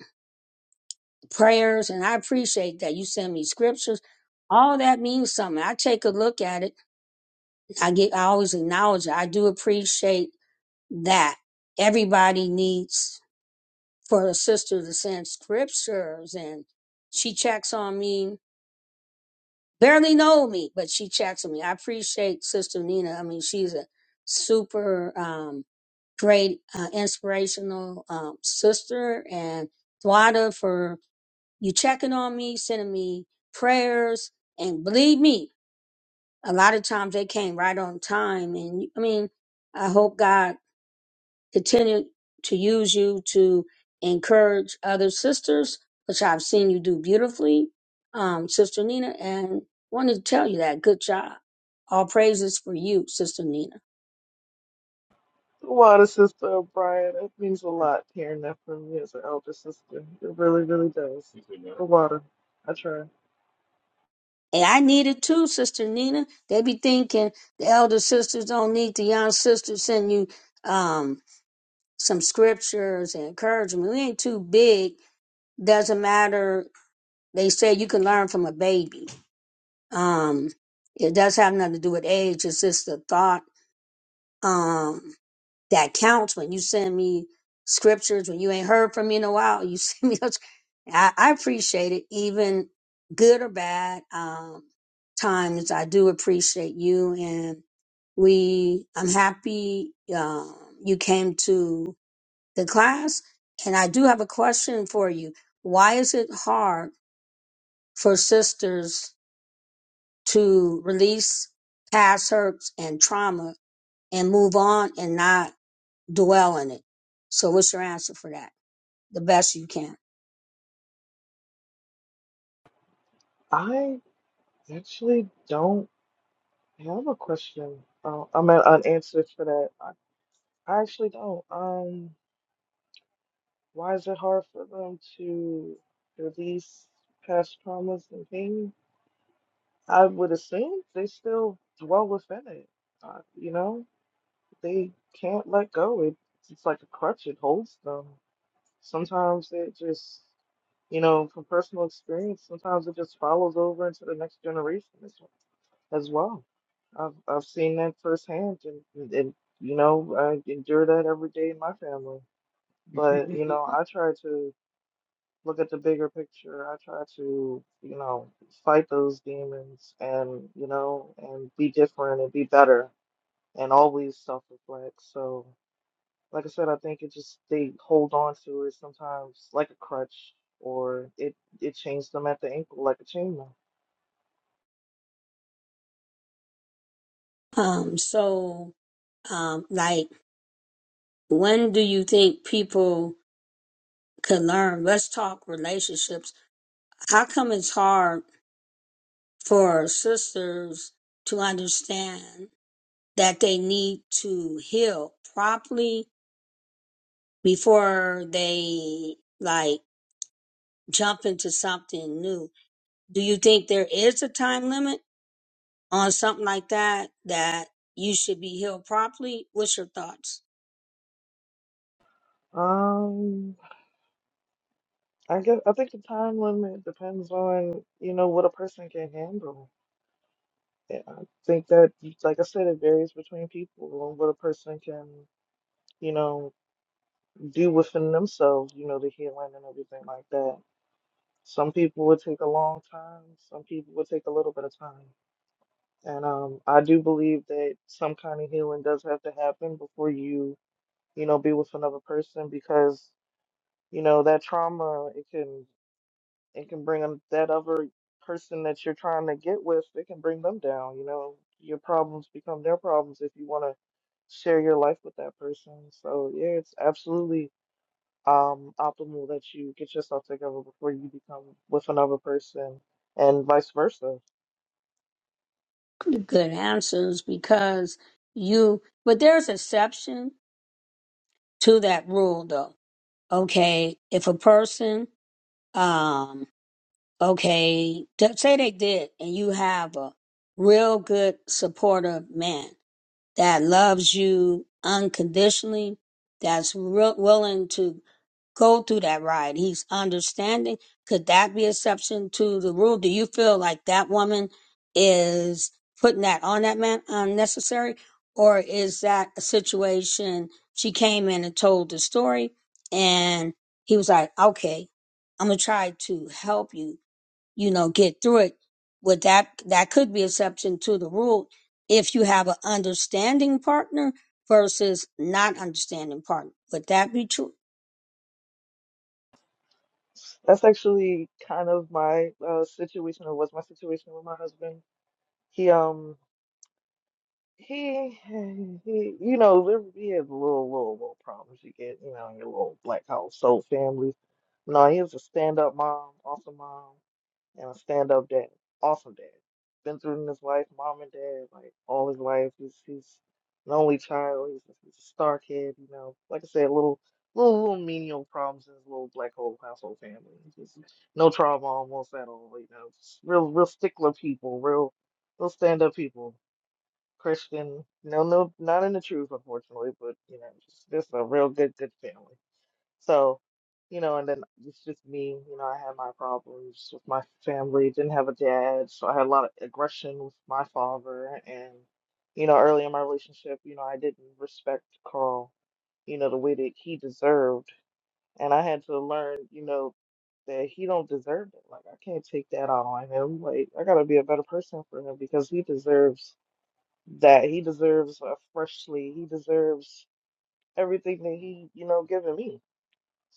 prayers, and I appreciate that. You send me scriptures. All that means something. I take a look at it. I get, I always acknowledge it. I do appreciate that. Everybody needs for a sister to send scriptures and she checks on me barely know me, but she chats with me. I appreciate Sister Nina. I mean, she's a super um, great, uh, inspirational um, sister, and Thwada for you checking on me, sending me prayers, and believe me, a lot of times they came right on time. And I mean, I hope God continue to use you to encourage other sisters, which I've seen you do beautifully, um, Sister Nina, and wanted to tell you that. Good job. All praises for you, Sister Nina. Water sister Brian, it means a lot hearing that from you as an elder sister. It really, really does. The water. I try. And I need it too, Sister Nina. They be thinking the elder sisters don't need the young sisters send you um, some scriptures and encouragement. We ain't too big. Doesn't matter. They say you can learn from a baby. Um, it does have nothing to do with age. It's just the thought um that counts when you send me scriptures when you ain't heard from me in a while you send me those I, I appreciate it even good or bad um times i do appreciate you and we i'm happy um you came to the class and i do have a question for you why is it hard for sisters to release past hurts and trauma and move on and not dwell in it. So what's your answer for that? The best you can. I actually don't have a question. Uh, I'm at unanswered for that. I, I actually don't. Um, why is it hard for them to release past traumas and pain? I would assume they still dwell within it. Uh, you know, they can't let go. It, it's like a crutch, it holds them. Sometimes it just, you know, from personal experience, sometimes it just follows over into the next generation as, as well. I've, I've seen that firsthand and, and, and, you know, I endure that every day in my family. But, you know, I try to look at the bigger picture. I try to, you know, fight those demons and, you know, and be different and be better and always self reflect. So, like I said, I think it just, they hold on to it sometimes like a crutch or it, it chains them at the ankle like a chainmail. Um, so, um, like, when do you think people could learn? Let's talk relationships. How come it's hard for sisters to understand that they need to heal properly before they like jump into something new? Do you think there is a time limit? on something like that that you should be healed properly what's your thoughts Um, I guess, I think the time limit depends on, you know, what a person can handle. Yeah, I think that, like I said, it varies between people and what a person can, you know, do within themselves, you know, the healing and everything like that. Some people would take a long time, some people would take a little bit of time. And um, I do believe that some kind of healing does have to happen before you, you know, be with another person because, you know, that trauma, it can it can bring them- that other person that you're trying to get with, it can bring them down, you know. Your problems become their problems if you want to share your life with that person. So yeah, it's absolutely um, optimal that you get yourself together before you become with another person and vice versa. good answers because you but there's exception to that rule though okay if a person um okay t- say they did and you have a real good supportive man that loves you unconditionally, that's wi- willing to go through that ride. He's understanding. Could that be exception to the rule? Do you feel like that woman is putting that on that man unnecessary? Or is that a situation she came in and told the story and he was like, okay, I'm going to try to help you you know, get through it. Would that that could be exception to the rule if you have an understanding partner versus not understanding partner. Would that be true? That's actually kind of my uh, situation or was my situation with my husband. He um he he you know there- he had little little little problems you get you know in your little black household families. No, he was a stand up mom, awesome mom. and a stand-up dad, awesome dad. Been through his life, mom and dad, like all his life. He's he's an only child. He's a, he's a star kid, you know. Like I said, little little little menial problems in his little black hole household family. Just no trauma almost at all, you know. Just real real stickler people, real real stand-up people. Christian, no, no, not in the truth, unfortunately, but you know, just, just a real good, good family. So, you know, and then it's just me, you know, I had my problems with my family, didn't have a dad, so I had a lot of aggression with my father. And, you know, early in my relationship, you know, I didn't respect Carl, you know, the way that he deserved. And I had to learn, you know, that he don't deserve it. Like I can't take that out on him. Like I gotta be a better person for him because he deserves that. He deserves a freshly. He deserves everything that he, you know, given me.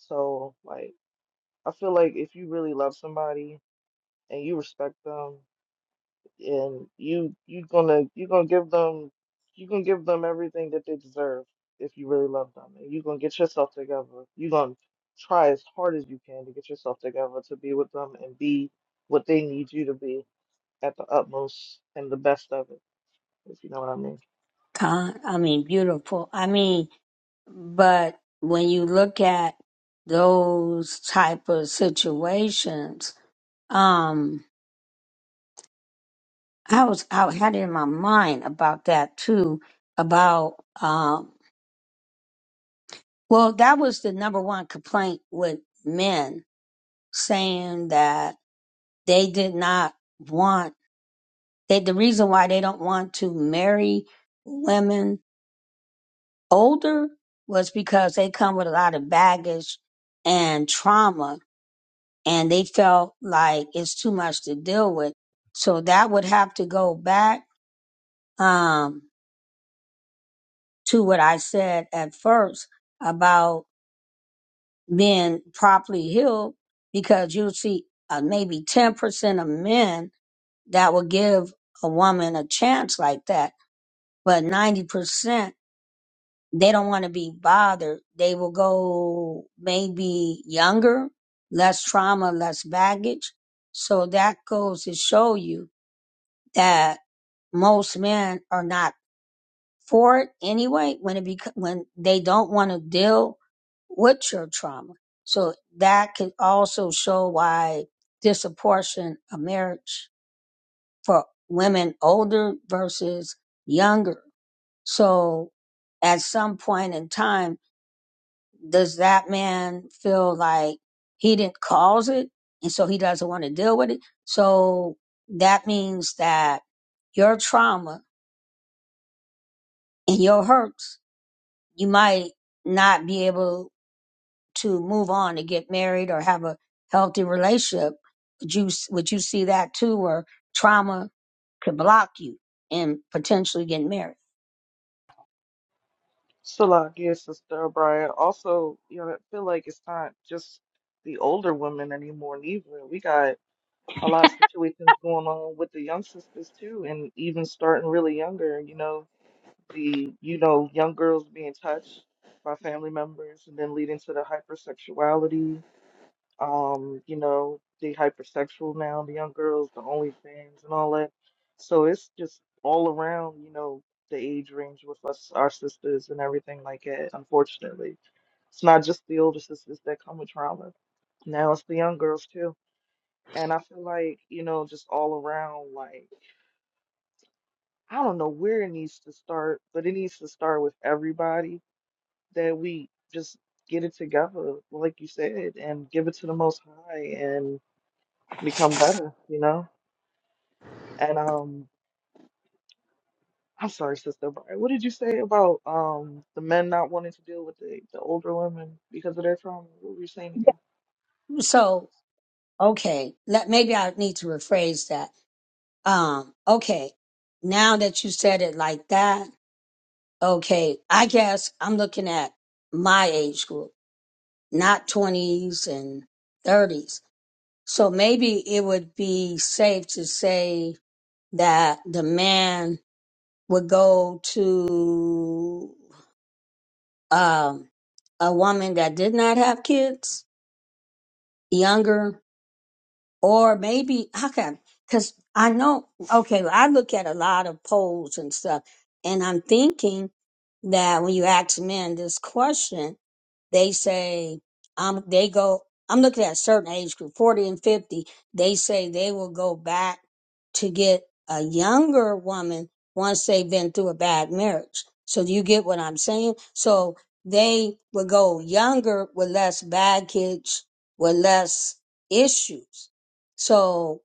So like. I feel like if you really love somebody and you respect them and you you gonna you gonna give them you gonna give them everything that they deserve if you really love them and you gonna get yourself together. you gonna try as hard as you can to get yourself together to be with them and be what they need you to be at the utmost and the best of it, if you know what I mean. Con, I mean, beautiful. I mean, but when you look at those type of situations, um, I was I had it in my mind about that too. About um, well, that was the number one complaint with men saying that they did not want they the reason why they don't want to marry women older was because they come with a lot of baggage and trauma and they felt like it's too much to deal with so that would have to go back um to what i said at first about being properly healed because you'll see uh, maybe 10% of men that will give a woman a chance like that but 90% they don't want to be bothered they will go maybe younger less trauma less baggage so that goes to show you that most men are not for it anyway when it bec- when they don't want to deal with your trauma so that can also show why disproportion of marriage for women older versus younger So at some point in time, does that man feel like he didn't cause it and so he doesn't want to deal with it? So that means that your trauma and your hurts, you might not be able to move on to get married or have a healthy relationship. Would you, would you see that too, where trauma could block you and potentially getting married? So like yeah, sister Brian. Also, you know, I feel like it's not just the older women anymore neither. We got a lot of situations going on with the young sisters too, and even starting really younger, you know, the you know, young girls being touched by family members and then leading to the hypersexuality. Um, you know, the hypersexual now, the young girls, the OnlyFans and all that. So it's just all around, you know, the age range with us, our sisters and everything like that, unfortunately. It's not just the older sisters that come with trauma. Now it's the young girls too. And I feel like, you know, just all around, like, I don't know where it needs to start, but it needs to start with everybody that we just get it together, like you said, and give it to the Most High and become better, you know? And um, I'm sorry, Sister Brian, what did you say about um the men not wanting to deal with the, the older women because of their trauma? What were you saying again? So, okay, let, maybe I need to rephrase that Um, okay. Now that you said it like that, okay, I guess I'm looking at my age group, not 20s and 30s. So maybe it would be safe to say that the man would go to um, a woman that did not have kids, younger, or maybe okay because i know okay i look at a lot of polls and stuff and i'm thinking that when you ask men this question they say um they go I'm looking at a certain age group, 40 and 50, they say they will go back to get a younger woman once they've been through a bad marriage. So do you get what I'm saying? So they would go younger with less baggage, with less issues. So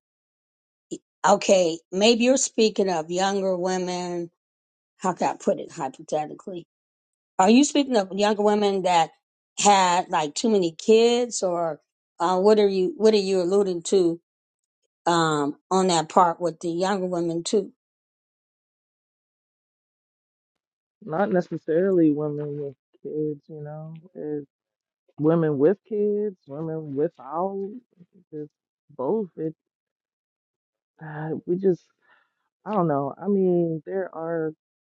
okay, maybe you're speaking of younger women. How can I put it hypothetically? Are you speaking of younger women that had like too many kids, or uh, what are you what are you alluding to um, on that part with the younger women too? Not necessarily women with kids, you know. women with kids, women without, just both. It, uh, we just, I don't know. I mean, there are,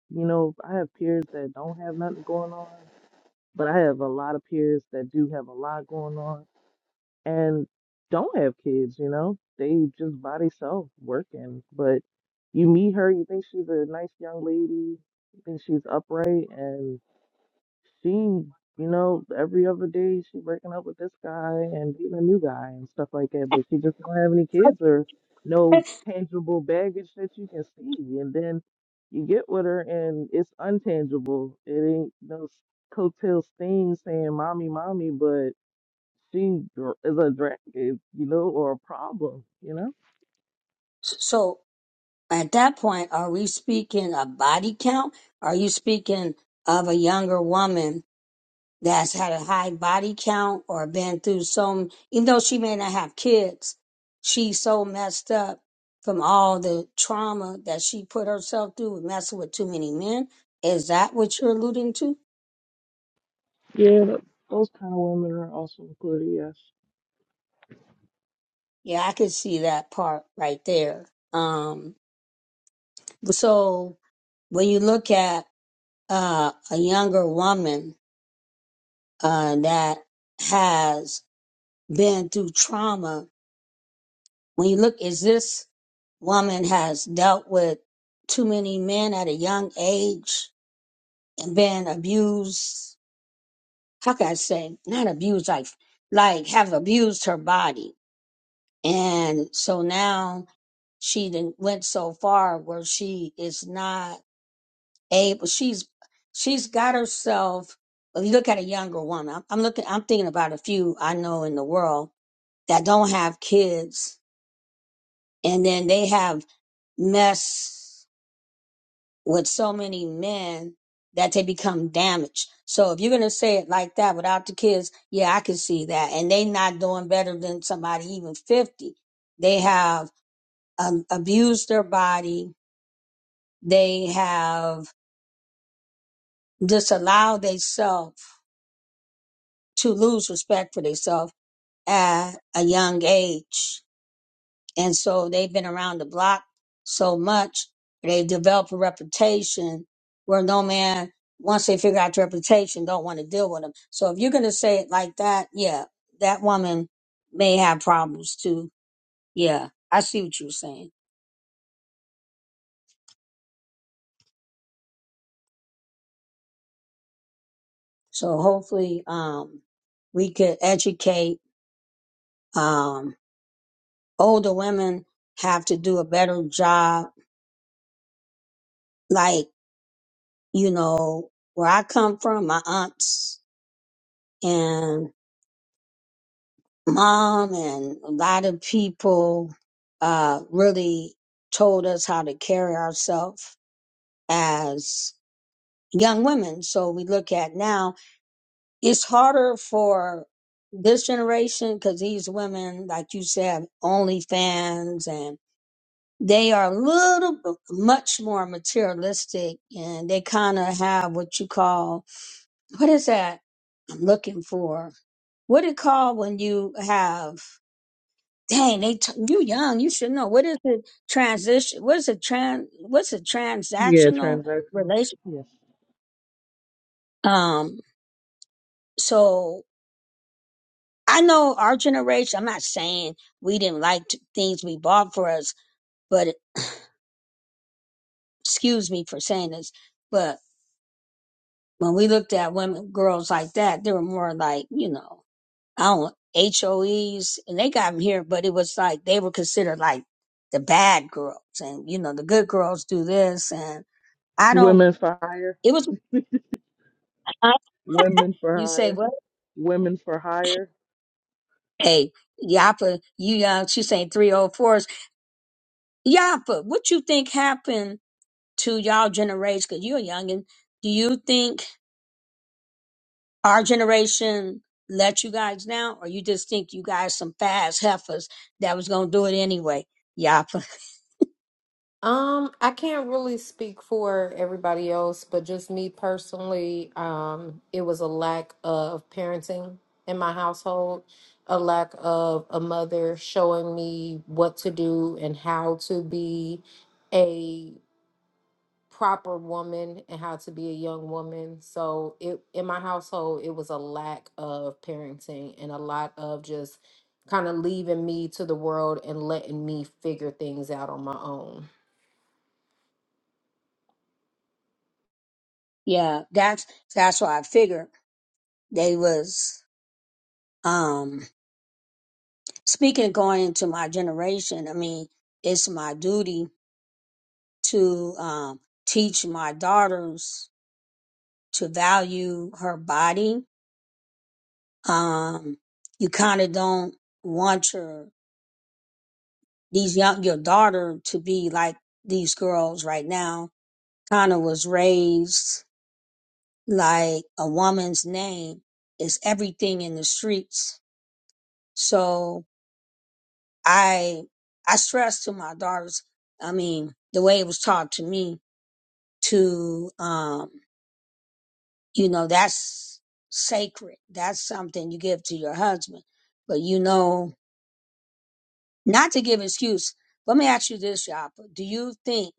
you know, I have peers that don't have nothing going on, but I have a lot of peers that do have a lot going on and don't have kids, you know, they just by themselves working. But you meet her, you think she's a nice young lady, you think she's upright, and. she, you know, every other day she breaking up with this guy and dating a new guy and stuff like that. But she just don't have any kids or no tangible baggage that you can see. And then you get with her and it's untangible. It ain't no s- coattail stain saying mommy, mommy, but she dr- is a drag, eh, you know, or a problem, you know? S- So at that point, are we speaking a body count? Are you speaking of a younger woman that's had a high body count or been through some, even though she may not have kids, she's so messed up from all the trauma that she put herself through with messing with too many men. Is that what you're alluding to? Yeah, th- those kind of women are also included, yes. Yeah, I could see that part right there. Um, so when you look at uh, a younger woman uh, that has been through trauma When you look, is this woman has dealt with too many men at a young age and been abused. How can I say? Not abused, like, like have abused her body. And so now she done went so far where she is not able, she's, she's got herself. If you look at a younger woman, I'm, I'm looking, I'm thinking about a few I know in the world that don't have kids and then they have mess with so many men that they become damaged. So if you're gonna say it like that without the kids, yeah, I can see that. And they not doing better than somebody even 50. They have um, abused their body. They have disallowed themselves to lose respect for themselves at a young age. And so they've been around the block so much, they've developed a reputation where no man, once they figure out the reputation, don't want to deal with them. So if you're going to say it like that, yeah, that woman may have problems too. Yeah, I see what you're saying. So hopefully, um, we could educate, um, older women have to do a better job. Like, you know, where I come from, my aunts and. mom and a lot of people uh, really told us how to carry ourselves as young women. So we look at now, it's harder for this generation because these women, like you said, OnlyFans and they are a little b- much more materialistic and they kind of have what you call what is that I'm looking for? What it called when you have dang, they t- you young, you should know. What is a transition? What is a trans? What's a Yeah, transactional transactional. relation? Yes. Um, so I know our generation. I'm not saying we didn't like t- things we bought for us, but it- excuse me for saying this, but when we looked at women, girls like that, they were more like you know, I don't HOEs, and they got them here, but it was like they were considered like the bad girls, and you know, the good girls do this, and I don't. Women for hire. It was. I Women for You say, Hire. well, Women for Hire hey, Yapa, you uh, she saying 304s. Yapa, what you think happened to y'all generation? Because you're young, and do you think our generation let you guys down, or you just think you guys some fast heifers that was gonna do it anyway? Yapa, Um, I can't really speak for everybody else, but just me personally, um, it was a lack of parenting in my household, a lack of a mother showing me what to do and how to be a proper woman and how to be a young woman. So it in my household, it was a lack of parenting and a lot of just kind of leaving me to the world and letting me figure things out on my own. yeah, that's that's why I figured they was um speaking of going into my generation. I mean, it's my duty to um teach my daughters to value her body. Um, you kind of don't want your these young your daughter to be like these girls right now. Kind of was raised like a woman's name is everything in the streets. So I I stress to my daughters. I mean, the way it was taught to me to um, you know that's sacred. That's something you give to your husband, but you know Not to give excuse, let me ask you this, you Do you think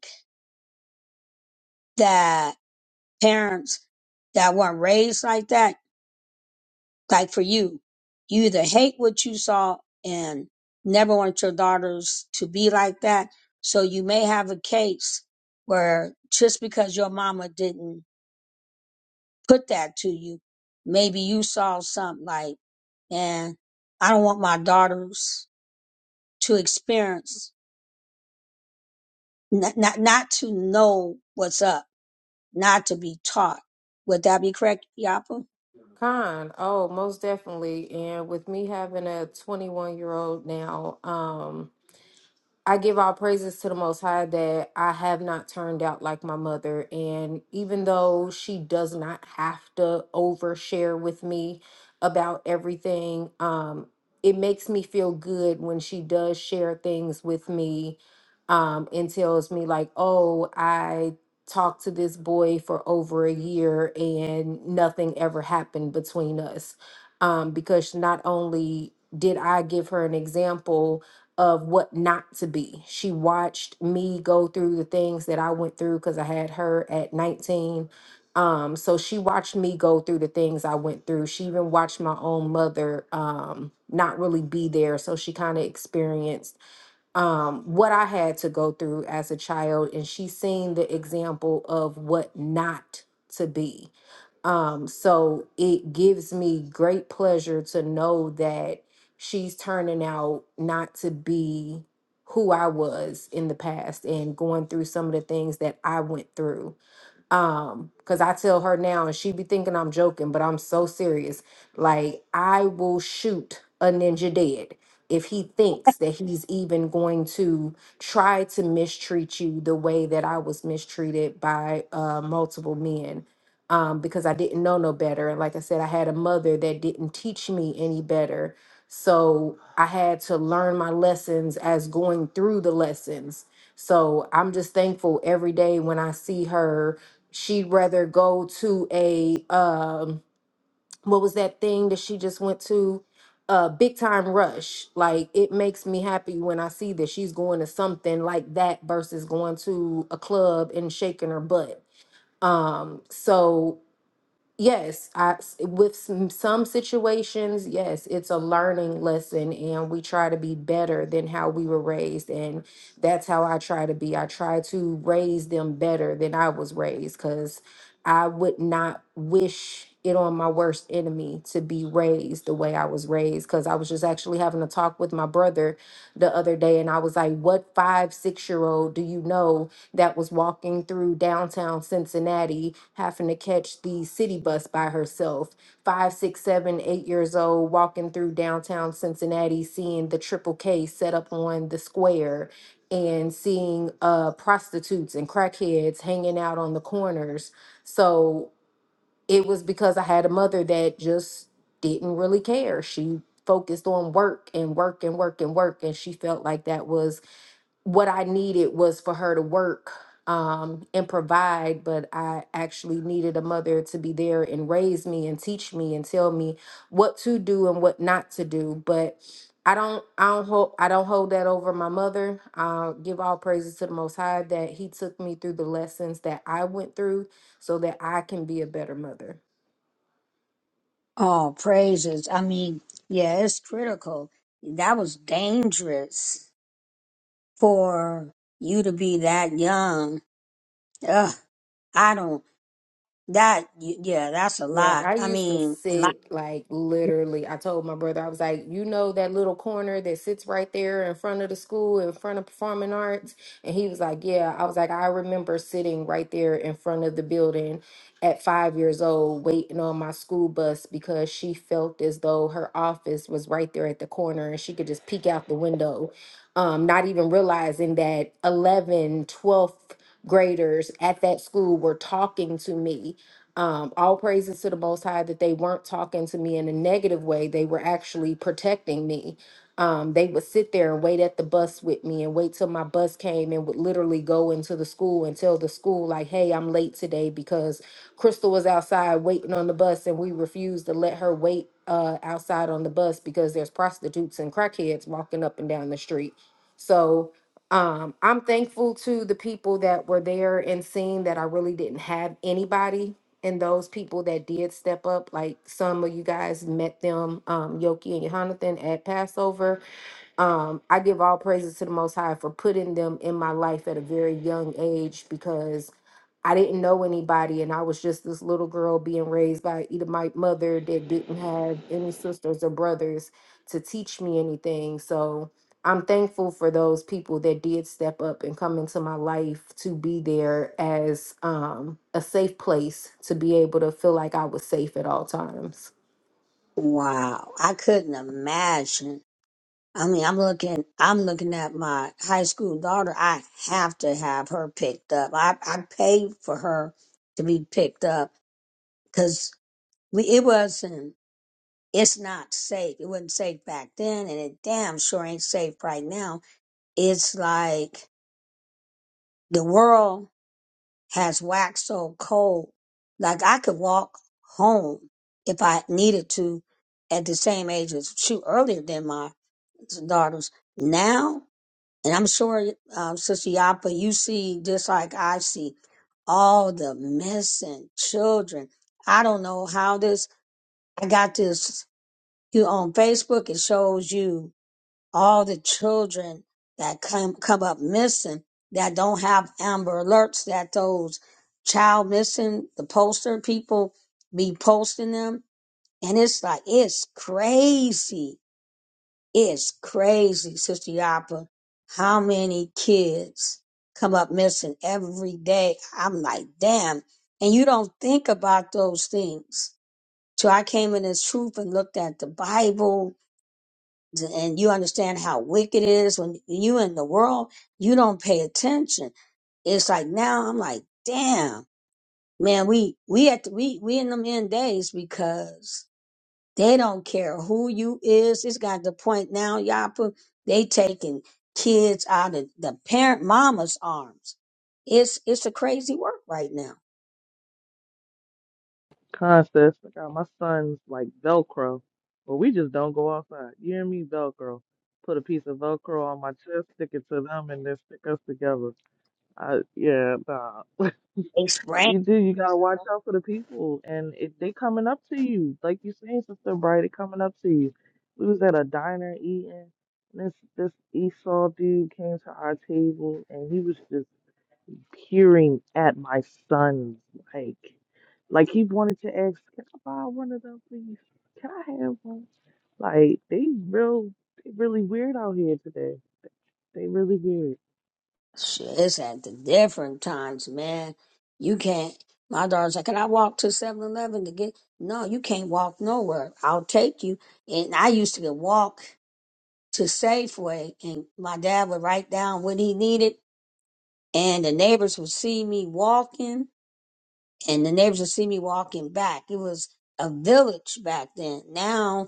that parents that weren't raised like that, like for you, you either hate what you saw and never want your daughters to be like that? So you may have a case where just because your mama didn't put that to you, maybe you saw something like, and I don't want my daughters to experience, not, not, not to know what's up not to be taught. Would that be correct, Yapa? Con, oh, most definitely. And with me having a 21 year old now, um, I give all praises to the Most High that I have not turned out like my mother. And even though she does not have to overshare with me about everything, um, it makes me feel good when she does share things with me um, and tells me, like, oh, I talked to this boy for over a year and nothing ever happened between us. Um, because not only did I give her an example, of what not to be. She watched me go through the things that I went through because I had her at 19. Um, so she watched me go through the things I went through. She even watched my own mother um, not really be there. So she kind of experienced um, what I had to go through as a child. And she seen the example of what not to be. Um, so it gives me great pleasure to know that she's turning out not to be who I was in the past and going through some of the things that I went through um because i tell her now and she be thinking i'm joking but i'm so serious like i will shoot a ninja dead if he thinks that he's even going to try to mistreat you the way that i was mistreated by uh multiple men um because i didn't know no better and like i said i had a mother that didn't teach me any better so i had to learn my lessons as going through the lessons so i'm just thankful every day when i see her she'd rather go to a um what was that thing that she just went to uh, big time rush like it makes me happy when i see that she's going to something like that versus going to a club and shaking her butt um so Yes, I with some, some situations, yes, it's a learning lesson and we try to be better than how we were raised and that's how I try to be. I try to raise them better than I was raised cuz I would not wish it on my worst enemy to be raised the way I was raised cuz I was just actually having a talk with my brother the other day and I was like, "What 5, 6-year-old do you know?" that was walking through downtown Cincinnati, having to catch the city bus by herself. Five, six, seven, eight years old, walking through downtown Cincinnati, seeing the triple K set up on the square and seeing uh, prostitutes and crackheads hanging out on the corners. So it was because I had a mother that just didn't really care. She focused on work and work and work and work, and she felt like that was what I needed was for her to work um, and provide, but I actually needed a mother to be there and raise me and teach me and tell me what to do and what not to do. But I don't, I don't hold, I don't hold that over my mother. i give all praises to the Most High that He took me through the lessons that I went through, so that I can be a better mother. Oh, praises. I mean, yeah, it's critical. That was dangerous for you to be that young. Ugh, I don't, that, y- yeah, that's a Yeah, lot. I I used to mean, like, sit like literally. I told my brother, I was like, you know, that little corner that sits right there in front of the school, in front of performing arts. And he was like, yeah. I was like, I remember sitting right there in front of the building at five years old, waiting on my school bus because she felt as though her office was right there at the corner and she could just peek out the window, um, not even realizing that 11, twelfth graders at that school were talking to me um, all praises to the Most High that they weren't talking to me in a negative way. They were actually protecting me. Um, they would sit there and wait at the bus with me and wait till my bus came and would literally go into the school and tell the school, like, hey, I'm late today because Crystal was outside waiting on the bus and we refused to let her wait uh, outside on the bus because there's prostitutes and crackheads walking up and down the street. So, um, I'm thankful to the people that were there and seeing that I really didn't have anybody and those people that did step up, like some of you guys met them, um, Yoki and Jonathan at Passover um, I give all praises to the Most High for putting them in my life at a very young age because I didn't know anybody and I was just this little girl being raised by an Edomite mother that didn't have any sisters or brothers to teach me anything. So I'm thankful for those people that did step up and come into my life to be there as um, a safe place to be able to feel like I was safe at all times. wow, I couldn't imagine. I mean, I'm looking, I'm looking at my high school daughter. I have to have her picked up. I, I paid for her to be picked up because we, it wasn't it's not safe. It wasn't safe back then, and it damn sure ain't safe right now. It's like the world has waxed so cold. Like I could walk home if I needed to at the same age as shoot earlier than my daughters. Now, and I'm sure, um, Sister Yapa, you see just like I see all the missing children. I don't know how this, I got this, you on Facebook, it shows you all the children that come come up missing that don't have Amber Alerts that those child missing the poster people be posting them and it's like it's crazy it's crazy sister yapa how many kids come up missing every day i'm like damn and you don't think about those things till i came in this truth and looked at the bible and you understand how wicked it is when you in the world, you don't pay attention. It's like now I'm like, damn, man, we we at the, we we in them end days because they don't care who you is. It's got the point now, y'all put they taking kids out of the parent mama's arms. It's it's a crazy work right now. contest. I got my son's like Velcro, but we just don't go outside. You hear me? Velcro. Put a piece of Velcro on my chest, stick it to them, and then stick us together. I, yeah, nah. They spraying. you do. You gotta watch out for the people, and if they coming up to you, like you saying, Sister Bright, they coming up to you. We was at a diner eating. and This this Esau dude came to our table, and he was just peering at my sons like like he wanted to ask, Can I buy one of them please? Can I have one? Like they real they really weird out here today. They really weird. Shit, it's at the different times, man. You can't. My daughter's like, can I walk to Seven Eleven to get? No, you can't walk nowhere. I'll take you. And I used to get walk to Safeway, and my dad would write down what he needed, and the neighbors would see me walking, and the neighbors would see me walking back. It was a village back then. Now,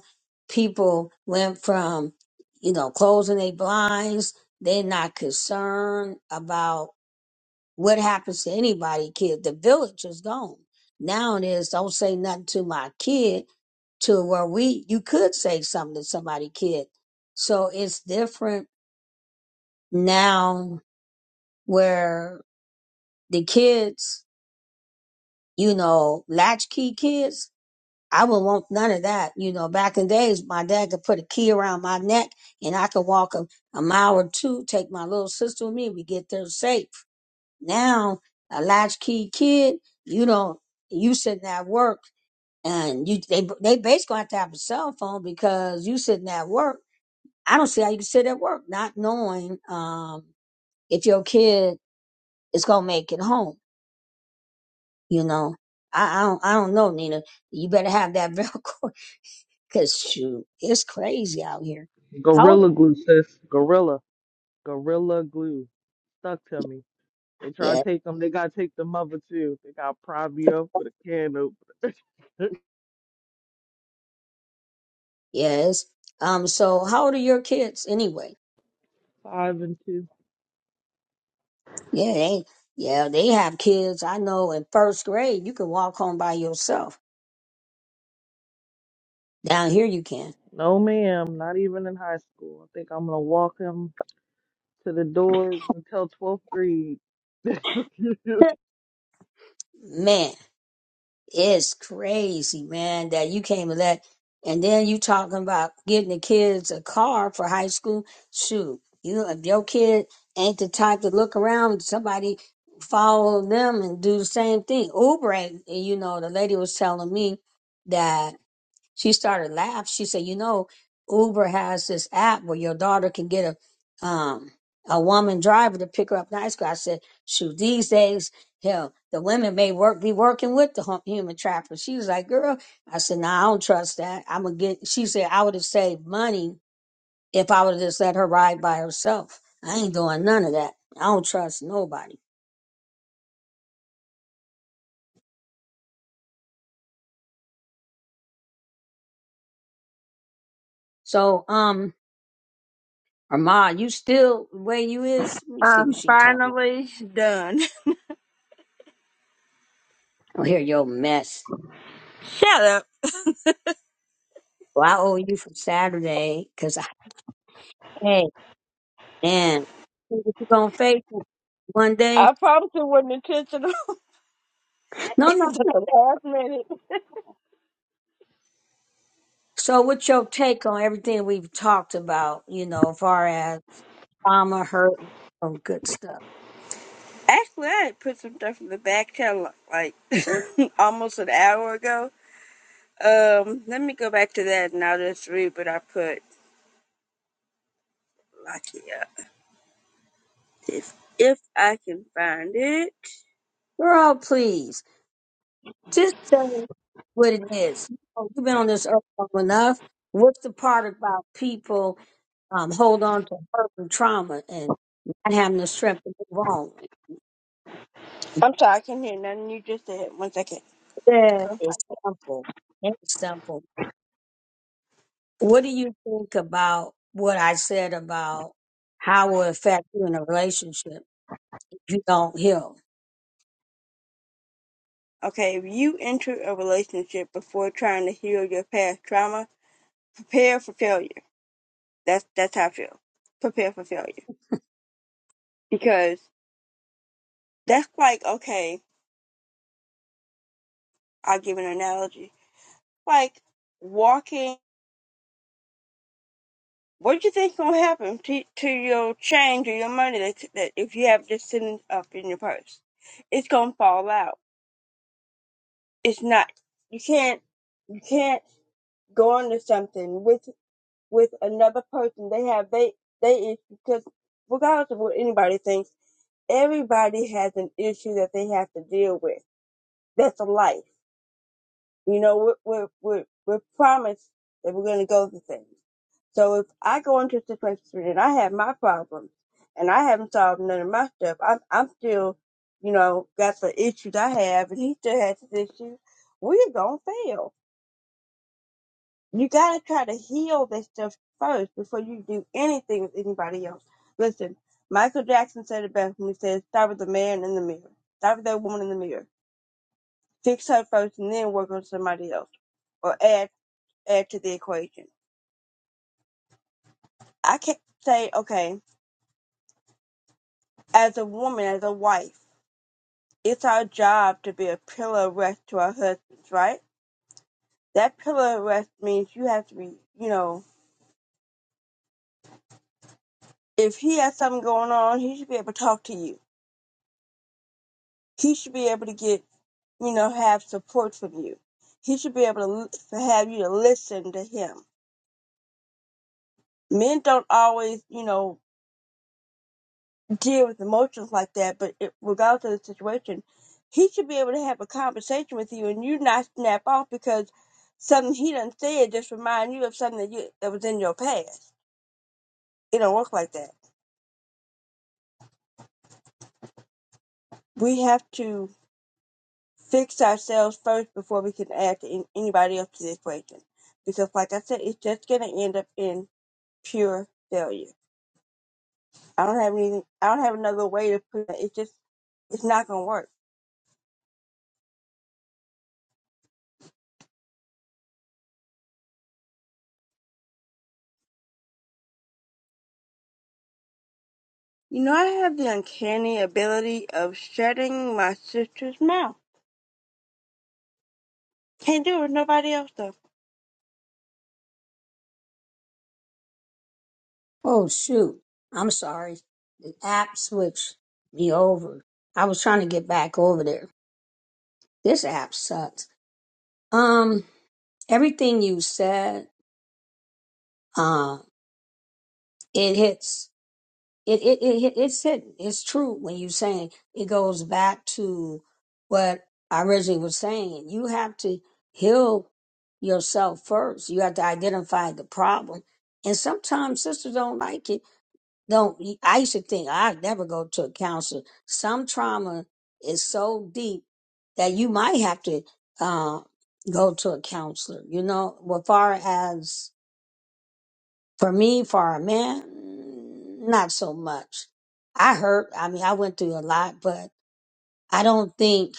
people went from, you know, closing their blinds. They're not concerned about what happens to anybody, kid? The village is gone. Now it is don't say nothing to my kid to where we you could say something to somebody kid. So it's different now where the kids, you know, latchkey kids, I would want none of that. You know, back in days my dad could put a key around my neck and I could walk a, a mile or two, take my little sister with me, we get there safe Now, a latchkey kid, you don't, you sitting at work and you, they, they basically have to have a cell phone because you sitting at work. I don't see how you can sit at work not knowing, um, if your kid is going to make it home, you know. I, I don't, I don't know, Nina. You better have that Velcro because shoot, it's crazy out here. How Gorilla old? glue, sis. Gorilla. Gorilla glue. Stuck to me. They try Yeah. to take them. They got to take the mother too. They got to prop me up with a can opener. Yes. Um, so how old are your kids anyway? Five and two. Yeah, they yeah, they have kids. I know in first grade you can walk home by yourself. Down here you can. No, ma'am. Not even in high school. I think I'm going to walk him to the doors until 12th grade. Man, it's crazy, man, that you came to that and then you talking about getting the kids a car for high school. Shoot, you if your kid ain't the type to look around, somebody follow them and do the same thing. Uber ain't- you know, the lady was telling me that She started laughing. She said, "You know, Uber has this app where your daughter can get a um a woman driver to pick her up nice girl." I said, "Shoot, these days, hell, the women may work be working with the hu- human trafficker." She was like, "Girl," I said, "No, I don't trust that. I'm gonna get." She said, "I would have saved money if I would have just let her ride by herself. I ain't doing none of that. I don't trust nobody." So, um, Armand, you still the way you is? Let me see I'm what she talking about. finally done. Oh, here your mess. Shut up. Well, I owe you for Saturday because I, hey, man, you gonna face it one day? I promised it wasn't intentional No, no. at no. the last minute. So, what's your take on everything we've talked about? You know, as far as trauma, hurt, some good stuff. Actually, I had put some stuff in the back channel like almost an hour ago. Um, let me go back to that and I'll just read what I put. lock it up if if I can find it. Girl, please just tell us what it is. You know, you've been on this earth long enough. What's the part about people um, hold on to hurt and trauma and not having the strength to move on? I'm sorry, I can hear nothing you just said. One second. Yeah, it's simple. It's simple. What do you think about what I said about how it will affect you in a relationship if you don't heal? Okay, if you enter a relationship before trying to heal your past trauma, prepare for failure. That's that's how I feel. Prepare for failure. because that's like okay i'll give an analogy like walking what do you think's going to happen to, to your change or your money that, that if you have this sitting up in your purse it's going to fall out it's not you can't you can't go into something with with another person they have they they issue because regardless of what anybody thinks everybody has an issue that they have to deal with that's a life You know, we're, we're, we're, we're promised that we're going to go through things. So if I go into a situation and I have my problems and I haven't solved none of my stuff, I'm, I'm still, you know, got the issues I have and he still has his issues, we're going to fail. You got to try to heal this stuff first before you do anything with anybody else. Listen, Michael Jackson said it best when he said, start with the man in the mirror. Start with that woman in the mirror. Fix her first and then work on somebody else Or add add to the equation. I can't say, okay, as a woman, as a wife, it's our job to be a pillar of rest to our husbands, right? That pillar of rest means you have to be, you know, if he has something going on, he should be able to talk to you. He should be able to get, you know, have support from you. He should be able to l- have you to listen to him. Men don't always, you know, deal with emotions like that, but it, regardless of the situation, he should be able to have a conversation with you and you not snap off because something he done said just remind you of something that you that was in your past. It don't work like that. We have to fix ourselves first before we can add to an- anybody else to the equation. Because like I said, it's just gonna end up in pure failure. I don't have anything I don't have another way to put it. It's just it's not gonna work You know, I have the uncanny ability of shutting my sister's mouth. Can't do it with nobody else, though. Oh, shoot. I'm sorry. The app switched me over. I was trying to get back over there. This app sucks. Um, everything you said, uh, it hits. it it it it- it's hidden. It's true when you saying it goes back to what I originally was saying. You have to heal yourself first. You have to identify the problem. And sometimes sisters don't like it. Don't I used to think I'd never go to a counselor. Some trauma is so deep that you might have to uh, go to a counselor. You know, as far as for me, for a man, not so much. I hurt. I mean, I went through a lot, but I don't think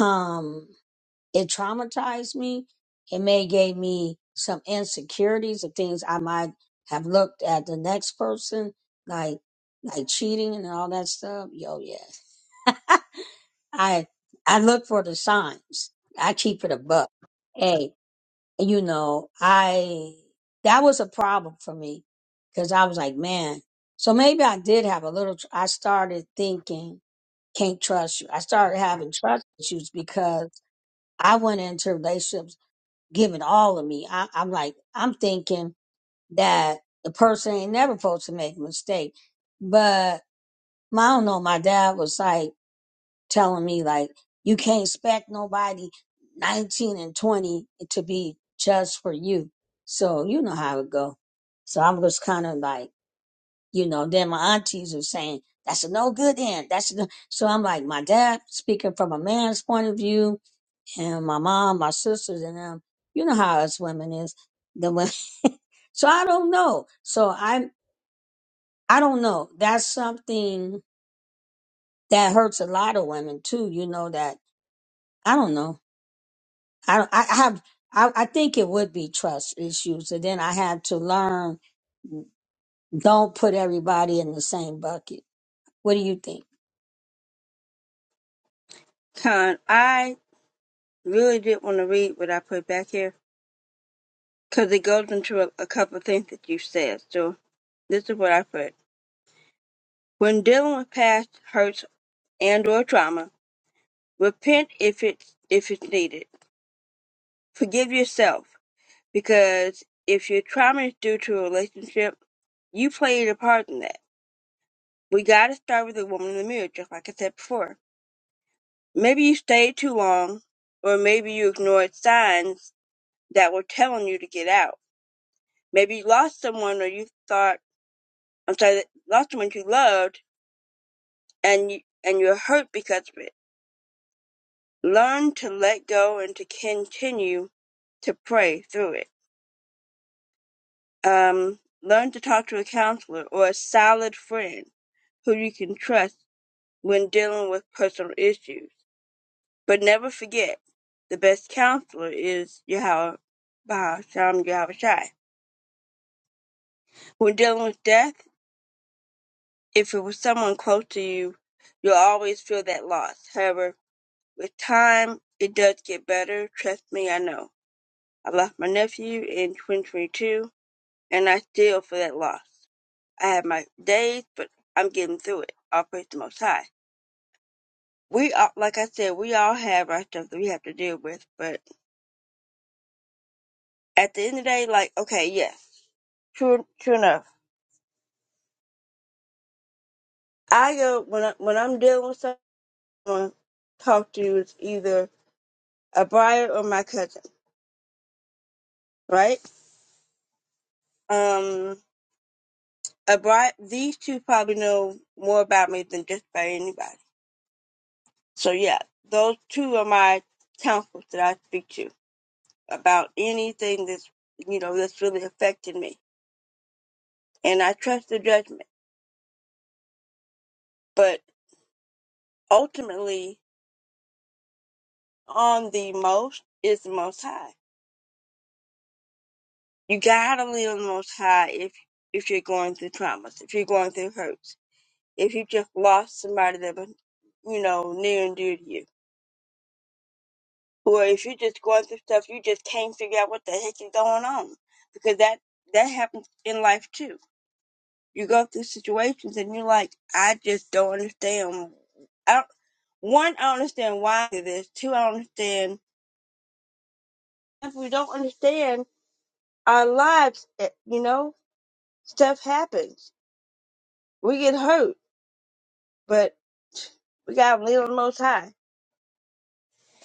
um, it traumatized me. It may gave me some insecurities of things I might have looked at the next person, like like cheating and all that stuff. Yo, yeah. I I look for the signs. I keep it a buck. Hey, you know, I that was a problem for me because I was like, man, so maybe I did have a little. tr- I started thinking, can't trust you. I started having trust issues because I went into relationships giving all of me. I, I'm like, I'm thinking that the person ain't never supposed to make a mistake, but my, I don't know. My dad was like telling me like you can't expect nobody 19 and 20 to be just for you. So you know how it go. So I was kind of like, you know, then my aunties were saying, that's a no good end. That's a no. So I'm like, my dad speaking from a man's point of view and my mom, my sisters and them, you know how us women is. The women. So I don't know. So I, I don't know. That's something that hurts a lot of women too. You know, that I don't know I, I I have, I, I think it would be trust issues. And then I had to learn, don't put everybody in the same bucket. What do you think? Con, I really did want to read what I put back here because it goes into a, a couple of things that you said. So this is what I put. When dealing with past hurts and or trauma, repent if it's, if it's needed. Forgive yourself because if your trauma is due to a relationship, you played a part in that. We got to start with the woman in the mirror, just like I said before Maybe you stayed too long, or maybe you ignored signs that were telling you to get out. Maybe you lost someone, or you thought, I'm sorry, lost someone you loved, and you, and you're hurt because of it. Learn to let go and to continue to pray through it. Um, learn to talk to a counselor or a solid friend who you can trust when dealing with personal issues. But never forget, the best counselor is Yahweh Bahasham Yahweh Shai. When dealing with death, if it was someone close to you, you'll always feel that loss. However, with time, it does get better. Trust me, I know. I lost my nephew in 2022, and I still feel that loss. I have my days, but I'm getting through it. I'll praise the Most High. We all, like I said, we all have our stuff that we have to deal with, but at the end of the day, like, okay, yes, true, true enough. I go, when, I, when I'm dealing with someone, talk to is either a brother or my cousin. right? Um, I brought these two probably know more about me than just about anybody. So yeah, those two are my counsels that I speak to about anything that's you know that's really affected me, and I trust the judgment. But ultimately, on the most is the Most High. You gotta lean on the Most High if if you're going through traumas, if you're going through hurts, if you just lost somebody that was you know near and dear to you Or if you're just going through stuff, you just can't figure out what the heck is going on. Because that, that happens in life too. You go through situations and you're like, I just don't understand. I don't, one, I don't understand why I do this. Two, I don't understand. If we don't understand our lives, eh, you know, stuff happens. We get hurt, but we gotta lean on the Most High.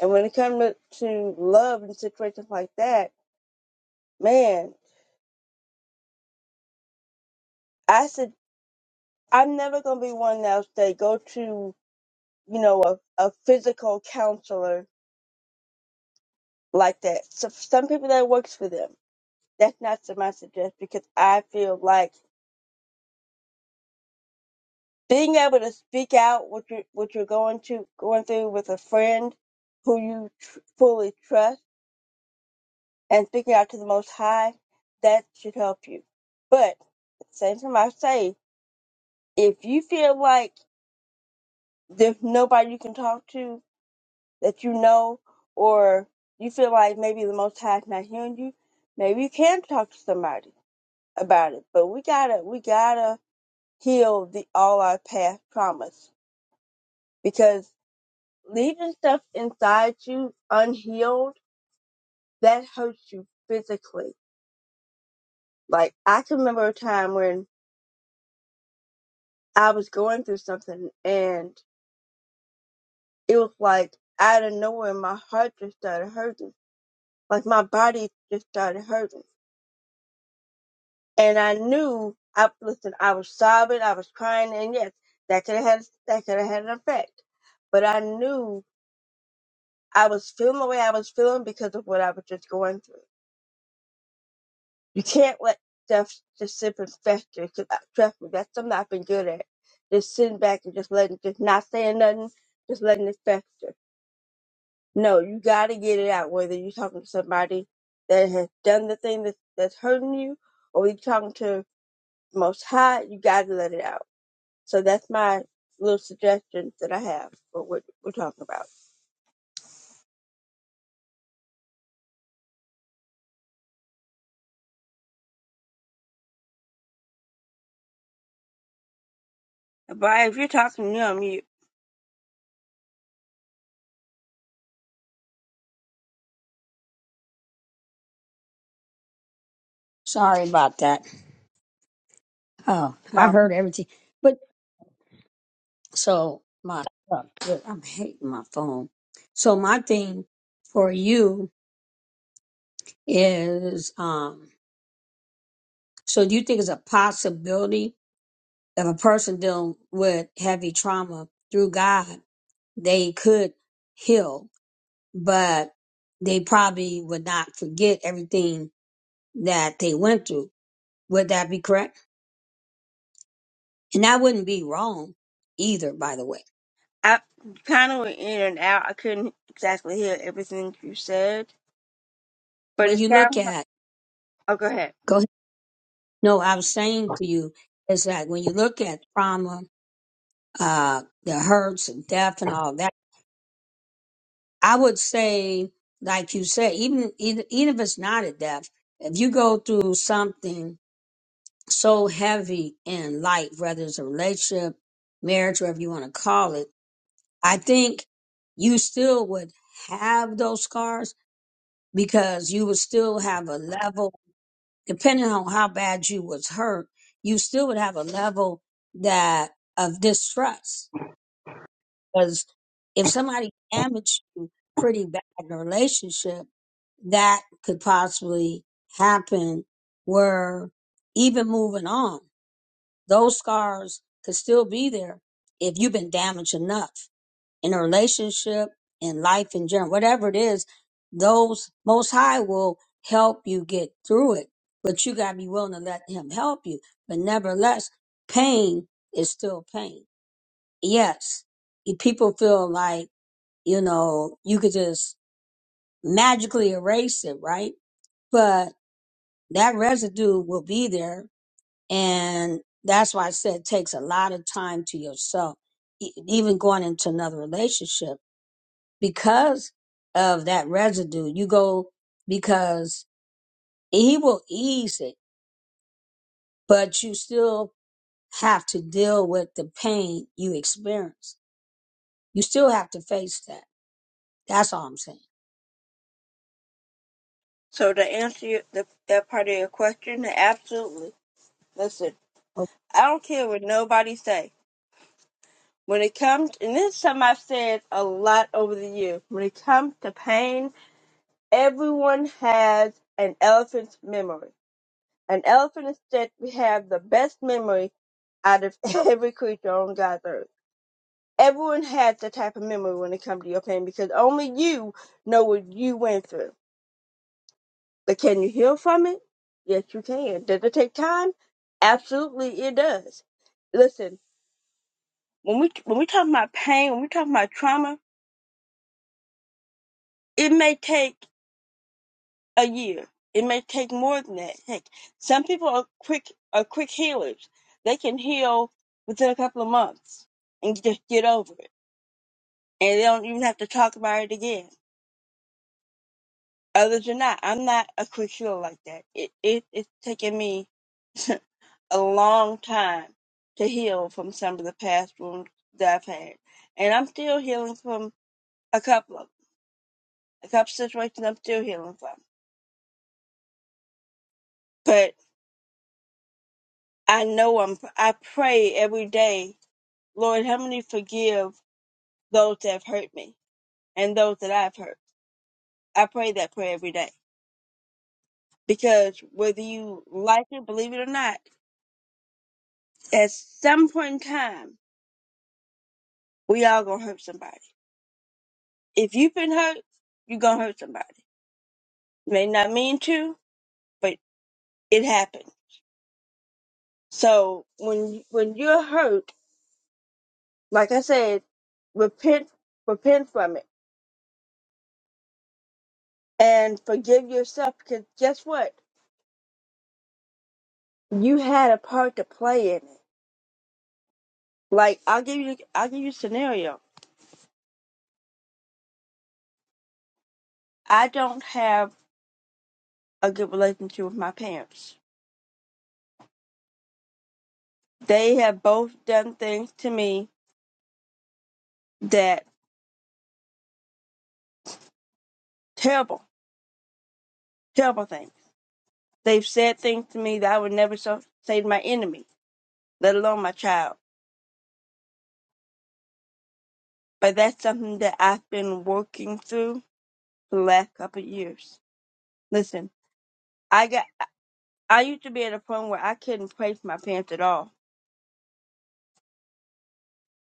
And when it comes to, to love and situations like that, man, I suggest I'm never gonna be one that'll say go to you know a, a physical counselor like that. So for some people that works for them. That's not to my suggest because I feel like being able to speak out what you're what you're going to going through with a friend who you tr- fully trust and speaking out to the Most High that should help you. But at the same time, I say if you feel like there's nobody you can talk to, that you know or you feel like maybe the most high is not hearing you, maybe you can talk to somebody about it. But we gotta we gotta heal the all our past traumas because leaving stuff inside you unhealed, that hurts you physically. Like I can remember a time when I was going through something and it was like out of nowhere my heart just started hurting. Like my body just started hurting and I knew I listen, I was sobbing, I was crying, and yes, that could have had that could have had an effect. But I knew I was feeling the way I was feeling because of what I was just going through. You can't let stuff just sit and fester. 'cause I- trust me, that's something I've been good at. Just sitting back and just letting, just not saying nothing, just letting it fester. No, you got to get it out. Whether you're talking to somebody that has done the thing that, that's hurting you, or you're talking to Most High, you got to let it out So that's my little suggestions that I have for what we're talking about. But if you're talking, you're on mute. Sorry about that. Oh, I Wow. heard everything. But so my, look, I'm hating my phone. So my thing for you is, um, so do you think it's a possibility if a person dealing with heavy trauma through God, they could heal? but they probably would not forget everything that they went through. Would that be correct? And that wouldn't be wrong either, by the way. I kind of went in and out. I couldn't exactly hear everything you said, but When it you look sounds like. at, Oh, go ahead. go ahead. No, I was saying to you is that when you look at trauma, uh, the hurts and death and all that, I would say, like you said, even, even, even if it's not a death, if you go through something so heavy in life, whether it's a relationship, marriage, whatever you want to call it I think you still would have those scars because you would still have a level, depending on how bad you was hurt, you still would have a level that of distrust. Because if somebody damaged you pretty bad in a relationship, that could possibly happen where even moving on, those scars could still be there if you've been damaged enough. in a relationship, in life in general, whatever it is, those most high will help you get through it. But you gotta be willing to let him help you. But nevertheless, pain is still pain. Yes. you- People feel like, you know, you could just magically erase it, right? But that residue will be there. And that's why I said it takes a lot of time to yourself, e- even going into another relationship because of that residue. You go because he will ease it, but you still have to deal with the pain you experience. You still have to face that. That's all I'm saying. So to answer your, the, that part of your question, absolutely. Listen, Okay. I don't care what nobody say. When it comes, and this is something I've said a lot over the years, when it comes to pain, everyone has an elephant's memory. An elephant is said to have the best memory out of every creature on God's earth. Everyone has that type of memory when it comes to your pain because only you know what you went through. But can you heal from it? Yes, you can. Does it take time? Absolutely, it does listen, when we when we talk about pain, when we talk about trauma, it may take a year. It may take more than that. Heck, some people are quick are quick healers. They can heal within a couple of months and just get over it, and they don't even have to talk about it again. Others are not. I'm not a quick healer like that. It, it it's taken me a long time to heal from some of the past wounds that I've had, and I'm still healing from a couple of a couple situations. I'm still healing from, but I know I'm. I pray every day Lord, help me forgive those that have hurt me and those that I've hurt. I pray that prayer every day because whether you like it, believe it or not, at some point in time, we all gonna hurt somebody. If you've been hurt, you're gonna hurt somebody. May not mean to, but it happened. So when when you're hurt, like I said, repent, repent from it, and forgive yourself because guess what? You had a part to play in it Like I'll give you I'll give you a scenario. I don't have a good relationship with my parents. They have both done things to me that terrible, terrible things. They've said things to me that I would never so, say to my enemy, let alone my child. But that's something that I've been working through for the last couple of years. Listen, I got I used to be at a point where I couldn't pray for my parents at all.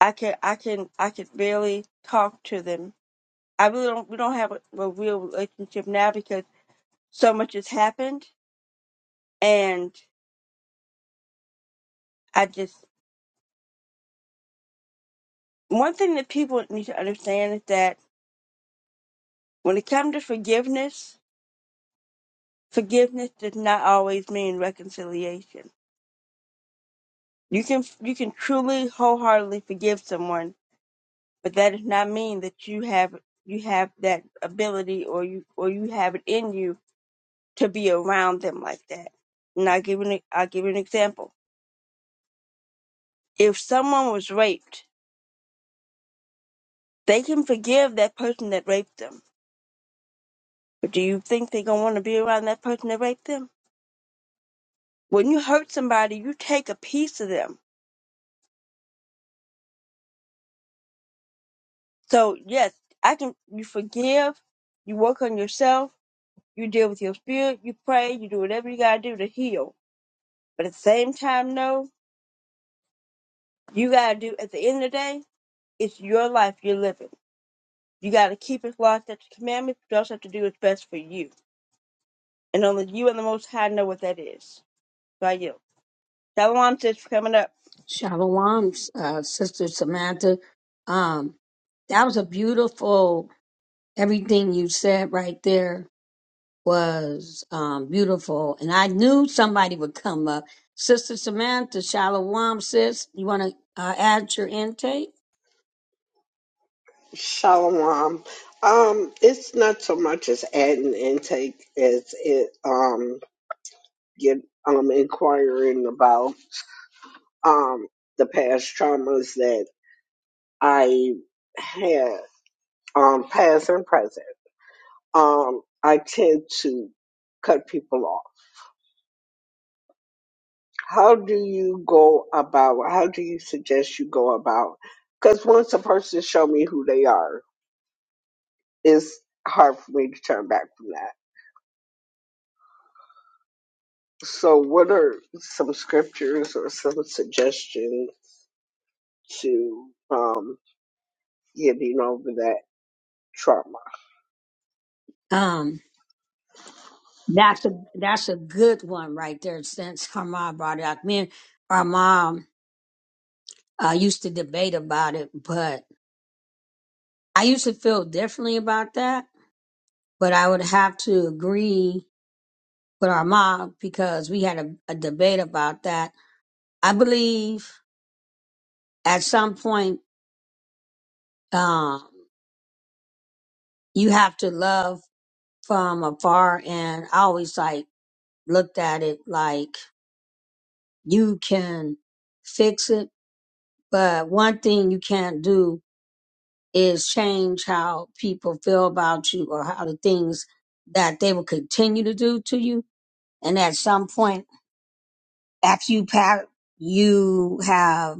I could I can I could barely talk to them I really don't. We don't have a, a real relationship now because so much has happened, and I just one thing that people need to understand is that when it comes to forgiveness, forgiveness does not always mean reconciliation. You can you can truly wholeheartedly forgive someone, but that does not mean that you have you have that ability or you or you have it in you to be around them like that. And I'll give an I'll give you an example. If someone was raped They can forgive that person that raped them. But do you think they're going to want to be around that person that raped them? When you hurt somebody, you take a piece of them. So, yes, I can, you forgive, you work on yourself, you deal with your spirit, you pray, you do whatever you got to do to heal. But at the same time, no, you got to do, at the end of the day, it's your life you're living. You got to keep it locked at the commandments, but you also have to do what's best for you. And only you and the Most High know what that is. So I yield. Shalom, sis, for coming up. Shalom, uh, Sister Samantha. Um, that was a beautiful everything you said right there was um, beautiful, and I knew somebody would come up. Sister Samantha, Shalom, sis, you want to uh, add your intake? Shalom. Um, it's not so much as adding intake as it um get um inquiring about um the past traumas that I had um past and present. Um, I tend to cut people off. How do you go about? How do you suggest you go about? Because once a person show me who they are, it's hard for me to turn back from that. So, what are some scriptures or some suggestion to um, getting over that trauma? Um, that's a that's a good one right there. Since her mom brought it up, me and our mom uh, used to debate about it, but I used to feel differently about that. But I would have to agree with our mom because we had a, a debate about that. I believe at some point um, you have to love from afar and I always like looked at it like you can fix it, but one thing you can't do is change how people feel about you or how the things that they will continue to do to you. And at some point after you pat you have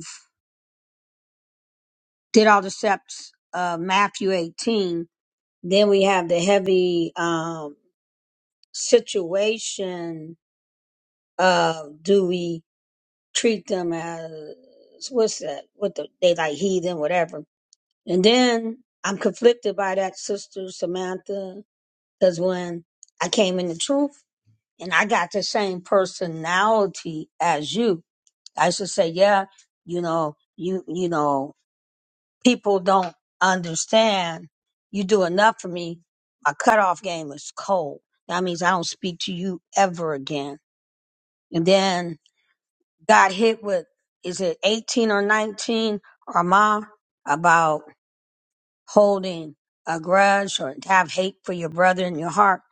did all the steps of Matthew 18, then we have the heavy um situation of do we treat them as what's that? What the, they like heathen, whatever. And then I'm conflicted by that sister Samantha because when I came in the truth and I got the same personality as you, I used to say, yeah, you know, you you know, people don't understand. You do enough for me. My cutoff game is cold. That means I don't speak to you ever again. And then got hit with is it 18 or 19 or ma about holding a grudge or to have hate for your brother in your heart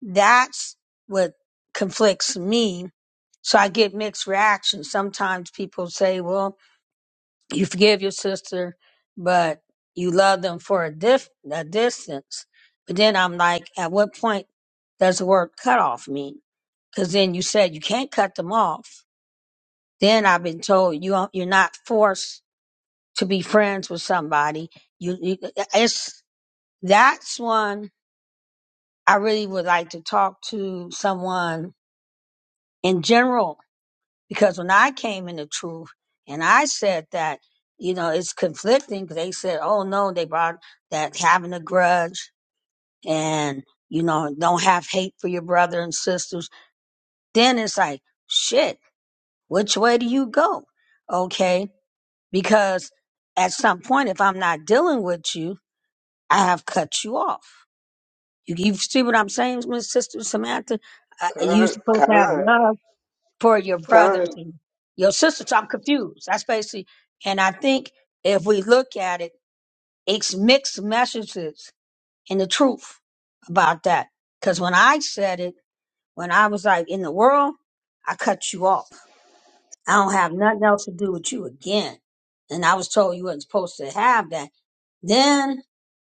that's what conflicts me so i get mixed reactions sometimes people say well you forgive your sister but you love them for a, dif- a distance but then i'm like at what point does the word cut off mean because then you said you can't cut them off then I've been told you don't- you're not forced to be friends with somebody. You, you it's that's one I really would like to talk to someone in general because when I came in the truth and I said that you know it's conflicting because they said oh no they brought that having a grudge and you know don't have hate for your brother and sisters. Then it's like shit. Which way do you go? Okay because at some point, if I'm not dealing with you, I have cut you off. You, you see what I'm saying, Miss Sister Samantha? Uh, you Con, supposed con, to have love for your con, brothers and your sisters. So I'm confused. That's basically, and I think if we look at it, it's mixed messages and the truth about that. Because when I said it, when I was like in the world, I cut you off I don't have nothing else to do with you again. And I was told you wasn't supposed to have that. Then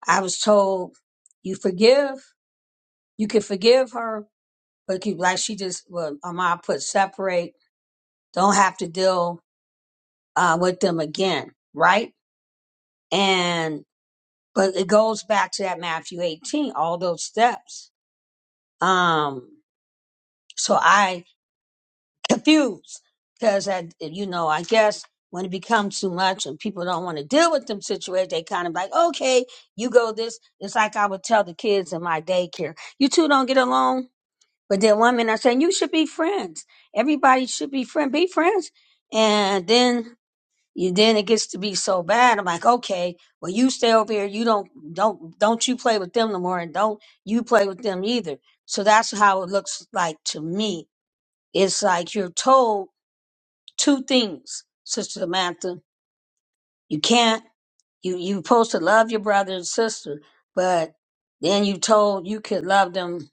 I was told you forgive, you can forgive her, but you, like she just, well, Amar put separate, don't have to deal uh, with them again, right? And, but it goes back to that Matthew 18, all those steps. Um, so I confused because I, you know, I guess when it becomes too much and people don't want to deal with them situations, they kind of like, okay, you go this. It's like I would tell the kids in my daycare, you two don't get along. But then one minute I'm saying you should be friends. Everybody should be friend, be friends. And then you, then it gets to be so bad. I'm like, okay, well you stay over here. You don't, don't, don't you play with them no more, and don't you play with them either. So that's how it looks like to me. It's like you're told two things, Sister Samantha. You can't you you supposed to love your brother and sister, but then you told you could love them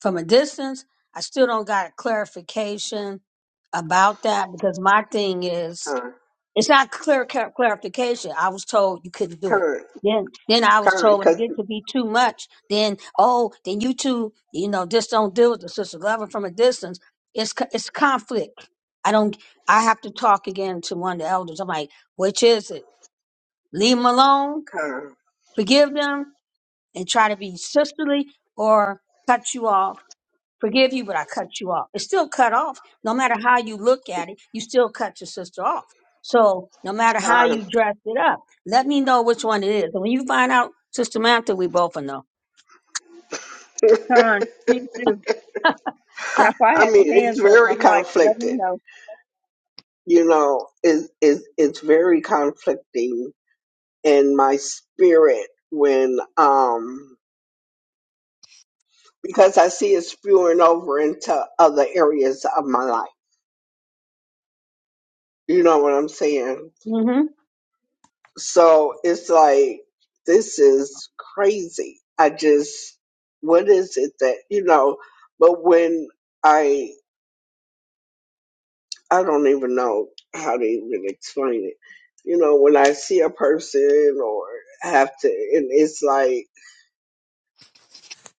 from a distance. I still don't got a clarification about that because my thing is con, it's not clear clar- clarification. I was told you couldn't do it. con, Then, then I was con, told when it con, get to be too much, then oh, then you two, you know, just don't deal with the sister loving from a distance. It's co- it's conflict. I don't. I have to talk again to one of the elders. I'm like, which is it? Leave them alone, con, forgive them, and try to be sisterly, or cut you off Forgive you, but I cut you off. It's still cut off. No matter how you look at it, you still cut your sister off. So no matter how con. you dress it up, let me know which one it is. And when you find out, Sister Mantha, we both will know. Con, he too. That's why I I had mean, my it's hands up. very I'm like, let me conflicted. know. You know, it, it, it's very conflicting in my spirit when um because I see it spewing over into other areas of my life. You know what I'm saying? hmm So it's like, this is crazy. I just, what is it that, you know, but when I, I don't even know how to even explain it. You know, when I see a person or have to, and it's like,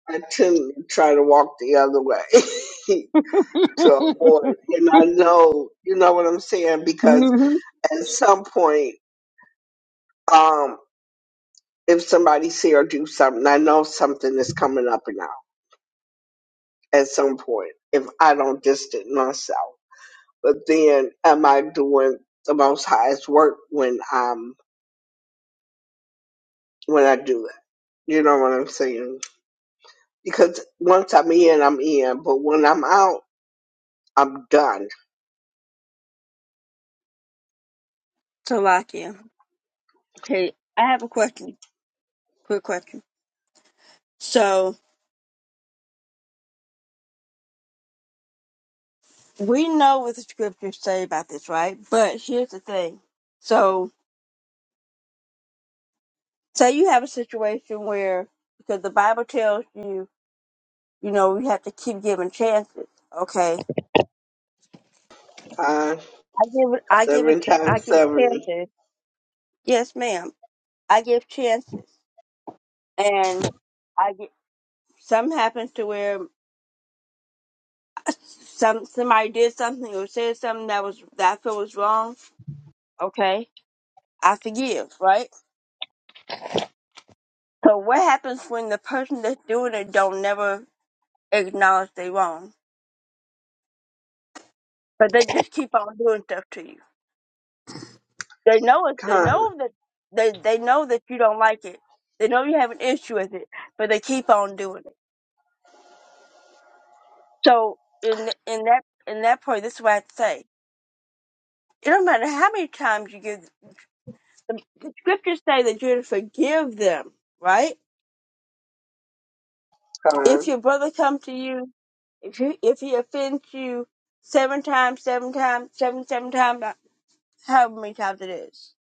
I tend to try to walk the other way to avoid. And I know, you know what I'm saying? Because hmm at some point, um, if somebody see or do something, I know something is coming up and out at some point if I don't distance myself. But then am I doing the most highest work when I'm when I do it? You know what I'm saying? Because once I'm in, I'm in. But when I'm out, I'm done. Salakia. Hey, I have a question. Quick question. So we know what the scriptures say about this, right? But here's the thing. So say you have a situation where because the Bible tells you, you know, we have to keep giving chances. Okay. Con, I give I give a seven ch- I times give seventy. chances. Yes, ma'am. I give chances. And I get some happens to where Some somebody did something or said something that was that I feel was wrong. Okay, I forgive, right? So what happens when the person that's doing it don't never acknowledge they wrong, but they just keep on doing stuff to you? They know it. They Con, know that they they know that you don't like it. They know you have an issue with it, but they keep on doing it. So in in that in that point, this is what I say. It don't matter how many times you give. The, the scriptures say that you're to forgive them, right? If con, your brother come to you, if he, if he offends you seven times, seven times, seven, seven times, uh, however many times it is,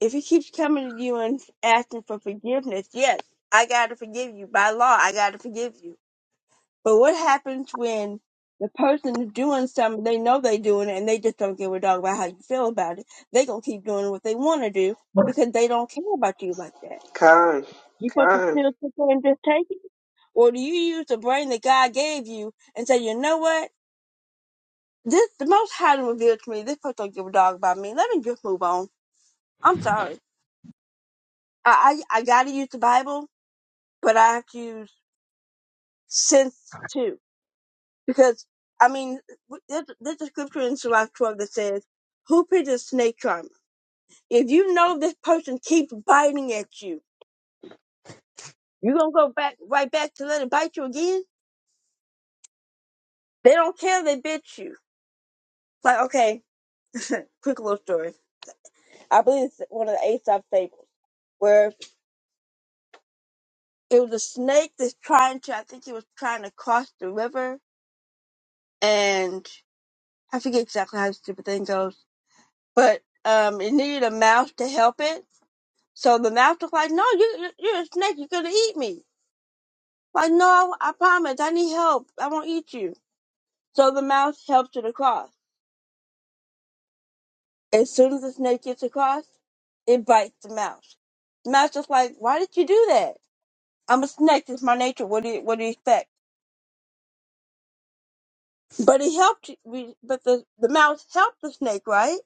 if he keeps coming to you and asking for forgiveness, yes, I got to forgive you. By law, I got to forgive you. But what happens when the person is doing something, they know they doing it, and they just don't give a dog about how you feel about it? they going to keep doing what they want to do because they don't care about you like that. con, You put the con, still sit and just take it? Or do you use the brain that God gave you and say, you know what? This the most high done revealed to me, this person don't give a dog about me. Let me just move on. I'm sorry. I I, I gotta use the Bible, but I have to use sense too. Because I mean w- there's, there's a scripture in Surah 12 that says, Who picked a snake charmer? If you know this person keeps biting at you, you gonna go back right back to let it bite you again? They don't care they bit you. Like, okay, quick little story. I believe it's one of the Aesop fables where it was a snake that's trying to, I think he was trying to cross the river and I forget exactly how the stupid thing goes, but um, it needed a mouse to help it. So the mouse was like, no, you, you- you're a snake. You're going to eat me. Like, no, I promise. I need help. I won't eat you. So the mouse helps it across. As soon as the snake gets across, it bites the mouse. The mouse is like, why did you do that? I'm a snake. It's my nature. What do you, what do you expect? But he helped. you- But the the mouse helped the snake, right?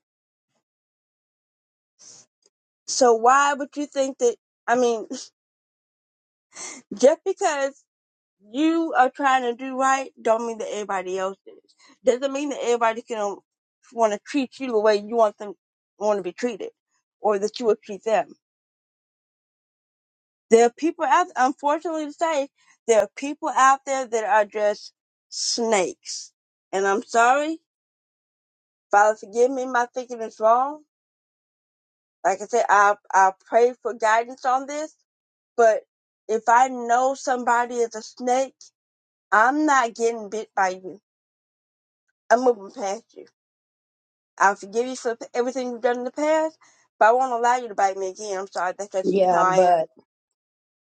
So why would you think that? I mean, just because you are trying to do right, don't mean that everybody else is. Doesn't mean that everybody can want to treat you the way you want them want to be treated, or that you would treat them. There are people out. Unfortunately, to say, there are people out there that are just snakes. And I'm sorry, Father, forgive me. My thinking is wrong like I said, I I pray for guidance on this. But if I know somebody is a snake, I'm not getting bit by you. I'm moving past you. I forgive you for everything you've done in the past, but I won't allow you to bite me again. I'm sorry, that's just how Yeah, I am. but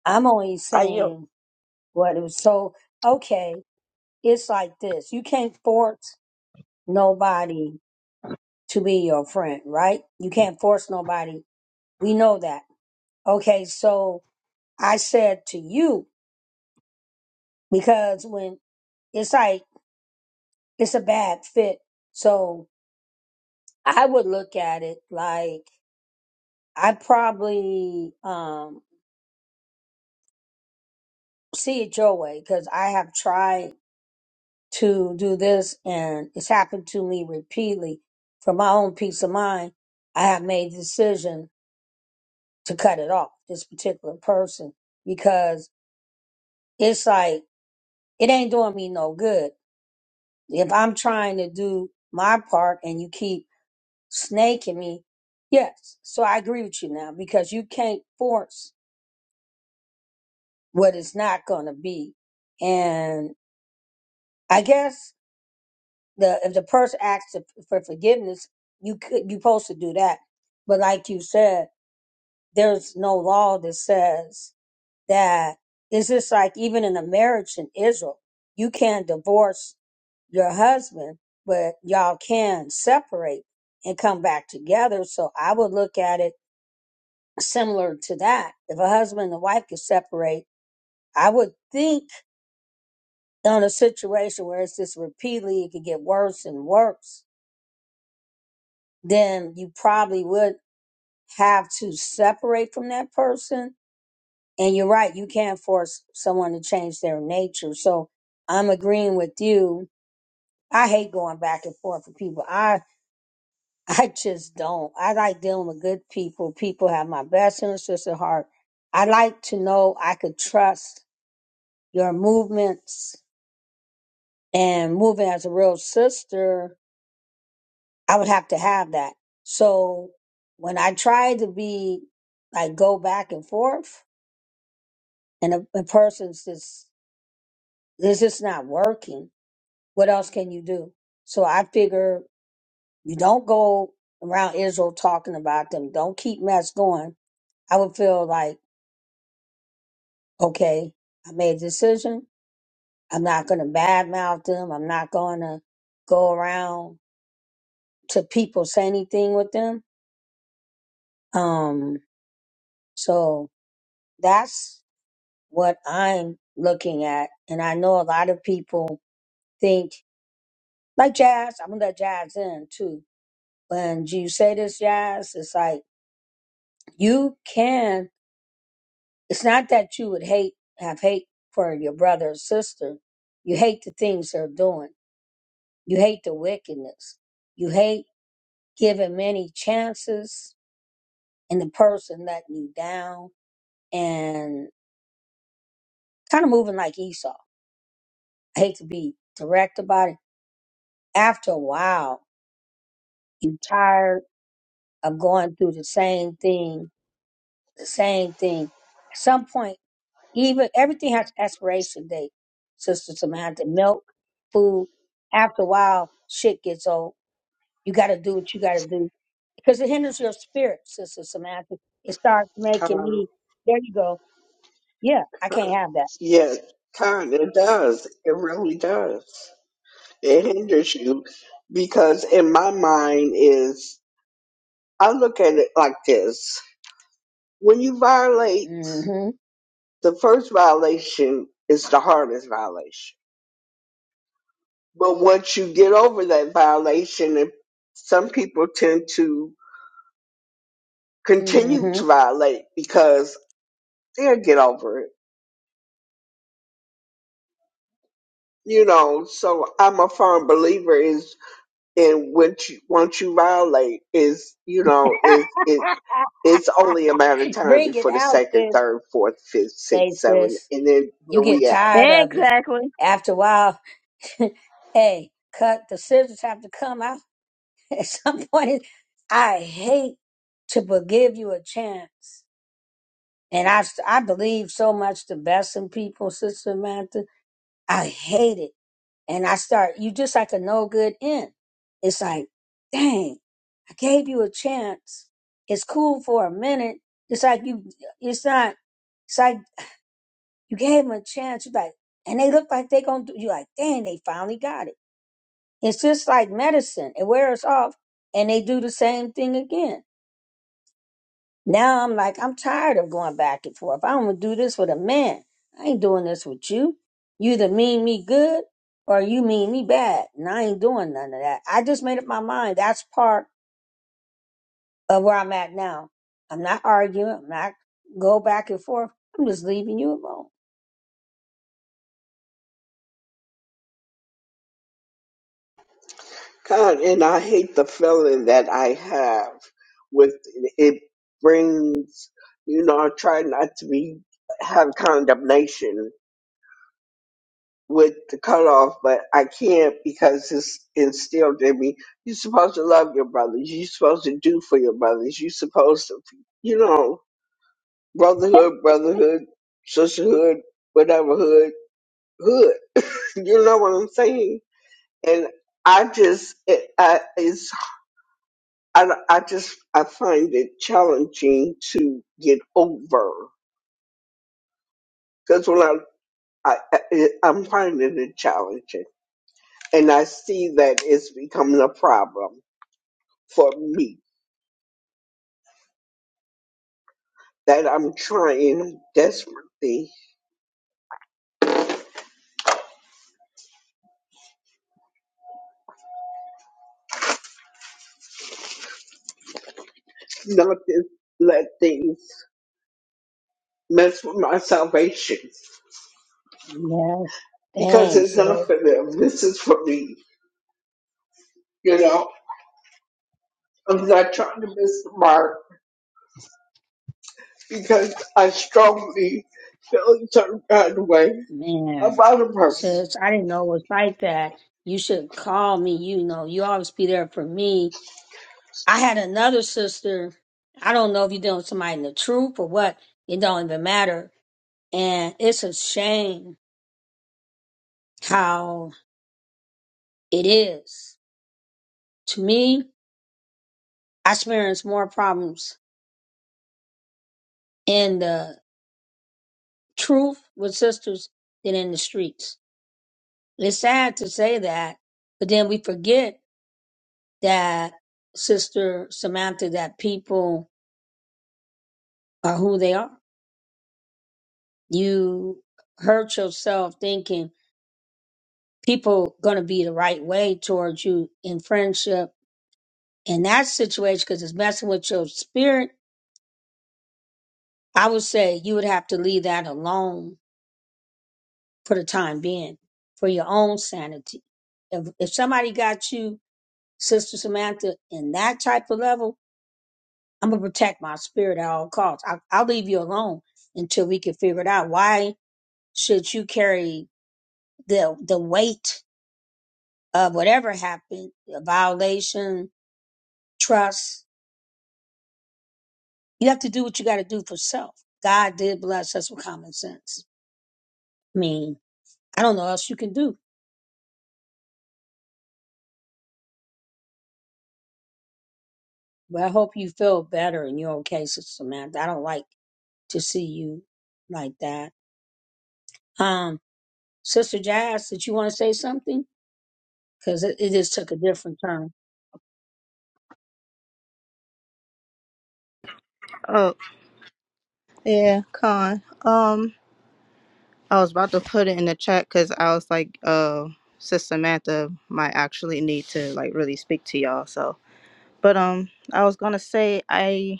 I'm only I yield. saying what it was. So, okay, it's like this. You can't force nobody to be your friend, right? You can't force nobody. We know that. Okay, so I said to you because when it's like it's a bad fit. So I would look at it like I probably um see it your way because I have tried to do this and it's happened to me repeatedly. For my own peace of mind, I have made the decision to cut it off, this particular person, because it's like it ain't doing me no good. If I'm trying to do my part and you keep snaking me. Yes, so I agree with you now because you can't force what it's not going to be. And I guess the if the person asks to- for forgiveness, you could you supposed to do that. But like you said, there's no law that says that. It's just like even in a marriage in Israel, you can't divorce your husband, but y'all can separate and come back together. So I would look at it similar to that. If a husband and wife could separate, I would think on a situation where it's just repeatedly, it could get worse and worse, then you probably would have to separate from that person. And you're right, you can't force someone to change their nature. So I'm agreeing with you. I hate going back and forth with people. I I just don't. I like dealing with good people. People have my best interests at heart. I like to know I could trust your movements and moving as a real sister, I would have to have that. So when I try to be like go back and forth and a, a person's just it's just not working, what else can you do? So I figure you don't go around Israel talking about them. Don't keep mess going. I would feel like, okay, I made a decision. I'm not gonna badmouth them. I'm not gonna go around to people say anything with them. Um, so that's what I'm looking at. And I know a lot of people think, like Jazz, I'm gonna let Jazz in too. When you say this, Jazz, it's like you can, it's not that you would hate, have hate for your brother or sister. You hate the things they're doing, you hate the wickedness, you hate giving many chances and the person letting you down. and kind of moving like Esau. I hate to be direct about it. After a while, you tired of going through the same thing, the same thing. At some point, even everything has expiration date. Sister Samantha, milk, food. After a while, shit gets old. You got to do what you got to do because it hinders your spirit, Sister Samantha. It starts making con. me. There you go. Yeah, I can't have that. Yes, kind it does. It really does. It hinders you because in my mind is I look at it like this. When you violate Mm hmm the first violation is the hardest violation. But once you get over that violation and some people tend to Mm continue to violate because they'll get over it. You know, so I'm a firm believer is. and what you, once you violate is you know is it hmm it's only a matter of time Bring it before the out, sis. second, third, fourth, fifth, Hey, sixth, seventh, sis, and then you where we get at. tired of it. Exactly. After a while, hey, cut the scissors have to come out at some point. I hate to forgive you a chance, and I st- I believe so much the best in people, Sister Samantha. I hate it, and I start you just like a no good end. It's like, dang, I gave you a chance. It's cool for a minute. It's like you. It's not. It's like. You gave them a chance. You like, and they look like they gonna do. You like, dang, they finally got it. It's just like medicine. It wears off, and they do the same thing again. Now I'm like, I'm tired of going back and forth. I don't to do this with a man. I ain't doing this with you. You either mean me good or you mean me bad, and I ain't doing none of that. I just made up my mind. That's part of where I'm at now. I'm not arguing. I'm not go back and forth. I'm just leaving you alone. God, and I hate the feeling that I have with it brings you know I try not to be have condemnation with the cutoff, but I can't because it's instilled in me. You're supposed to love your brothers. You're supposed to do for your brothers. You're supposed to, you know. brotherhood, brotherhood, sisterhood, whateverhood, hood, hood. You know what I'm saying? And I just, it, I, it's, I, I just, I find it challenging to get over because when I, I, I, it- I'm finding it challenging, and I see that it's becoming a problem for me. That I'm trying desperately not to let things mess with my salvation. Yeah. because Thanks. it's not for them. This is for me. You know, I'm not trying to miss the mark because I strongly feel a certain kind of way Man, about a person. sis, I didn't know it was like that. You should call me. You know, you always be there for me. I had another sister. I don't know if you're dealing with somebody in the truth or what. It don't even matter. And it's a shame how it is. To me, I experience more problems in the truth with sisters than in the streets. It's sad to say that, but then we forget that Sister Samantha, that people are who they are. You hurt yourself thinking people gonna be the right way towards you in friendship. In that situation, because it's messing with your spirit, I would say you would have to leave that alone for the time being, for your own sanity. If if somebody got you, Sister Samantha, in that type of level, I'm gonna protect my spirit at all costs. I, I'll leave you alone until we can figure it out. Why should you carry the the weight Of whatever happened, a violation, trust. You have to do what you got to do for self. God did bless us with common sense. I mean, I don't know what else you can do, but I hope you feel better in your own case, Sister Samantha. I don't like to see you like that. Um, Sister Jazz, did you want to say something? Because it, it just took a different turn. Oh, yeah, con. Um. I was about to put it in the chat because I was like, uh, Sis Samantha might actually need to like really speak to y'all. So, but um, I was gonna say I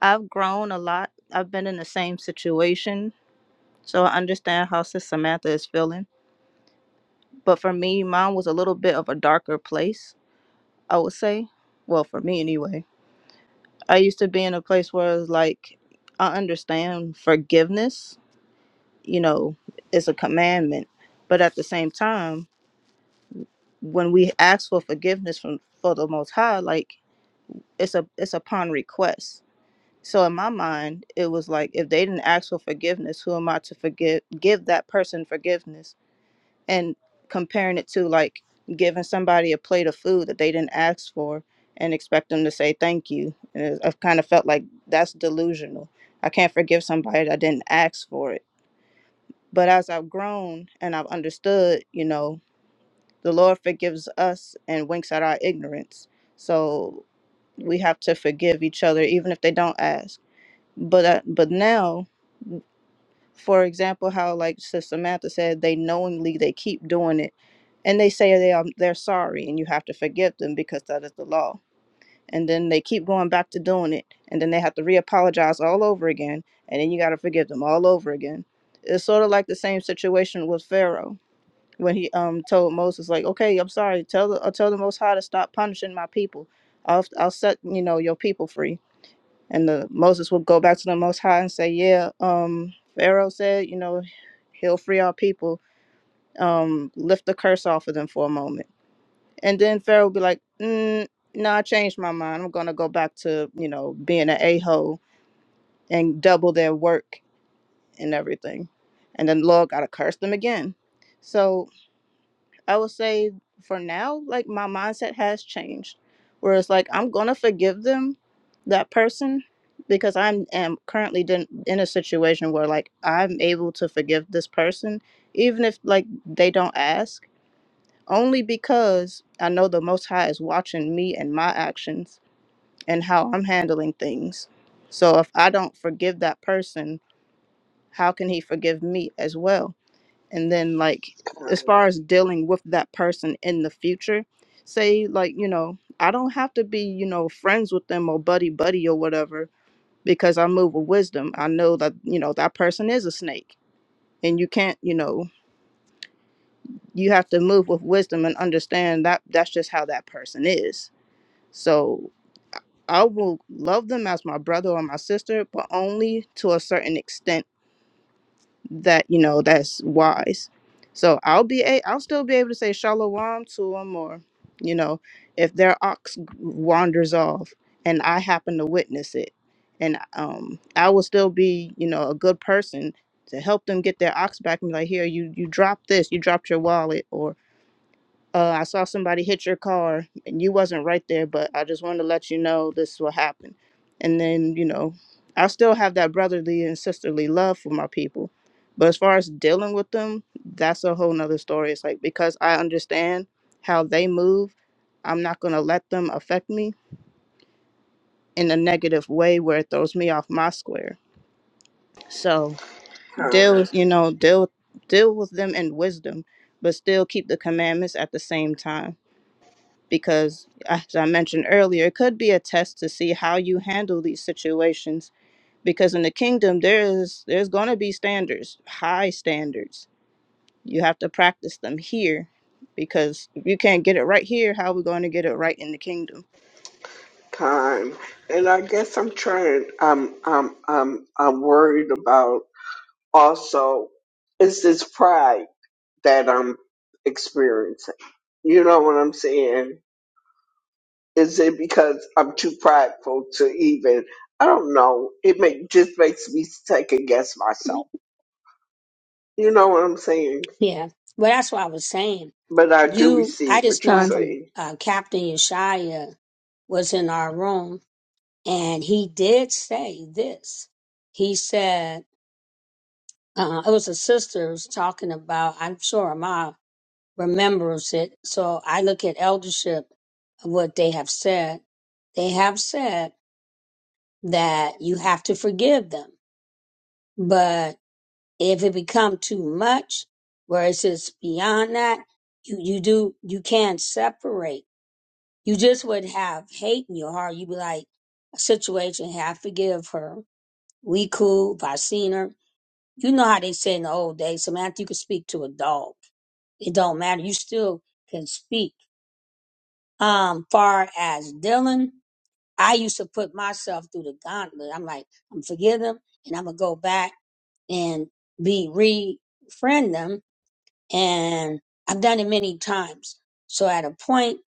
I've grown a lot. I've been in the same situation, so I understand how Sis Samantha is feeling. But for me, mine was a little bit of a darker place. I would say, well, for me anyway. I used to be in a place where it was like I understand forgiveness. You know, it's a commandment, but at the same time. when we ask for forgiveness from for the most high like it's a it's upon request so in my mind it was like if they didn't ask for forgiveness who am i to forgive give that person forgiveness and comparing it to like giving somebody a plate of food that they didn't ask for and expect them to say thank you and it- i've kind of felt like that's delusional i can't forgive somebody that didn't ask for it but as i've grown and i've understood you know the Lord forgives us and winks at our ignorance. So we have to forgive each other, even if they don't ask. But uh, but now, for example, how like Sister Samantha said, they knowingly they keep doing it, and they say they are they're sorry, and you have to forgive them because that is the law. And then they keep going back to doing it, and then they have to reapologize all over again, and then you got to forgive them all over again. It's sort of like the same situation with Pharaoh when he um told Moses like, "Okay, I'm sorry. Tell the uh, tell the Most High to stop punishing my people. I'll I'll set you know your people free." And the Moses would go back to the Most High and say, "Yeah, um, Pharaoh said, you know, he'll free our people. Um, lift the curse off of them for a moment." And then Pharaoh would be like, mm, "No, I changed my mind. I'm gonna go back to you know being an a hole and double their work and everything." And then the Lord gotta curse them again. So I would say for now, like my mindset has changed, where it's like I'm gonna forgive them, that person, because I'm am currently din- in a situation where like I'm able to forgive this person, even if like they don't ask, only because I know the Most High is watching me and my actions and how I'm handling things. So if I don't forgive that person, how can He forgive me as well? and then like Time, as far as dealing with that person in the future say like you know i don't have to be you know friends with them or buddy buddy or whatever because i move with wisdom i know that you know that person is a snake and you can't you know you have to move with wisdom and understand that that's just how that person is so i will love them as my brother or my sister but only to a certain extent that you know that's wise. So I'll be a I'll still be able to say shalom to them, or you know, if their ox wanders off and I happen to witness it, and um, I will still be you know a good person to help them get their ox back and be like, here you you dropped this, you dropped your wallet, or uh, I saw somebody hit your car and you wasn't right there, but I just wanted to let you know this is what happened. And then, you know, I still have that brotherly and sisterly love for my people. But as far as dealing with them, that's a whole nother story. It's like because I understand how they move, I'm not gonna let them affect me in a negative way where it throws me off my square. So deal time, with you know, deal deal with them in wisdom, but still keep the commandments at the same time because as i mentioned earlier it could be a test to see how you handle these situations because in the kingdom there is there's going to be standards high standards you have to practice them here because if you can't get it right here how are we going to get it right in the kingdom time, and I guess I'm trying. I'm, I'm, I'm, I'm worried about also is this pride that I'm experiencing. You know what I'm saying? Is it because I'm too prideful to even? I don't know. It make, just makes me second guess myself. You know what I'm saying? Yeah, well, that's what I was saying. But I do You, receive I just what you're know Trying to from saying. uh, Captain Yeshaya was in our room And he did say this. He said, uh, it was a sister was talking about, I'm sure Ma remembers it. So I look at eldership, what they have said. They have said that you have to forgive them. But if it become too much, where it's just beyond that, you, you do, you can't separate. You just would have hate in your heart. You'd be like, a situation, hey, I forgive her. We cool. If I seen her, You know how they said in the old days, Samantha, you can speak to a dog. It don't matter. You still can speak. Um, far as Dylan, I used to put myself through the gauntlet. I'm like, I'm forgive them and I'm gonna go back and be re-friend them. And I've done it many times. So at a point,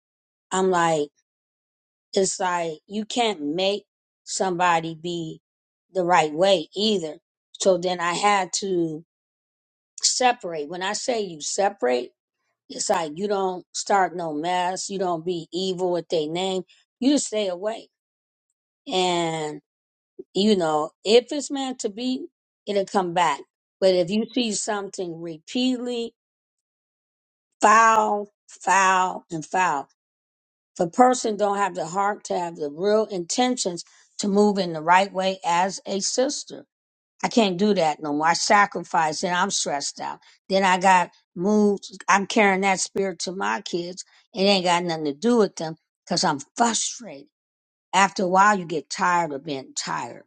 I'm like, it's like you can't make somebody be the right way either. So then I had to separate. When I say you separate, It's like you don't start no mess, you don't be evil with their name, you just stay away. And you know, if it's meant to be, it'll come back. But if you see something repeatedly, foul, foul, and foul, if a person don't have the heart to have the real intentions to move in the right way as a sister I can't do that no more. I sacrifice and I'm stressed out. Then I got moods. I'm carrying that spirit to my kids. It ain't got nothing to do with them because I'm frustrated. After a while, you get tired of being tired.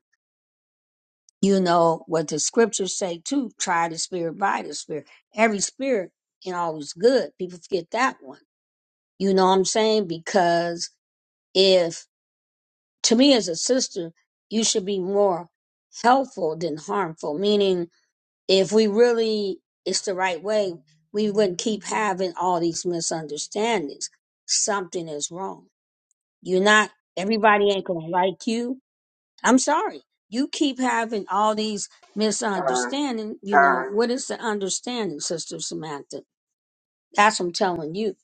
You know what the scriptures say too, try the spirit by the spirit. Every spirit ain't always good. People forget that one. You know what I'm saying? Because if, to me as a sister, you should be more helpful than harmful, meaning if we really it's the right way, we wouldn't keep having all these misunderstandings. Something is wrong. You're not everybody ain't gonna like you. I'm sorry. You keep having all these Con, misunderstandings. you know, con. what is the understanding, Sister Samantha? That's what I'm telling you.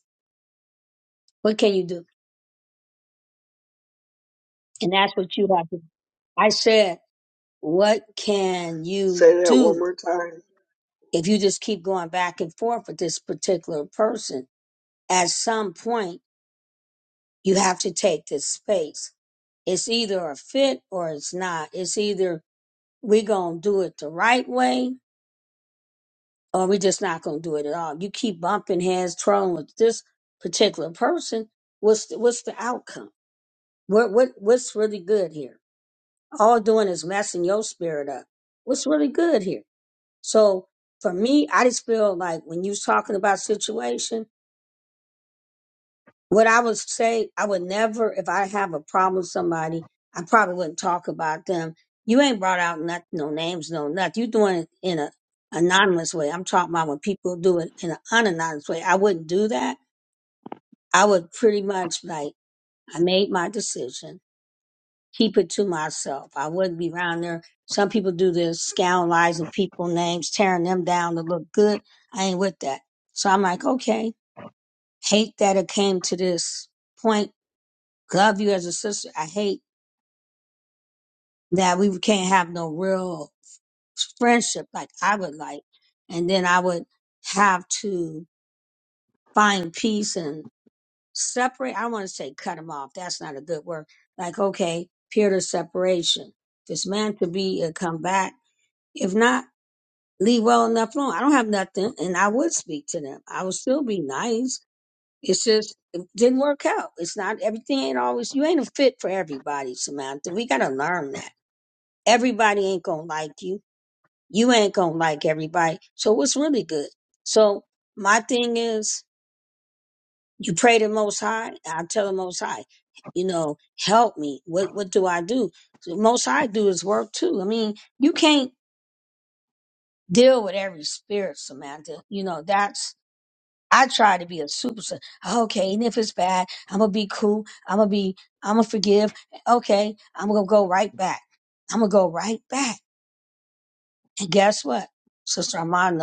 What can you do? And that's what you have to I said, what can you Say that one do more time. if you just keep going back and forth with this particular person? At some point you have to take this space. It's either a fit or it's not. It's either we gonna do it the right way or we just not gonna do it at all. You keep bumping heads, trolling with this particular person. What's the, what's the outcome? What what what's really good here? All doing is messing your spirit up. What's really good here? So for me, I just feel like when you was talking about situation what I would say, I would never, if I have a problem with somebody, I probably wouldn't talk about them. You ain't brought out nothing, no names, no nothing. you doing it in a anonymous way. I'm talking about when people do it in an unanonymous way. I wouldn't do that. I would pretty much like, I made my decision, keep it to myself. I wouldn't be around there. Some people do this, scandalizing people names, tearing them down to look good. I ain't with that. So I'm like, okay, hate that it came to this point love you as a sister. I hate that we can't have no real friendship like I would like. And then I would have to find peace and separate. I want to say cut them off. That's not a good word. Like, okay, period of separation. If it's meant to be, it come back. If not, leave well enough alone. I don't have nothing and I would speak to them. I would still be nice. It's just, it didn't work out. It's not everything ain't always, you ain't a fit for everybody, Samantha. We got to learn that everybody ain't gonna like you. You ain't gonna like everybody. So what's really good? So my thing is, you pray to the Most High. I tell the Most High, you know, help me. What what do I do? So Most High do His work too. I mean, you can't deal with every spirit, Samantha. You know, that's I try to be a super. sa- Okay, and if it's bad, I'm gonna be cool. I'm gonna be. I'm gonna forgive. Okay, I'm gonna go right back. I'm gonna go right back And guess what? Sister Armand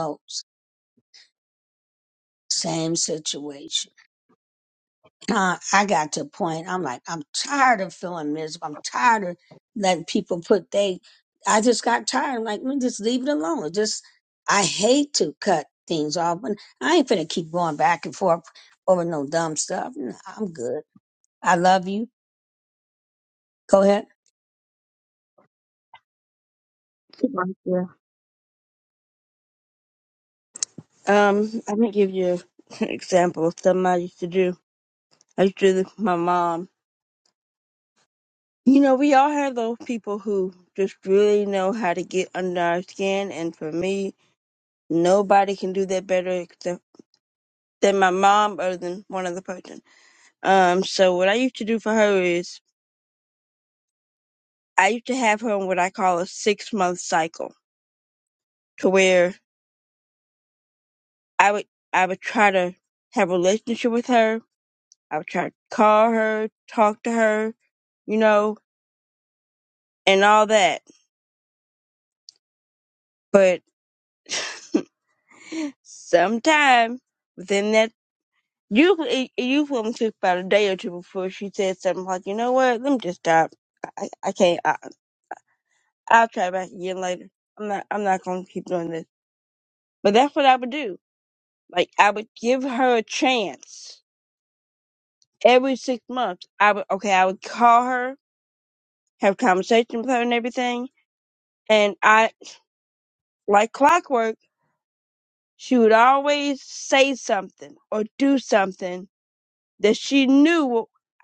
Same situation. Uh, I got to a point, I'm like, I'm tired of feeling miserable. I'm tired of letting people put they, I just got tired. I'm like, let me just leave it alone. It Just, I hate to cut things off, but I ain't finna keep going back and forth over no dumb stuff. No, I'm good. I love you. Go ahead. keep on Yeah. Um, I can give you an example of something I used to do. I used to do this with my mom. You know, we all have those people who just really know how to get under our skin, and for me, nobody can do that better except than my mom other than one other person. Um, so what I used to do for her is I used to have her on what I call a six month cycle to where I would I would try to have a relationship with her. I would try to call her, talk to her, you know, and all that. But sometime within that You you you fell asleep about a day or two before she said something like, you know what? Let me just stop. I I can't. I, I'll try back again later. I'm not I'm not going to keep doing this. But that's what I would do. Like I would give her a chance every six months. I would okay. I would call her, have conversation with her, and everything. And I like clockwork. She would always say something or do something that she knew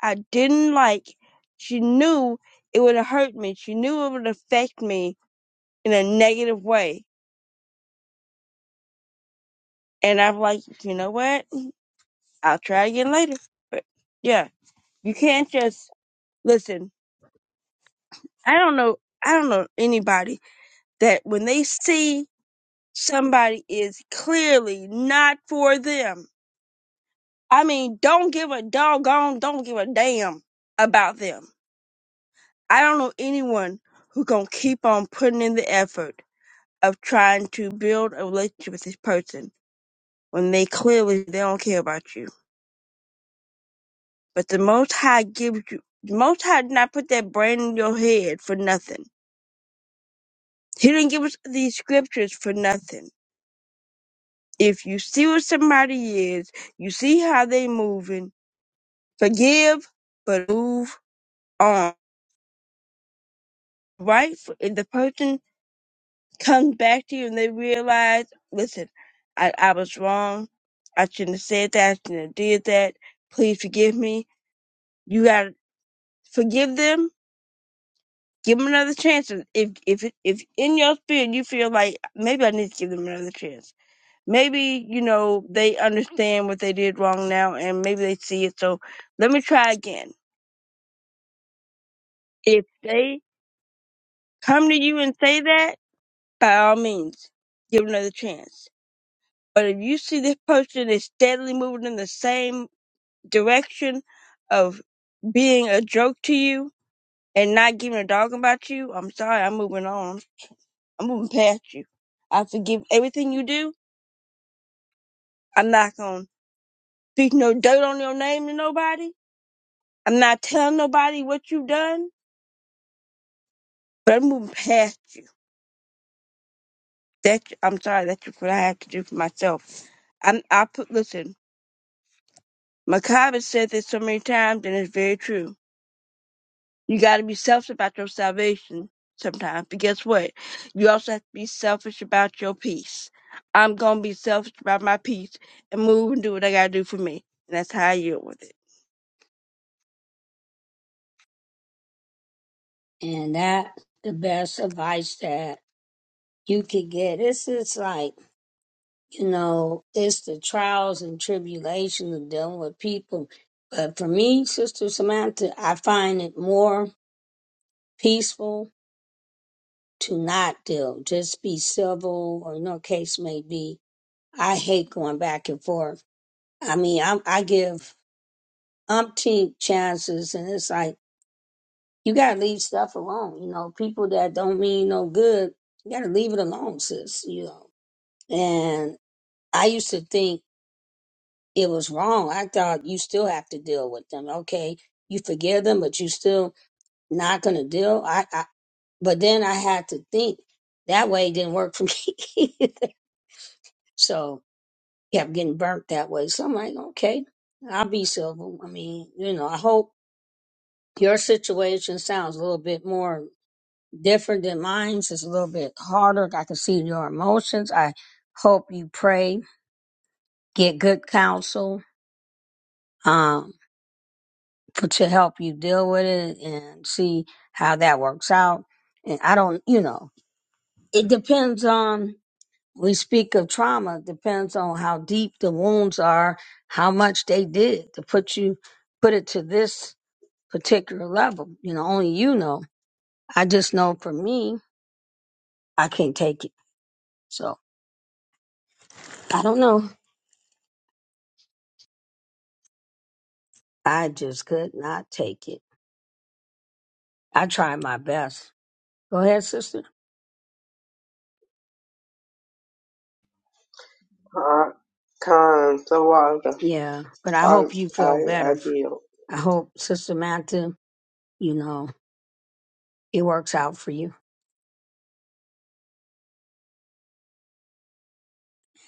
I didn't like. She knew it would hurt me. She knew it would affect me in a negative way. And I'm like, you know what? I'll try again later. But yeah, you can't just listen. I don't know. I don't know anybody that when they see somebody is clearly not for them. I mean, don't give a doggone, don't give a damn about them. I don't know anyone who gonna keep on putting in the effort of trying to build a relationship with this person when they clearly they don't care about you. But the Most High gives you the Most High did not put that brain in your head for nothing. He didn't give us these scriptures for nothing. If you see what somebody is, you see how they moving, forgive, but move on. Right? If the person comes back to you and they realize, listen, I, I was wrong. I shouldn't have said that. I shouldn't have did that. Please forgive me you gotta forgive them, give them another chance. And If if if in your spirit you feel like maybe I need to give them another chance, maybe you know they understand what they did wrong now, and maybe they see it. So let me try again. If they come to you and say that, by all means, give them another chance. But if you see this person is steadily moving in the same direction of being a joke to you and not giving a dog about you, I'm sorry, I'm moving on. I'm gonna pass you. I forgive everything you do. I'm not gonna speak no dirt on your name to nobody. I'm not telling nobody what you done, but I'm moving past you. That I'm sorry. That's what I have to do for myself. I'm, I put listen. Macabre has said this so many times, and it's very true. You got to be selfish about your salvation sometimes, but guess what? You also have to be selfish about your peace. I'm gonna be selfish about my peace and move and do what I gotta do for me, and that's how I deal with it. And that the best advice that you could get. This is like, you know, it's the trials and tribulations of dealing with people. But for me, Sister Samantha, I find it more peaceful to not deal, just be civil or no case may be. I hate going back and forth. I mean, I, I give umpteen chances and it's like, you gotta leave stuff alone. You know, people that don't mean no good, you gotta leave it alone, sis, you know. And I used to think it was wrong. I thought you still have to deal with them. Okay, you forgive them, but you still not gonna deal. I, I but then I had to think that way it didn't work for me either. So kept getting burnt that way. So I'm like, okay, I'll be civil. I mean, you know, I hope your situation sounds a little bit more different than mine's. It's a little bit harder. I can see your emotions. I hope you pray, get good counsel. um, to help you deal with it and see how that works out. And I don't, you know, it depends on, we speak of trauma, it depends on how deep the wounds are, how much they did to put you, put it to this particular level. You know, only you know. I just know for me, I can't take it. So I don't know. I just could not take it. I tried my best. Go ahead, sister. Con, con, so I, Yeah, but I I, hope you feel I, I better. yield. I hope Sister Matthew you know, it works out for you.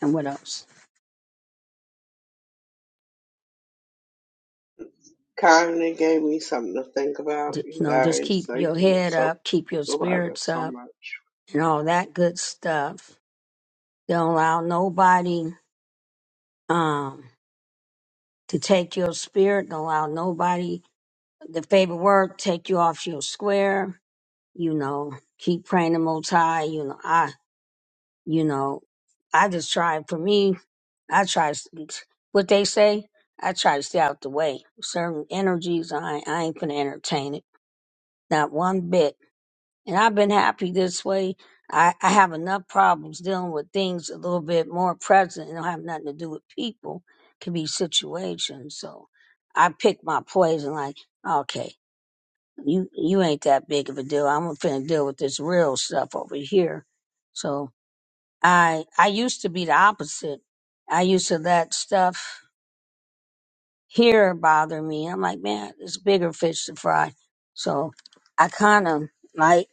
And what else? Kinda gave me something to think about. D- You You know, just guys, keep your thank you head so up, keep your so about it spirits so up, much. and all that good stuff. Don't allow nobody um, to take your spirit. Don't allow nobody, the favorite word, take you off your square. You know, keep praying the Most High. You know, I, you know, I just try. For me, I try s- what they say. I try to stay out the way. Certain energies, I, I ain't gonna entertain it. Not one bit And I've been happy this way. I, I have enough problems dealing with things a little bit more present and don't have nothing to do with people. Could be situations. So I pick my poison like, okay, you you ain't that big of a deal. I'm finna deal with this real stuff over here. So I I used to be the opposite. I used to let stuff here bother me. I'm like, man, it's bigger fish to fry. So I kinda like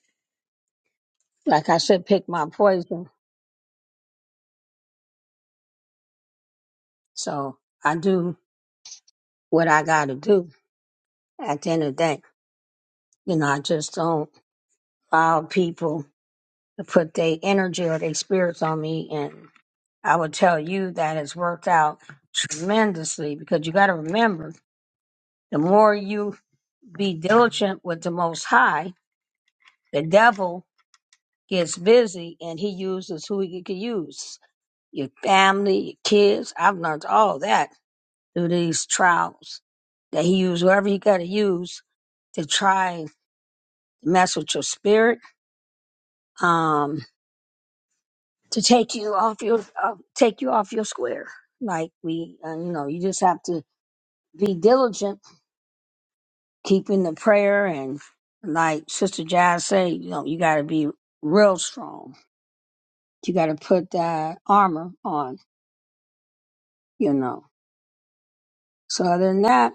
like I said, pick my poison So I do what I got to do at the end of the day. You know, I just don't allow people to put their energy or their spirits on me. And I would tell you that it's worked out tremendously because you got to remember the more you be diligent with the Most High, the devil gets busy and he uses who he can use your family, your kids. I've learned all that through these trials that he used whoever he got to use to try mess with your spirit, um, to take you off your uh, take you off your square. Like we, uh, you know, you just have to be diligent, keeping the prayer, and like Sister Jazz say, you know, you got to be real strong. You got to put that armor on, you know. So other than that,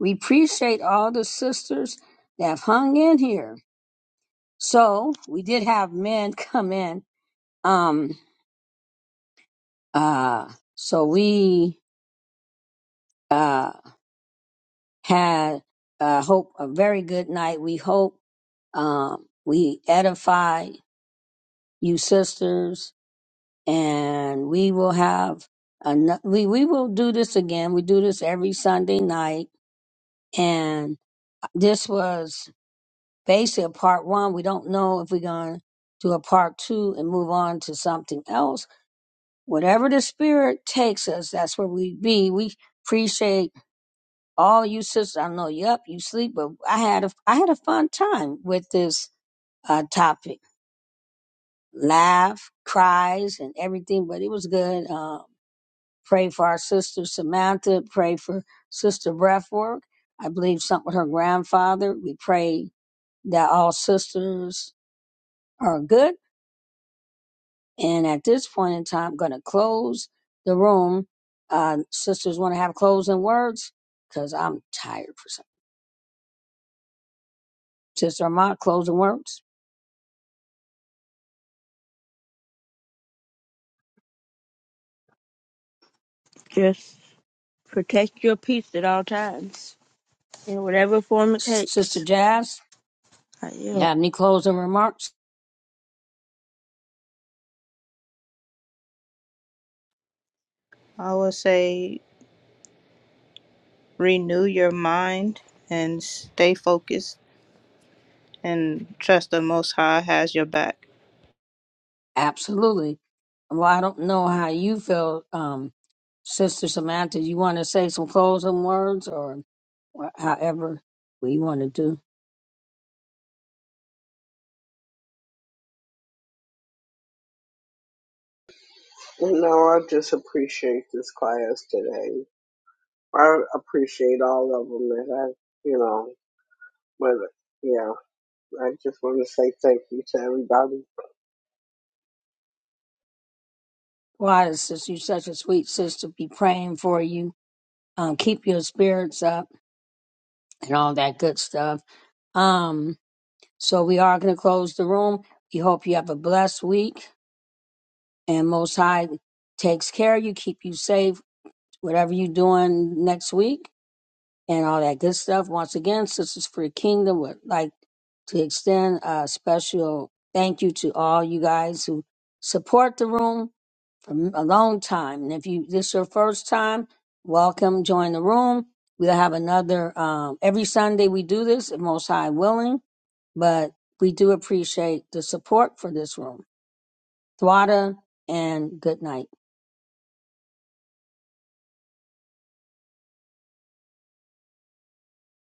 we appreciate all the sisters that have hung in here. So we did have men come in. Um. Uh. So we. uh. had uh, hope a very good night. We hope um, we edify you sisters, and we will have an- we we will do this again. We do this every Sunday night, and this was basically a part one. We don't know if we're going to do a part two and move on to something else. Whatever the spirit takes us, that's where we be. We appreciate all you sisters, I know you up, you sleep, but I had a I had a fun time with this uh, topic. Laugh, cries, and everything, but it was good. Uh, pray for our sister Samantha. Pray for Sister Breathwork. I believe something with her grandfather. We pray that all sisters are good. And at this point in time, I'm going to close the room. Uh, sisters want to have closing words because I'm tired for some. Sister Ahmad, closing words. Yes. Protect your peace at all times, in whatever form it Sister takes. Jazz, I yield. you have any closing remarks? i would say renew your mind and stay focused and trust the most high has your back Absolutely. Well, I don't know how you feel, um, Sister Samantha. You want to say some closing words or wha- however we want to do? You know, I just appreciate this class today. I appreciate all of them that I, you know, but yeah, I just want to say thank you to everybody. Why, sister, you're such a sweet sister. Be praying for you. Um, keep your spirits up and all that good stuff. Um, so we are going to close the room. We hope you have a blessed week and Most High takes care of you, keep you safe, whatever you're doing next week. and all that good stuff. Once again, Sisters for the Kingdom would like to extend a special thank you to all you guys who support the room for a long time. And if you this is your first time, welcome, join the room. We'll have another um, every Sunday. We do this, if most high willing, but we do appreciate the support for this room. Thwada and good night.